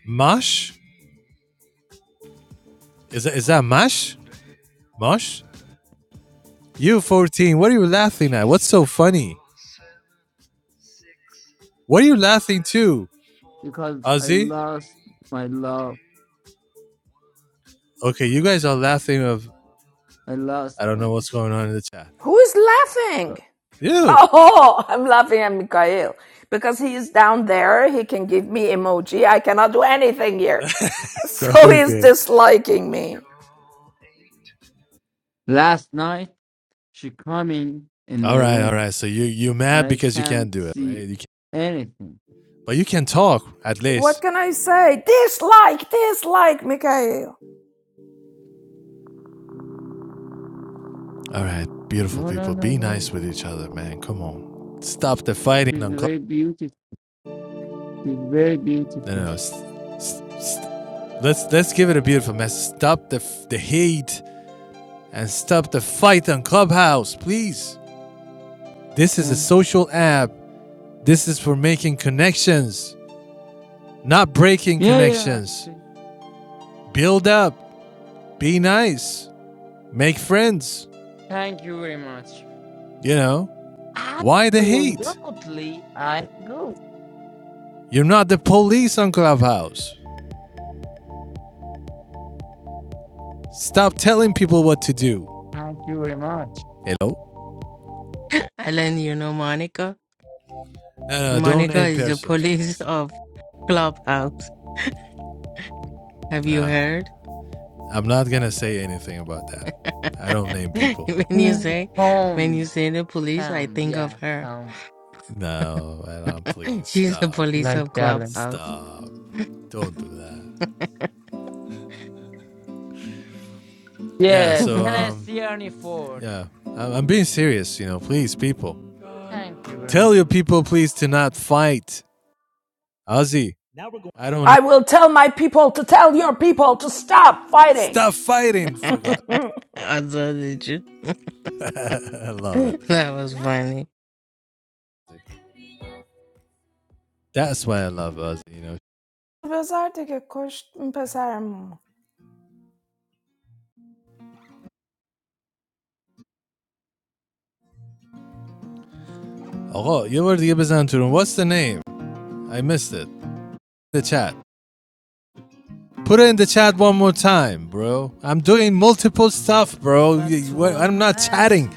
Speaker 1: Mosh? Is that, is that Mash? Mosh? u 14, what are you laughing at? What's so funny? What are you laughing to?
Speaker 9: because I
Speaker 1: Ozzy?
Speaker 9: lost my love.
Speaker 1: Okay, you guys are laughing of
Speaker 9: I lost
Speaker 1: I don't
Speaker 9: my
Speaker 1: know what's going on in the chat.
Speaker 7: Who is laughing?
Speaker 9: love.
Speaker 1: You.
Speaker 7: Oh, I'm laughing at Mikhail because he is down there. He can give me emoji. I cannot do anything here. So he's
Speaker 1: okay.
Speaker 7: disliking me.
Speaker 9: last night. She come in in
Speaker 1: All
Speaker 9: my
Speaker 1: right, all
Speaker 9: room
Speaker 1: right. So you you
Speaker 9: and
Speaker 1: mad
Speaker 9: I
Speaker 1: because you can't
Speaker 9: can't
Speaker 1: do it, right?
Speaker 9: see
Speaker 1: You can,
Speaker 9: anything.
Speaker 1: but you can talk at
Speaker 7: What
Speaker 1: least.
Speaker 7: can I say? Dislike, dislike, Mikhail.
Speaker 1: All right, beautiful
Speaker 9: No, no,
Speaker 1: people.
Speaker 9: no,
Speaker 1: Be
Speaker 9: no.
Speaker 1: nice with each other, man. Come on. Stop the fighting
Speaker 9: She's
Speaker 1: on club.
Speaker 9: very beautiful. She's very
Speaker 1: No, no,
Speaker 9: beautiful.
Speaker 1: no. S- s- Let's let's give it a beautiful message. Stop the the hate and stop the fight on Clubhouse, please. This is a
Speaker 9: Yeah,
Speaker 1: social app. This is for making connections, not breaking
Speaker 9: yeah, yeah.
Speaker 1: connections.
Speaker 9: Okay.
Speaker 1: Build up, be nice, make friends.
Speaker 9: Thank you very much.
Speaker 1: You know why the hate?
Speaker 9: Absolutely, I go.
Speaker 1: You're not the police on Clubhouse. Stop telling people what to do.
Speaker 9: Thank you very much.
Speaker 1: Hello?
Speaker 13: I let you know Monica.
Speaker 1: No, no, don't
Speaker 13: Monica
Speaker 1: name
Speaker 13: is the
Speaker 1: persons,
Speaker 13: police
Speaker 1: please.
Speaker 13: of Clubhouse. Have you heard?
Speaker 1: I'm not gonna say anything about that. I don't name people.
Speaker 13: when you
Speaker 9: Sixteen
Speaker 13: say when you
Speaker 9: pounds,
Speaker 13: say the police, I
Speaker 9: pounds,
Speaker 13: think of
Speaker 9: yeah,
Speaker 13: her.
Speaker 9: pounds,
Speaker 1: No, Adam, please
Speaker 13: She's the
Speaker 1: stop.
Speaker 13: police
Speaker 9: like
Speaker 13: of
Speaker 9: gallon.
Speaker 13: Clubhouse.
Speaker 1: Stop. Don't do that. Yeah,
Speaker 9: Yeah,
Speaker 1: so
Speaker 9: and I see
Speaker 1: um
Speaker 9: only four.
Speaker 1: yeah, I'm, being serious, you know. Please people,
Speaker 9: Thank you very much.
Speaker 1: tell your people please to not fight. Ozzy, I don't know. Stop fighting for God.
Speaker 13: Also, did you?
Speaker 1: I love it.
Speaker 13: That was funny.
Speaker 1: That's why I love Ozzy, you know.
Speaker 7: پسر دیگه کشت این پسرمو.
Speaker 1: Oh, you were the Ibizan Turun. What's the name? I missed it. The chat. Put it in the chat one more time, bro. I'm doing multiple stuff, bro. I'm not chatting.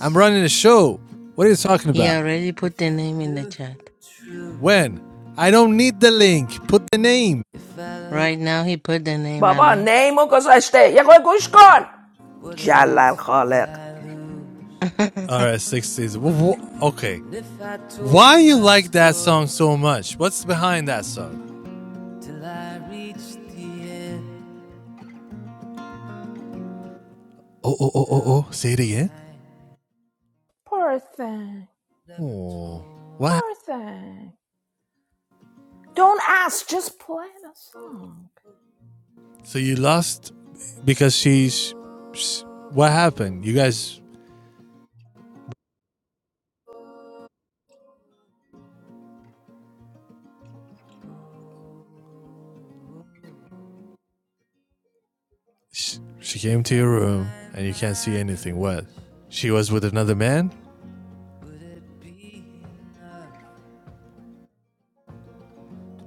Speaker 1: I'm running a show. What are you talking
Speaker 13: He
Speaker 1: about?
Speaker 13: already put the name in the chat.
Speaker 1: When? I don't need the link. Put the name.
Speaker 13: Right now, he put the name,
Speaker 7: بابا
Speaker 13: Alan.
Speaker 7: name و گذاشته یه خود گوش کن
Speaker 1: All 60s Okay. Why you like that song so much? What's behind that song? Oh, oh, oh, oh, oh. Say it again.
Speaker 7: Poor thing.
Speaker 1: Oh. What?
Speaker 7: Poor thing. Don't ask. Just play the song.
Speaker 1: So you lost because she's What happened? You guys. She came to your room and you can't see anything. What? She was with another man?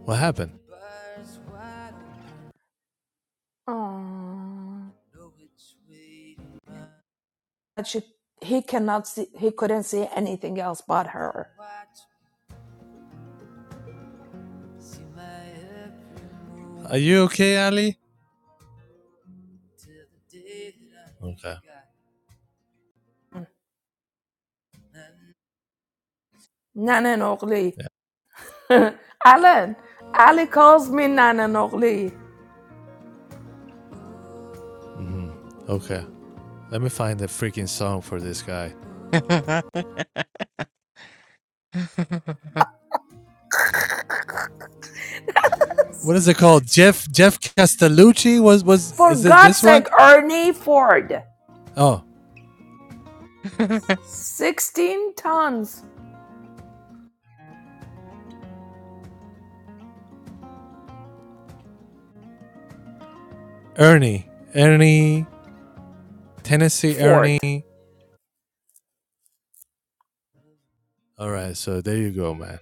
Speaker 1: What happened?
Speaker 7: Aww. But she, he cannot see. He couldn't see anything else but her.
Speaker 1: Are you okay, Ali? Okay.
Speaker 7: Mm. Nana Nogli.
Speaker 1: Yeah.
Speaker 7: Alan. Ali calls me Nana Nogli.
Speaker 1: Okay. Let me find the freaking song for this guy. What is it called? Jeff Jeff Castellucci was was
Speaker 7: For
Speaker 1: is it
Speaker 7: God's
Speaker 1: this one?
Speaker 7: sake, Ernie Ford.
Speaker 1: Oh,
Speaker 7: 16 tons.
Speaker 1: Ernie. Ernie Tennessee
Speaker 7: Ford.
Speaker 1: Ernie. All right, so there you go, man.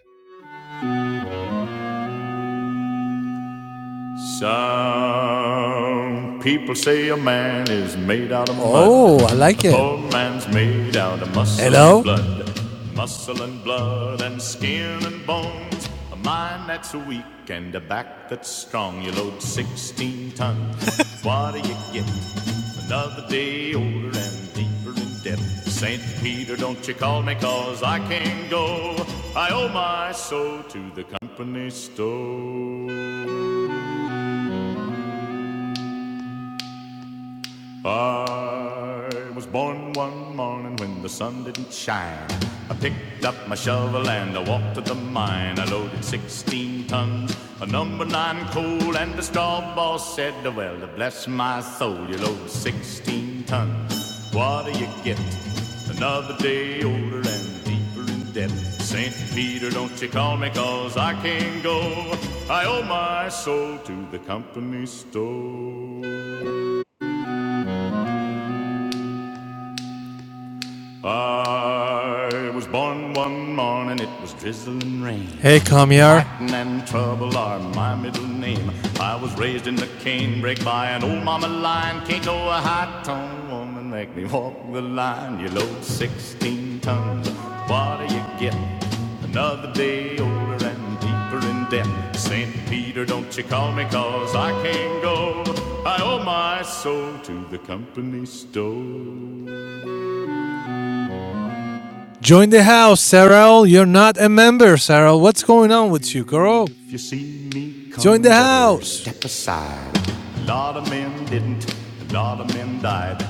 Speaker 1: Some people say a man is made out of mud. Oh, I like A it. A poor man's made out of muscle Hello? and blood. Muscle and blood and skin and bones. A mind that's weak and a back that's strong. You load 16 tons. what do you get? Another day older and deeper in debt. St. Peter, don't you call me 'cause I can't go. I owe my soul to the company store. I was born one morning when the sun didn't shine. I picked up my shovel and I walked to the mine. I loaded 16 tons of number nine coal, and the straw boss said, Well, bless my soul, you load 16 tons. What do you get? Another day older and deeper in debt. St. Peter, don't you call me, cause I can't go. I owe my soul to the company store. I was born one morning, it was drizzling rain. Hey, Comyar. Fighting and trouble are my middle name. I was raised in the canebrake by an old mama lion. Can't know a high tone woman make me walk the line. You load 16 tons, what do you get? Another day older and deeper in debt. St. Peter, don't you call me, cause I can't go. I owe my soul to the company store. Join the house, Sarah. You're not a member, Sarah. What's going on with you, girl? If you see me Join the house. Step aside. A lot of men didn't, a lot of men died.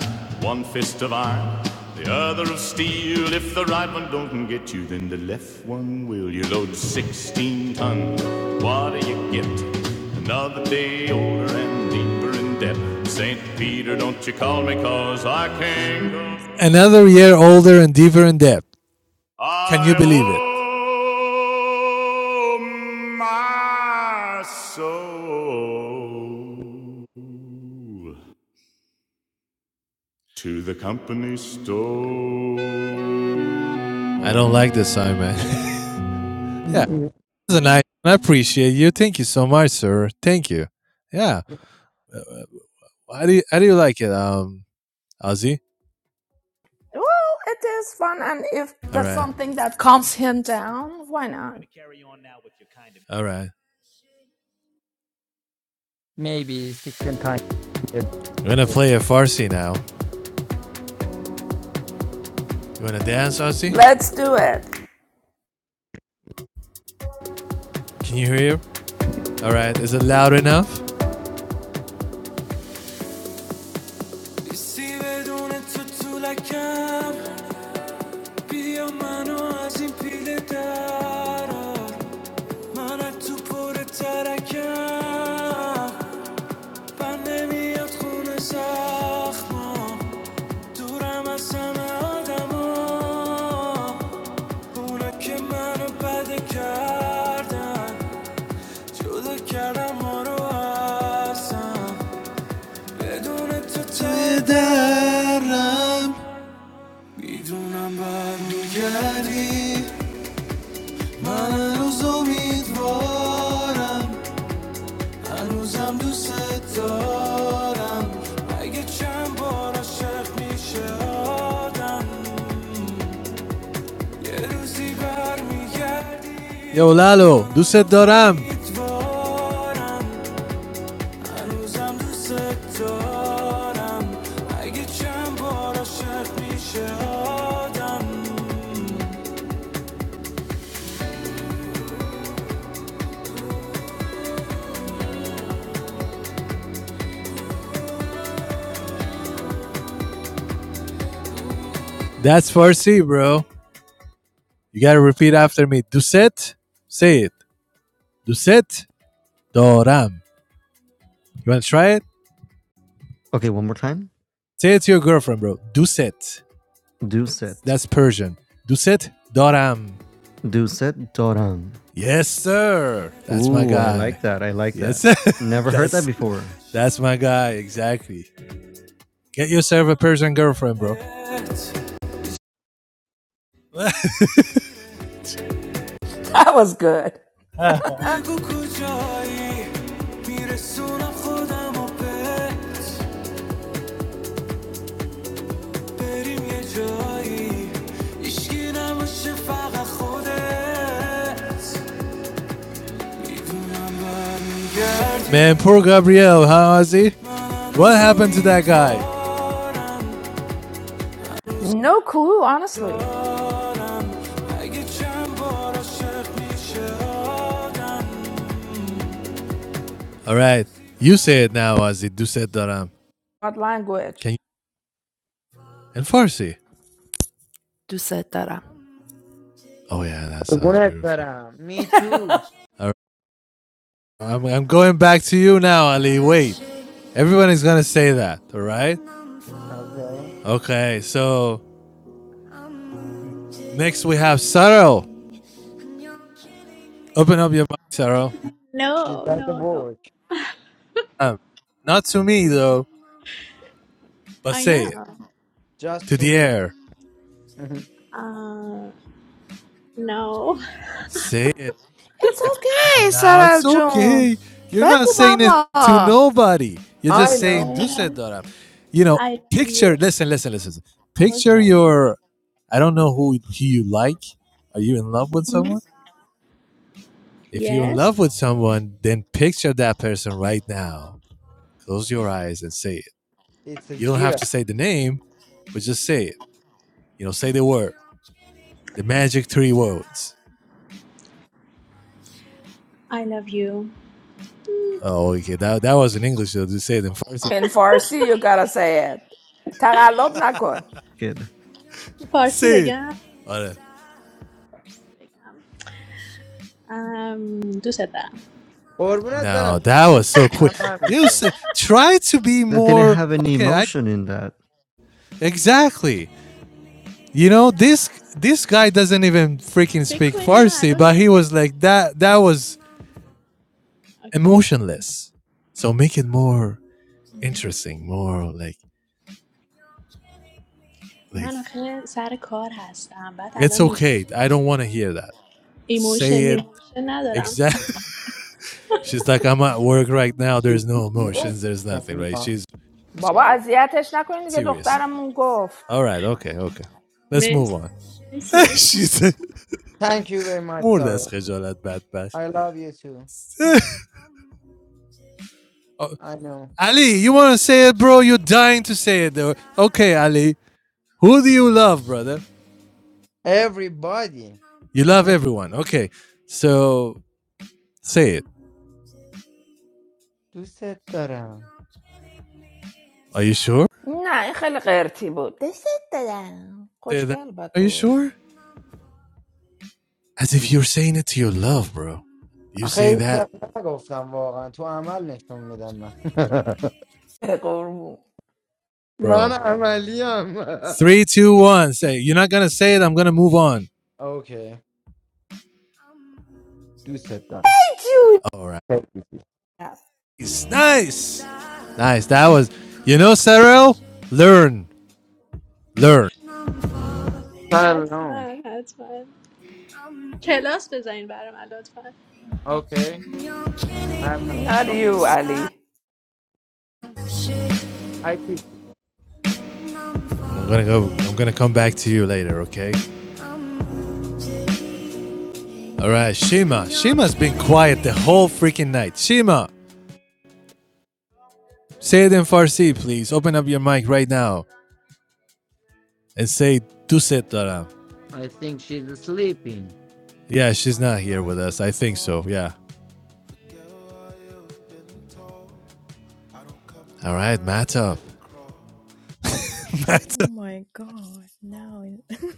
Speaker 1: One fist of iron, the other of steel. If the right one don't get you, then the left one will. You load 16 ton, what do you get? Another day older and deeper in debt. St. Peter, don't you call me, cause I can't go. Another year older and deeper in debt. Can you believe it? Oh, my soul to the company store. I don't like this song, man. yeah,
Speaker 9: Thank you.
Speaker 1: this is nice. I appreciate you. Thank you so much, sir. Thank you. Yeah. How do you, how do you like it, um, Ozzy?
Speaker 7: Well, it is fun, and if
Speaker 1: All
Speaker 7: that's
Speaker 1: right.
Speaker 7: something that calms him down, why not?
Speaker 1: All right.
Speaker 9: Maybe sixteen times. Yes,
Speaker 1: I'm going to
Speaker 9: yes.
Speaker 1: play a Farsi now. You want to dance, Ozzy?
Speaker 7: Let's do it.
Speaker 1: Can you hear? All right. Is it loud enough? حسی بدون تو طولکم بیا منو از این پیله درار من از تو پر ترکم بر نمیاد خونه زخمام دورم از همه آدما اونا که منو بده کردن جدا کردم ما رو ازم بدون تو ته درم میدونم برمیگردی من چند بار عاشق میشه آدمی برمیگردی یو لالو دوستت دارم That's Farsi bro You gotta repeat after me Duset, Say it Duset, دارم You wanna try it?
Speaker 10: Okay, one more time.
Speaker 1: Say it to your girlfriend bro Duset.
Speaker 10: Do set
Speaker 1: That's Persian Duset, دارم
Speaker 10: do set Doran.
Speaker 1: Yes sir That's my
Speaker 10: Ooh, I
Speaker 1: guy
Speaker 10: like that. I like
Speaker 1: Yes,
Speaker 10: that. Never heard that
Speaker 1: that's
Speaker 10: before,
Speaker 1: that's my guy exactly. Get yourself a Persian girlfriend, bro.
Speaker 7: That was good.
Speaker 1: Man, poor Gabriel, huh, Ozzy? What happened to that guy?
Speaker 7: No clue, honestly.
Speaker 1: All right, you say it now, Ozzy. Do said daram.
Speaker 7: What language?
Speaker 1: Can you and Farsi?
Speaker 7: To say Tara.
Speaker 1: Oh yeah, that sounds
Speaker 9: What,
Speaker 1: beautiful.
Speaker 9: Sarah? Me too.
Speaker 1: All right, I'm I'm going back to you now, Ali. Wait, everyone is gonna say that. All right.
Speaker 9: Okay.
Speaker 1: Okay, so next we have Saro. Open up your mouth, Saro.
Speaker 9: She's
Speaker 12: No
Speaker 9: like the
Speaker 12: no no
Speaker 9: work.
Speaker 1: Um, not to me though, but
Speaker 12: I
Speaker 1: say
Speaker 12: know
Speaker 1: it
Speaker 9: Just
Speaker 1: to
Speaker 9: to
Speaker 1: the
Speaker 9: me.
Speaker 1: air.
Speaker 9: Mhm.
Speaker 12: uh, No
Speaker 1: Say it.
Speaker 7: It's
Speaker 1: Like,
Speaker 7: okay,
Speaker 1: oh, now
Speaker 7: Sarah
Speaker 1: it's
Speaker 7: June.
Speaker 1: okay. You're not
Speaker 7: Beku
Speaker 1: saying
Speaker 7: baba.
Speaker 1: it to nobody. You're
Speaker 9: I
Speaker 1: just
Speaker 9: know.
Speaker 1: saying
Speaker 12: Okay
Speaker 1: Düsseldorf. You know,
Speaker 12: I love you
Speaker 1: picture. Listen, listen, listen. Picture
Speaker 12: Okay
Speaker 1: your. I don't know who, who you like. Are you in love with
Speaker 12: Mhm.
Speaker 1: someone? If you're in
Speaker 12: Yes
Speaker 1: love with someone, then picture that person right now. Close your eyes and say it.
Speaker 9: It's a
Speaker 1: You don't have
Speaker 9: Jira.
Speaker 1: to say the name, but just say it. You know, say the word, the magic three words.
Speaker 12: I love you
Speaker 1: Oh, okay. That, that was in English, so just say it in Farsi.
Speaker 7: In Farsi, you gotta say it. تقلب نکن.
Speaker 10: kid.
Speaker 12: فارسی
Speaker 1: Say it.
Speaker 12: بگم
Speaker 1: All right.
Speaker 12: فارسی بگم. ام، دوست دارم
Speaker 9: Or not
Speaker 1: No,
Speaker 9: better.
Speaker 1: that was so quick.
Speaker 9: Not
Speaker 1: You
Speaker 9: Ramento.
Speaker 1: say try to be
Speaker 10: That didn't
Speaker 1: more
Speaker 10: have any
Speaker 1: okay. I
Speaker 10: emotion in that.
Speaker 1: exactly. You know this this guy doesn't even freaking
Speaker 12: Big
Speaker 1: speak
Speaker 12: queen, no, I
Speaker 1: Farsi,
Speaker 12: don't
Speaker 1: but
Speaker 12: big.
Speaker 1: he was like that. That was
Speaker 12: Okay.
Speaker 1: emotionless. So make it more interesting, more like like
Speaker 12: Man, actually, sir, car has. I'm bad. I'm
Speaker 1: it's
Speaker 12: not in job.
Speaker 1: okay. I don't want to hear that. Say
Speaker 12: Emotion,
Speaker 1: it
Speaker 12: emotion. Not alone.
Speaker 1: exactly. She's like I'm at work right now. There's no
Speaker 9: No.
Speaker 1: emotions. There's nothing.
Speaker 9: Nothing
Speaker 1: Right?
Speaker 9: wrong.
Speaker 1: She's
Speaker 7: بابا
Speaker 9: Yeah.
Speaker 7: اذیتش نکنین دیگه
Speaker 1: serious.
Speaker 7: دخترمون گفت.
Speaker 1: All right. Okay. Okay. Let's move
Speaker 12: Miss.
Speaker 1: on.
Speaker 12: Miss. Miss.
Speaker 1: she said.
Speaker 9: Thank you very much,
Speaker 1: مرد از
Speaker 9: Sarah.
Speaker 1: خجالت بدبخت
Speaker 9: I love you too.
Speaker 1: آ-
Speaker 9: I know.
Speaker 1: علی you want to say it bro you're dying to say it though. okay Ali who do you love brother
Speaker 9: Everybody.
Speaker 1: you love everyone okay so say it
Speaker 9: دوست دارم
Speaker 1: are you sure
Speaker 7: نه این خیلی قرتی بود. دست دادم.
Speaker 1: say that
Speaker 7: خوشگل
Speaker 1: are you
Speaker 7: بگو.
Speaker 1: sure as if
Speaker 9: دوست
Speaker 1: you're saying it to your love bro you
Speaker 9: آخه
Speaker 1: say
Speaker 9: هیچ
Speaker 1: that
Speaker 9: وقت نگفتم واقعا تو عمل نشون میدم من
Speaker 7: به قربون.
Speaker 9: من
Speaker 1: bro
Speaker 9: عملیم
Speaker 1: three two one say it. you're not gonna say it I'm gonna move on
Speaker 9: اوکی دوست دارم
Speaker 1: all right nice nice Nice. That was, you know, Sarel, learn, learn.
Speaker 12: Hats
Speaker 9: Shalom.
Speaker 12: man. Hats man. Chaos. Bezin. Bar man. Don't
Speaker 9: Okay.
Speaker 1: You're killing
Speaker 9: I'm
Speaker 1: me
Speaker 9: a-
Speaker 7: Not you,
Speaker 1: inside
Speaker 7: Ali.
Speaker 1: shit.
Speaker 9: I think
Speaker 1: I'm gonna go. I'm gonna come back to you later, okay? All right, Shima. Shima's been quiet the whole freaking night. Shima, say it in Farsi, please. Open up your mic right now and say Tuset Dara.
Speaker 9: I think she's sleeping.
Speaker 1: Yeah, she's not here with us. I think so. Yeah. All right, Matop. Matop.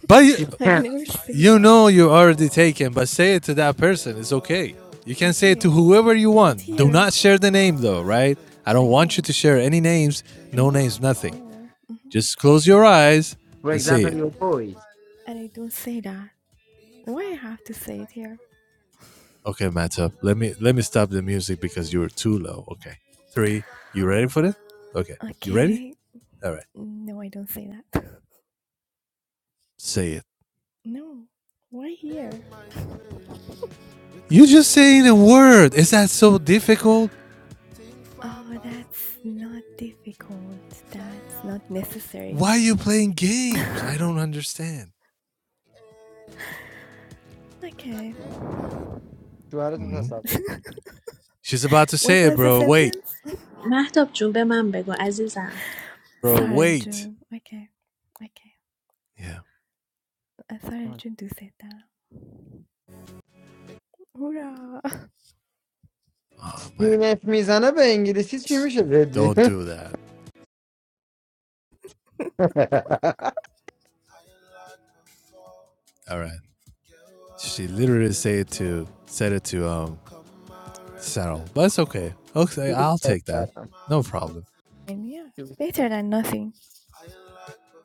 Speaker 1: But you,
Speaker 9: She can't.
Speaker 1: you know you're already taken. But say it to that person. It's okay. You can say it to whoever you want. Do not share the name though, right? I don't want you to share any names. No names, nothing. Just close your eyes
Speaker 9: For
Speaker 1: and say
Speaker 9: example,
Speaker 1: it.
Speaker 9: your boys.
Speaker 1: Okay, Matsup, let me let me stop the music because you were too low. Okay. Three. You ready for this? Okay. You ready? All right. Say it. You just saying a word. Is that so difficult? Why are you playing games? I don't understand.
Speaker 9: شوهرتو
Speaker 1: hmm
Speaker 9: تصور کن
Speaker 1: She's about to say it, bro. Wait,
Speaker 12: man. I hope June. Be man. Be go. Enjoy. Yes.
Speaker 1: bro. Wait. Yeah. Oh, man.
Speaker 9: سینت میزنه به انگلیسی چی میشه جدی
Speaker 1: Don't do that. All right. She literally said it to said it to um Sarah, but it's okay. Okay, I'll take that. No problem.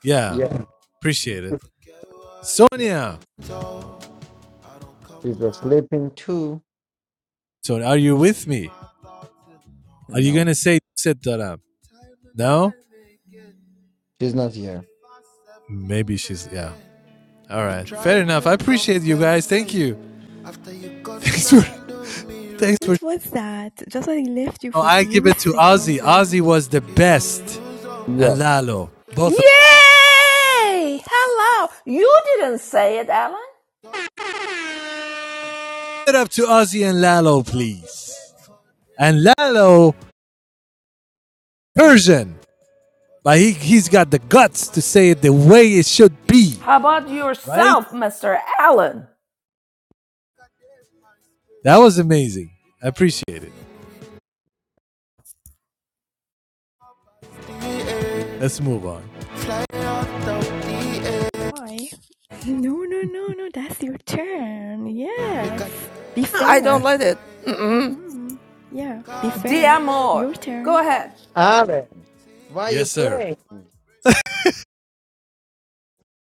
Speaker 1: Yeah,
Speaker 9: Yeah,
Speaker 1: appreciate it. Sonia,
Speaker 9: she's sleeping too.
Speaker 1: so are you with me? Are you
Speaker 9: No,
Speaker 1: gonna say sit that up? No?
Speaker 9: she's not here.
Speaker 1: Maybe she's yeah. All right, fair enough. I appreciate you guys. Thank you. Thanks for thanks for. Oh, I give it to Ozzy. Ozzy was the best, and
Speaker 9: Yeah.
Speaker 1: Lalo both. Of them.
Speaker 7: Yay! Hello! You didn't say it, Alan.
Speaker 1: Give it up to Ozzy and Lalo, please. And Lalo, Persian, but he he's got the guts to say it the way it should be,
Speaker 7: How about
Speaker 1: right?
Speaker 7: yourself, Mr. Alan?
Speaker 1: That was amazing. I appreciate it. Let's move on.
Speaker 7: I don't let it. Mm-mm. D'amor. Go ahead.
Speaker 9: Aaron, why you
Speaker 1: Yes, sir.
Speaker 9: playing?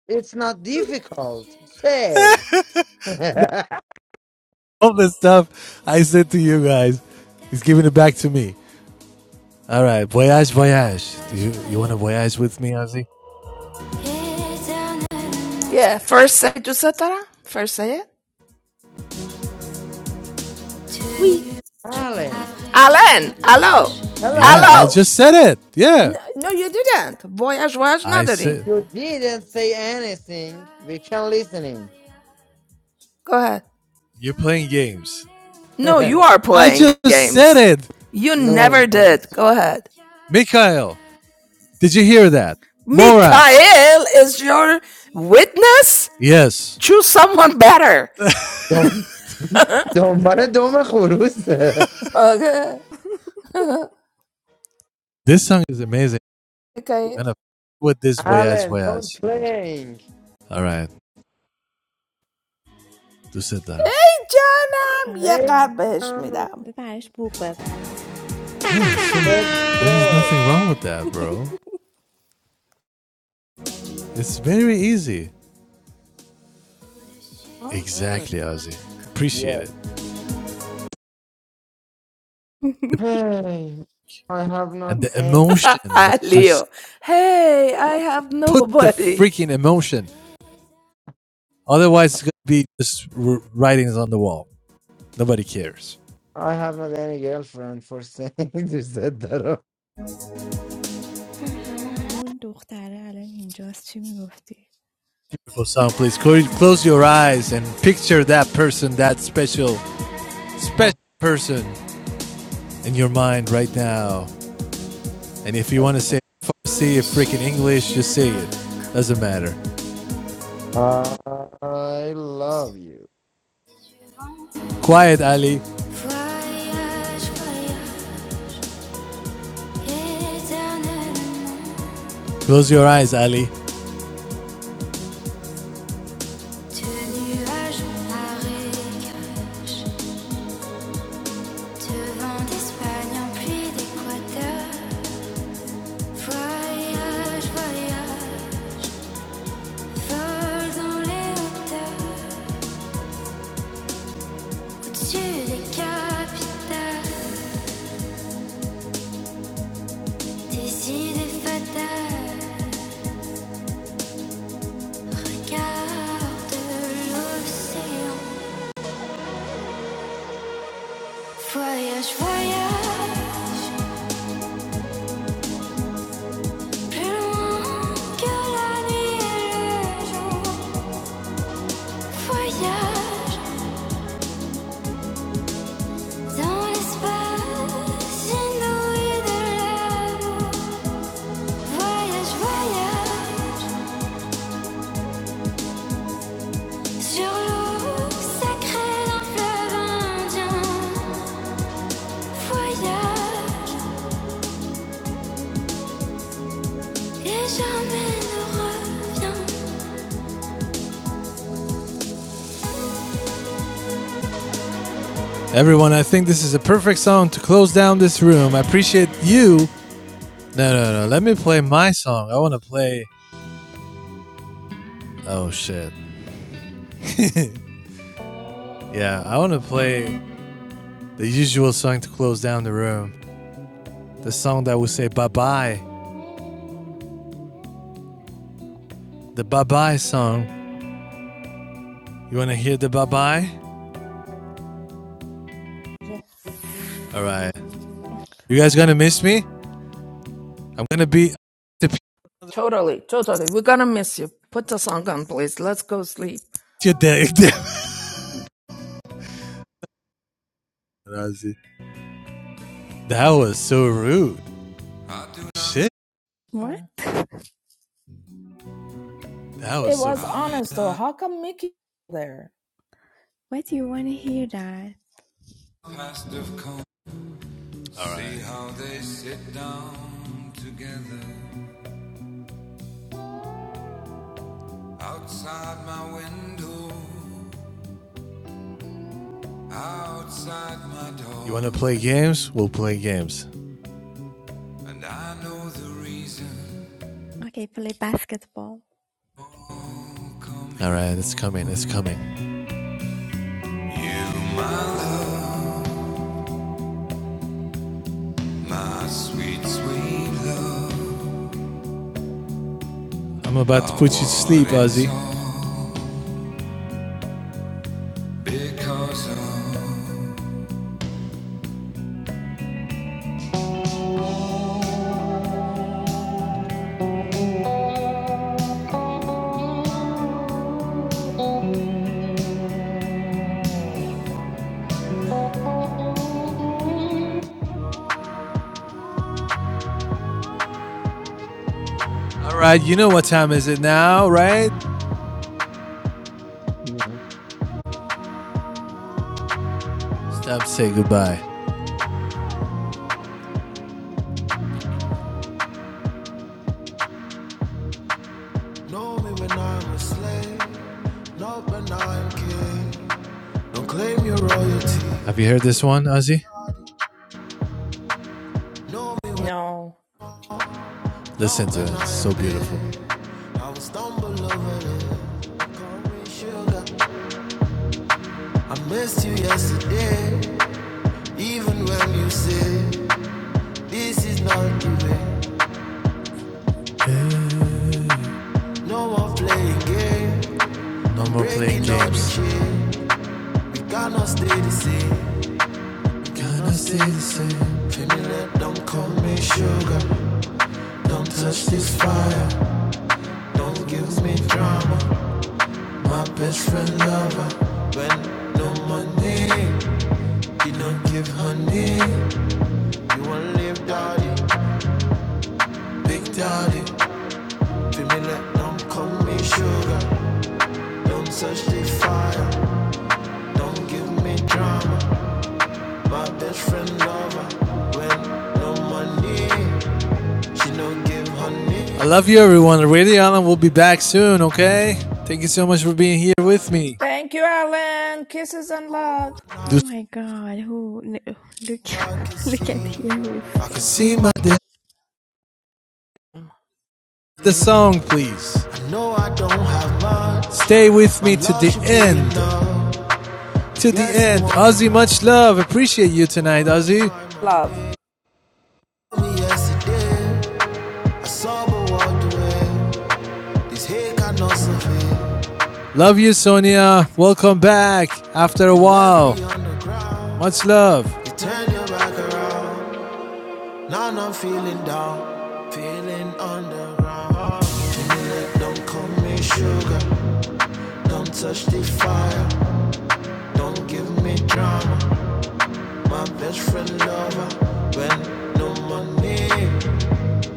Speaker 9: It's not difficult. Say.
Speaker 1: All the stuff I said to you guys, he's giving it back to me. All right, voyage, voyage. Do you you want to voyage with me, Ozzy?
Speaker 7: Yeah, first say Giuseppe. First say it. We. Oui.
Speaker 9: Alan,
Speaker 7: Alan! Hello!
Speaker 1: Yeah, I
Speaker 9: hello.
Speaker 7: Hello!
Speaker 1: just said it. Yeah,
Speaker 7: No, no, you didn't. Voyage, voyage,
Speaker 1: I
Speaker 7: nadarim.
Speaker 1: said.
Speaker 9: You didn't say anything. We can listening.
Speaker 7: Go ahead.
Speaker 1: You're playing games.
Speaker 7: No, you
Speaker 9: no,
Speaker 7: are
Speaker 1: I
Speaker 7: playing
Speaker 1: just said
Speaker 7: games.
Speaker 1: it.
Speaker 7: You never
Speaker 9: no,
Speaker 7: did. Go ahead.
Speaker 1: Mikhail, did you hear that? Mora,
Speaker 7: Mikhail is your witness?
Speaker 1: yes.
Speaker 7: Choose someone better.
Speaker 9: don't, دنبال دوم خروسه
Speaker 7: Okay.
Speaker 1: This song is amazing.
Speaker 7: okay.
Speaker 1: gonna put this voyage
Speaker 9: Alan, don't
Speaker 1: voyage.
Speaker 9: playing.
Speaker 1: Alright, tu se da.
Speaker 7: Hey, Johnam, یه
Speaker 9: Hey,
Speaker 7: قلب بهش
Speaker 9: uh,
Speaker 7: میدم
Speaker 1: Yeah, so
Speaker 9: the
Speaker 1: there is
Speaker 9: bed.
Speaker 1: nothing wrong with that, bro. It's very easy.
Speaker 9: Uh,
Speaker 1: Exactly, Ozzy. Appreciate
Speaker 9: yeah.
Speaker 1: it.
Speaker 9: Hey, I have
Speaker 1: And
Speaker 9: not
Speaker 1: the
Speaker 9: any.
Speaker 1: emotion, like just
Speaker 7: Leo. Hey, I have
Speaker 1: put the
Speaker 7: nobody.
Speaker 1: freaking emotion. Otherwise, it's gonna be just r- writings on the wall. Nobody cares.
Speaker 9: I have not any girlfriend for saying you said that.
Speaker 1: Beautiful song, please close your eyes and picture that person, that special, special
Speaker 9: Uh,
Speaker 1: person in your mind right now. And if you want to say Farsi, freaking English, just say it. Doesn't matter.
Speaker 9: I love you.
Speaker 1: Quiet, Ali. Close your eyes, Ali. Regarde l'océan, voyage, voyage, plus loin que la nuit et le jour. Voyage dans l'espace inouï de l'amour. Voyage, voyage sur l'eau sacrée d'un fleuve indien. Voyage et jamais ne reviens. Everyone, I think this is a perfect song to close down this room. I appreciate you. No, no, no. Let me play my song. I want to play. Oh, shit. Yeah, I want to play the usual song to close down the room. The song that will say bye bye. The bye bye song. You want to hear the bye bye? All right. You guys gonna miss me? I'm gonna be.
Speaker 7: Totally, totally. We're gonna miss you. Put the song on, please. Let's go sleep.
Speaker 1: That was so rude. Shit. That was
Speaker 7: It
Speaker 1: so.
Speaker 7: was honest though. How come Mickey there?
Speaker 1: All right. See right. how they sit down together outside my window, outside my door. You want to play games? We'll play games. and I know the reason. All right, it's coming. It's coming. You, my love, my sweet, sweet love. I'm about to put you to sleep, Ozzy. All right, you know what time is it now, right?
Speaker 9: Yeah.
Speaker 1: Stop time say goodbye. Know me when I'm a slave, not when I'm king. Don't claim your royalty. Have you heard this one, Ozzy?
Speaker 7: No.
Speaker 1: Listen to it. It's so beautiful. I will stumble over the sugar. I missed you yesterday, even when you say this is not the way. No more playing game, No more playing games. We cannot stay the same, we cannot stay the same. Can you let them call me sugar? Don't touch this fire. Don't give me drama. My best friend lover. When no money, you don't give honey. You want live daddy, big daddy. Feel me like don't call me sugar. Don't touch the fire. Don't give me drama. My best friend lover. When no money, she don't give honey. I love you, everyone. Radio Island will be back soon. Okay. Thank you so much for being here with me.
Speaker 7: Thank you, Alan. Kisses and love.
Speaker 1: I can see, I can see my death. The song, please. I know I don't have much. Stay with me to the end. To the Yes, end. Ozzy, much love. Appreciate you tonight, Ozzy.
Speaker 7: Love.
Speaker 1: Love you, Sonia. Welcome back after a while. Much love. You turn your back around. Now I'm feeling down, feeling underground. Jeanette, don't call me sugar, don't touch the fire, don't give me drama. My best friend lover, when no money,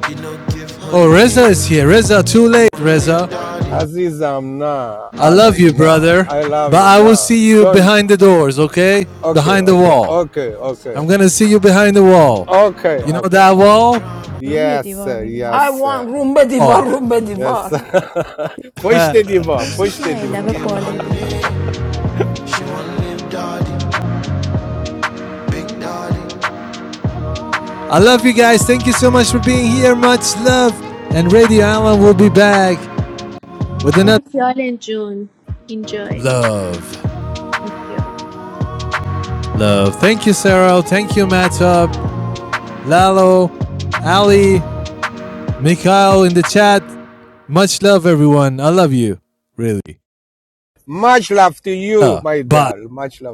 Speaker 1: you know give her Oh, Reza is here. Reza, too late, Reza.
Speaker 14: عزیزم نه
Speaker 1: I love
Speaker 14: آلن
Speaker 1: you,
Speaker 14: نه
Speaker 1: brother,
Speaker 14: I love
Speaker 1: but
Speaker 14: you
Speaker 1: I will
Speaker 14: نه
Speaker 1: see you
Speaker 14: don't
Speaker 1: behind the doors, okay?
Speaker 14: okay
Speaker 1: Behind the
Speaker 14: okay
Speaker 1: wall.
Speaker 14: okay okay
Speaker 1: I'm gonna see you behind the wall.
Speaker 14: okay
Speaker 1: You know
Speaker 14: okay
Speaker 1: that
Speaker 14: okay.
Speaker 1: wall?
Speaker 14: yes sir, yes
Speaker 7: I
Speaker 14: sir.
Speaker 7: want Rumba Divar,
Speaker 1: Oh,
Speaker 7: Rumba
Speaker 14: yes
Speaker 7: Divar.
Speaker 14: sir. push the diva push the diva
Speaker 1: I love you guys. Thank you so much for being here. Much love. And Radio Island will be back with another
Speaker 12: Bye. Enjoy. Enjoy.
Speaker 1: love.
Speaker 12: Thank you.
Speaker 1: Love. Thank you, Sarah. Thank you, Matop, Lalo, Ali, Mikhail in the chat. Much love, everyone. I love you. Really.
Speaker 14: much love to you
Speaker 1: Uh,
Speaker 14: my
Speaker 1: bye.
Speaker 14: dear much love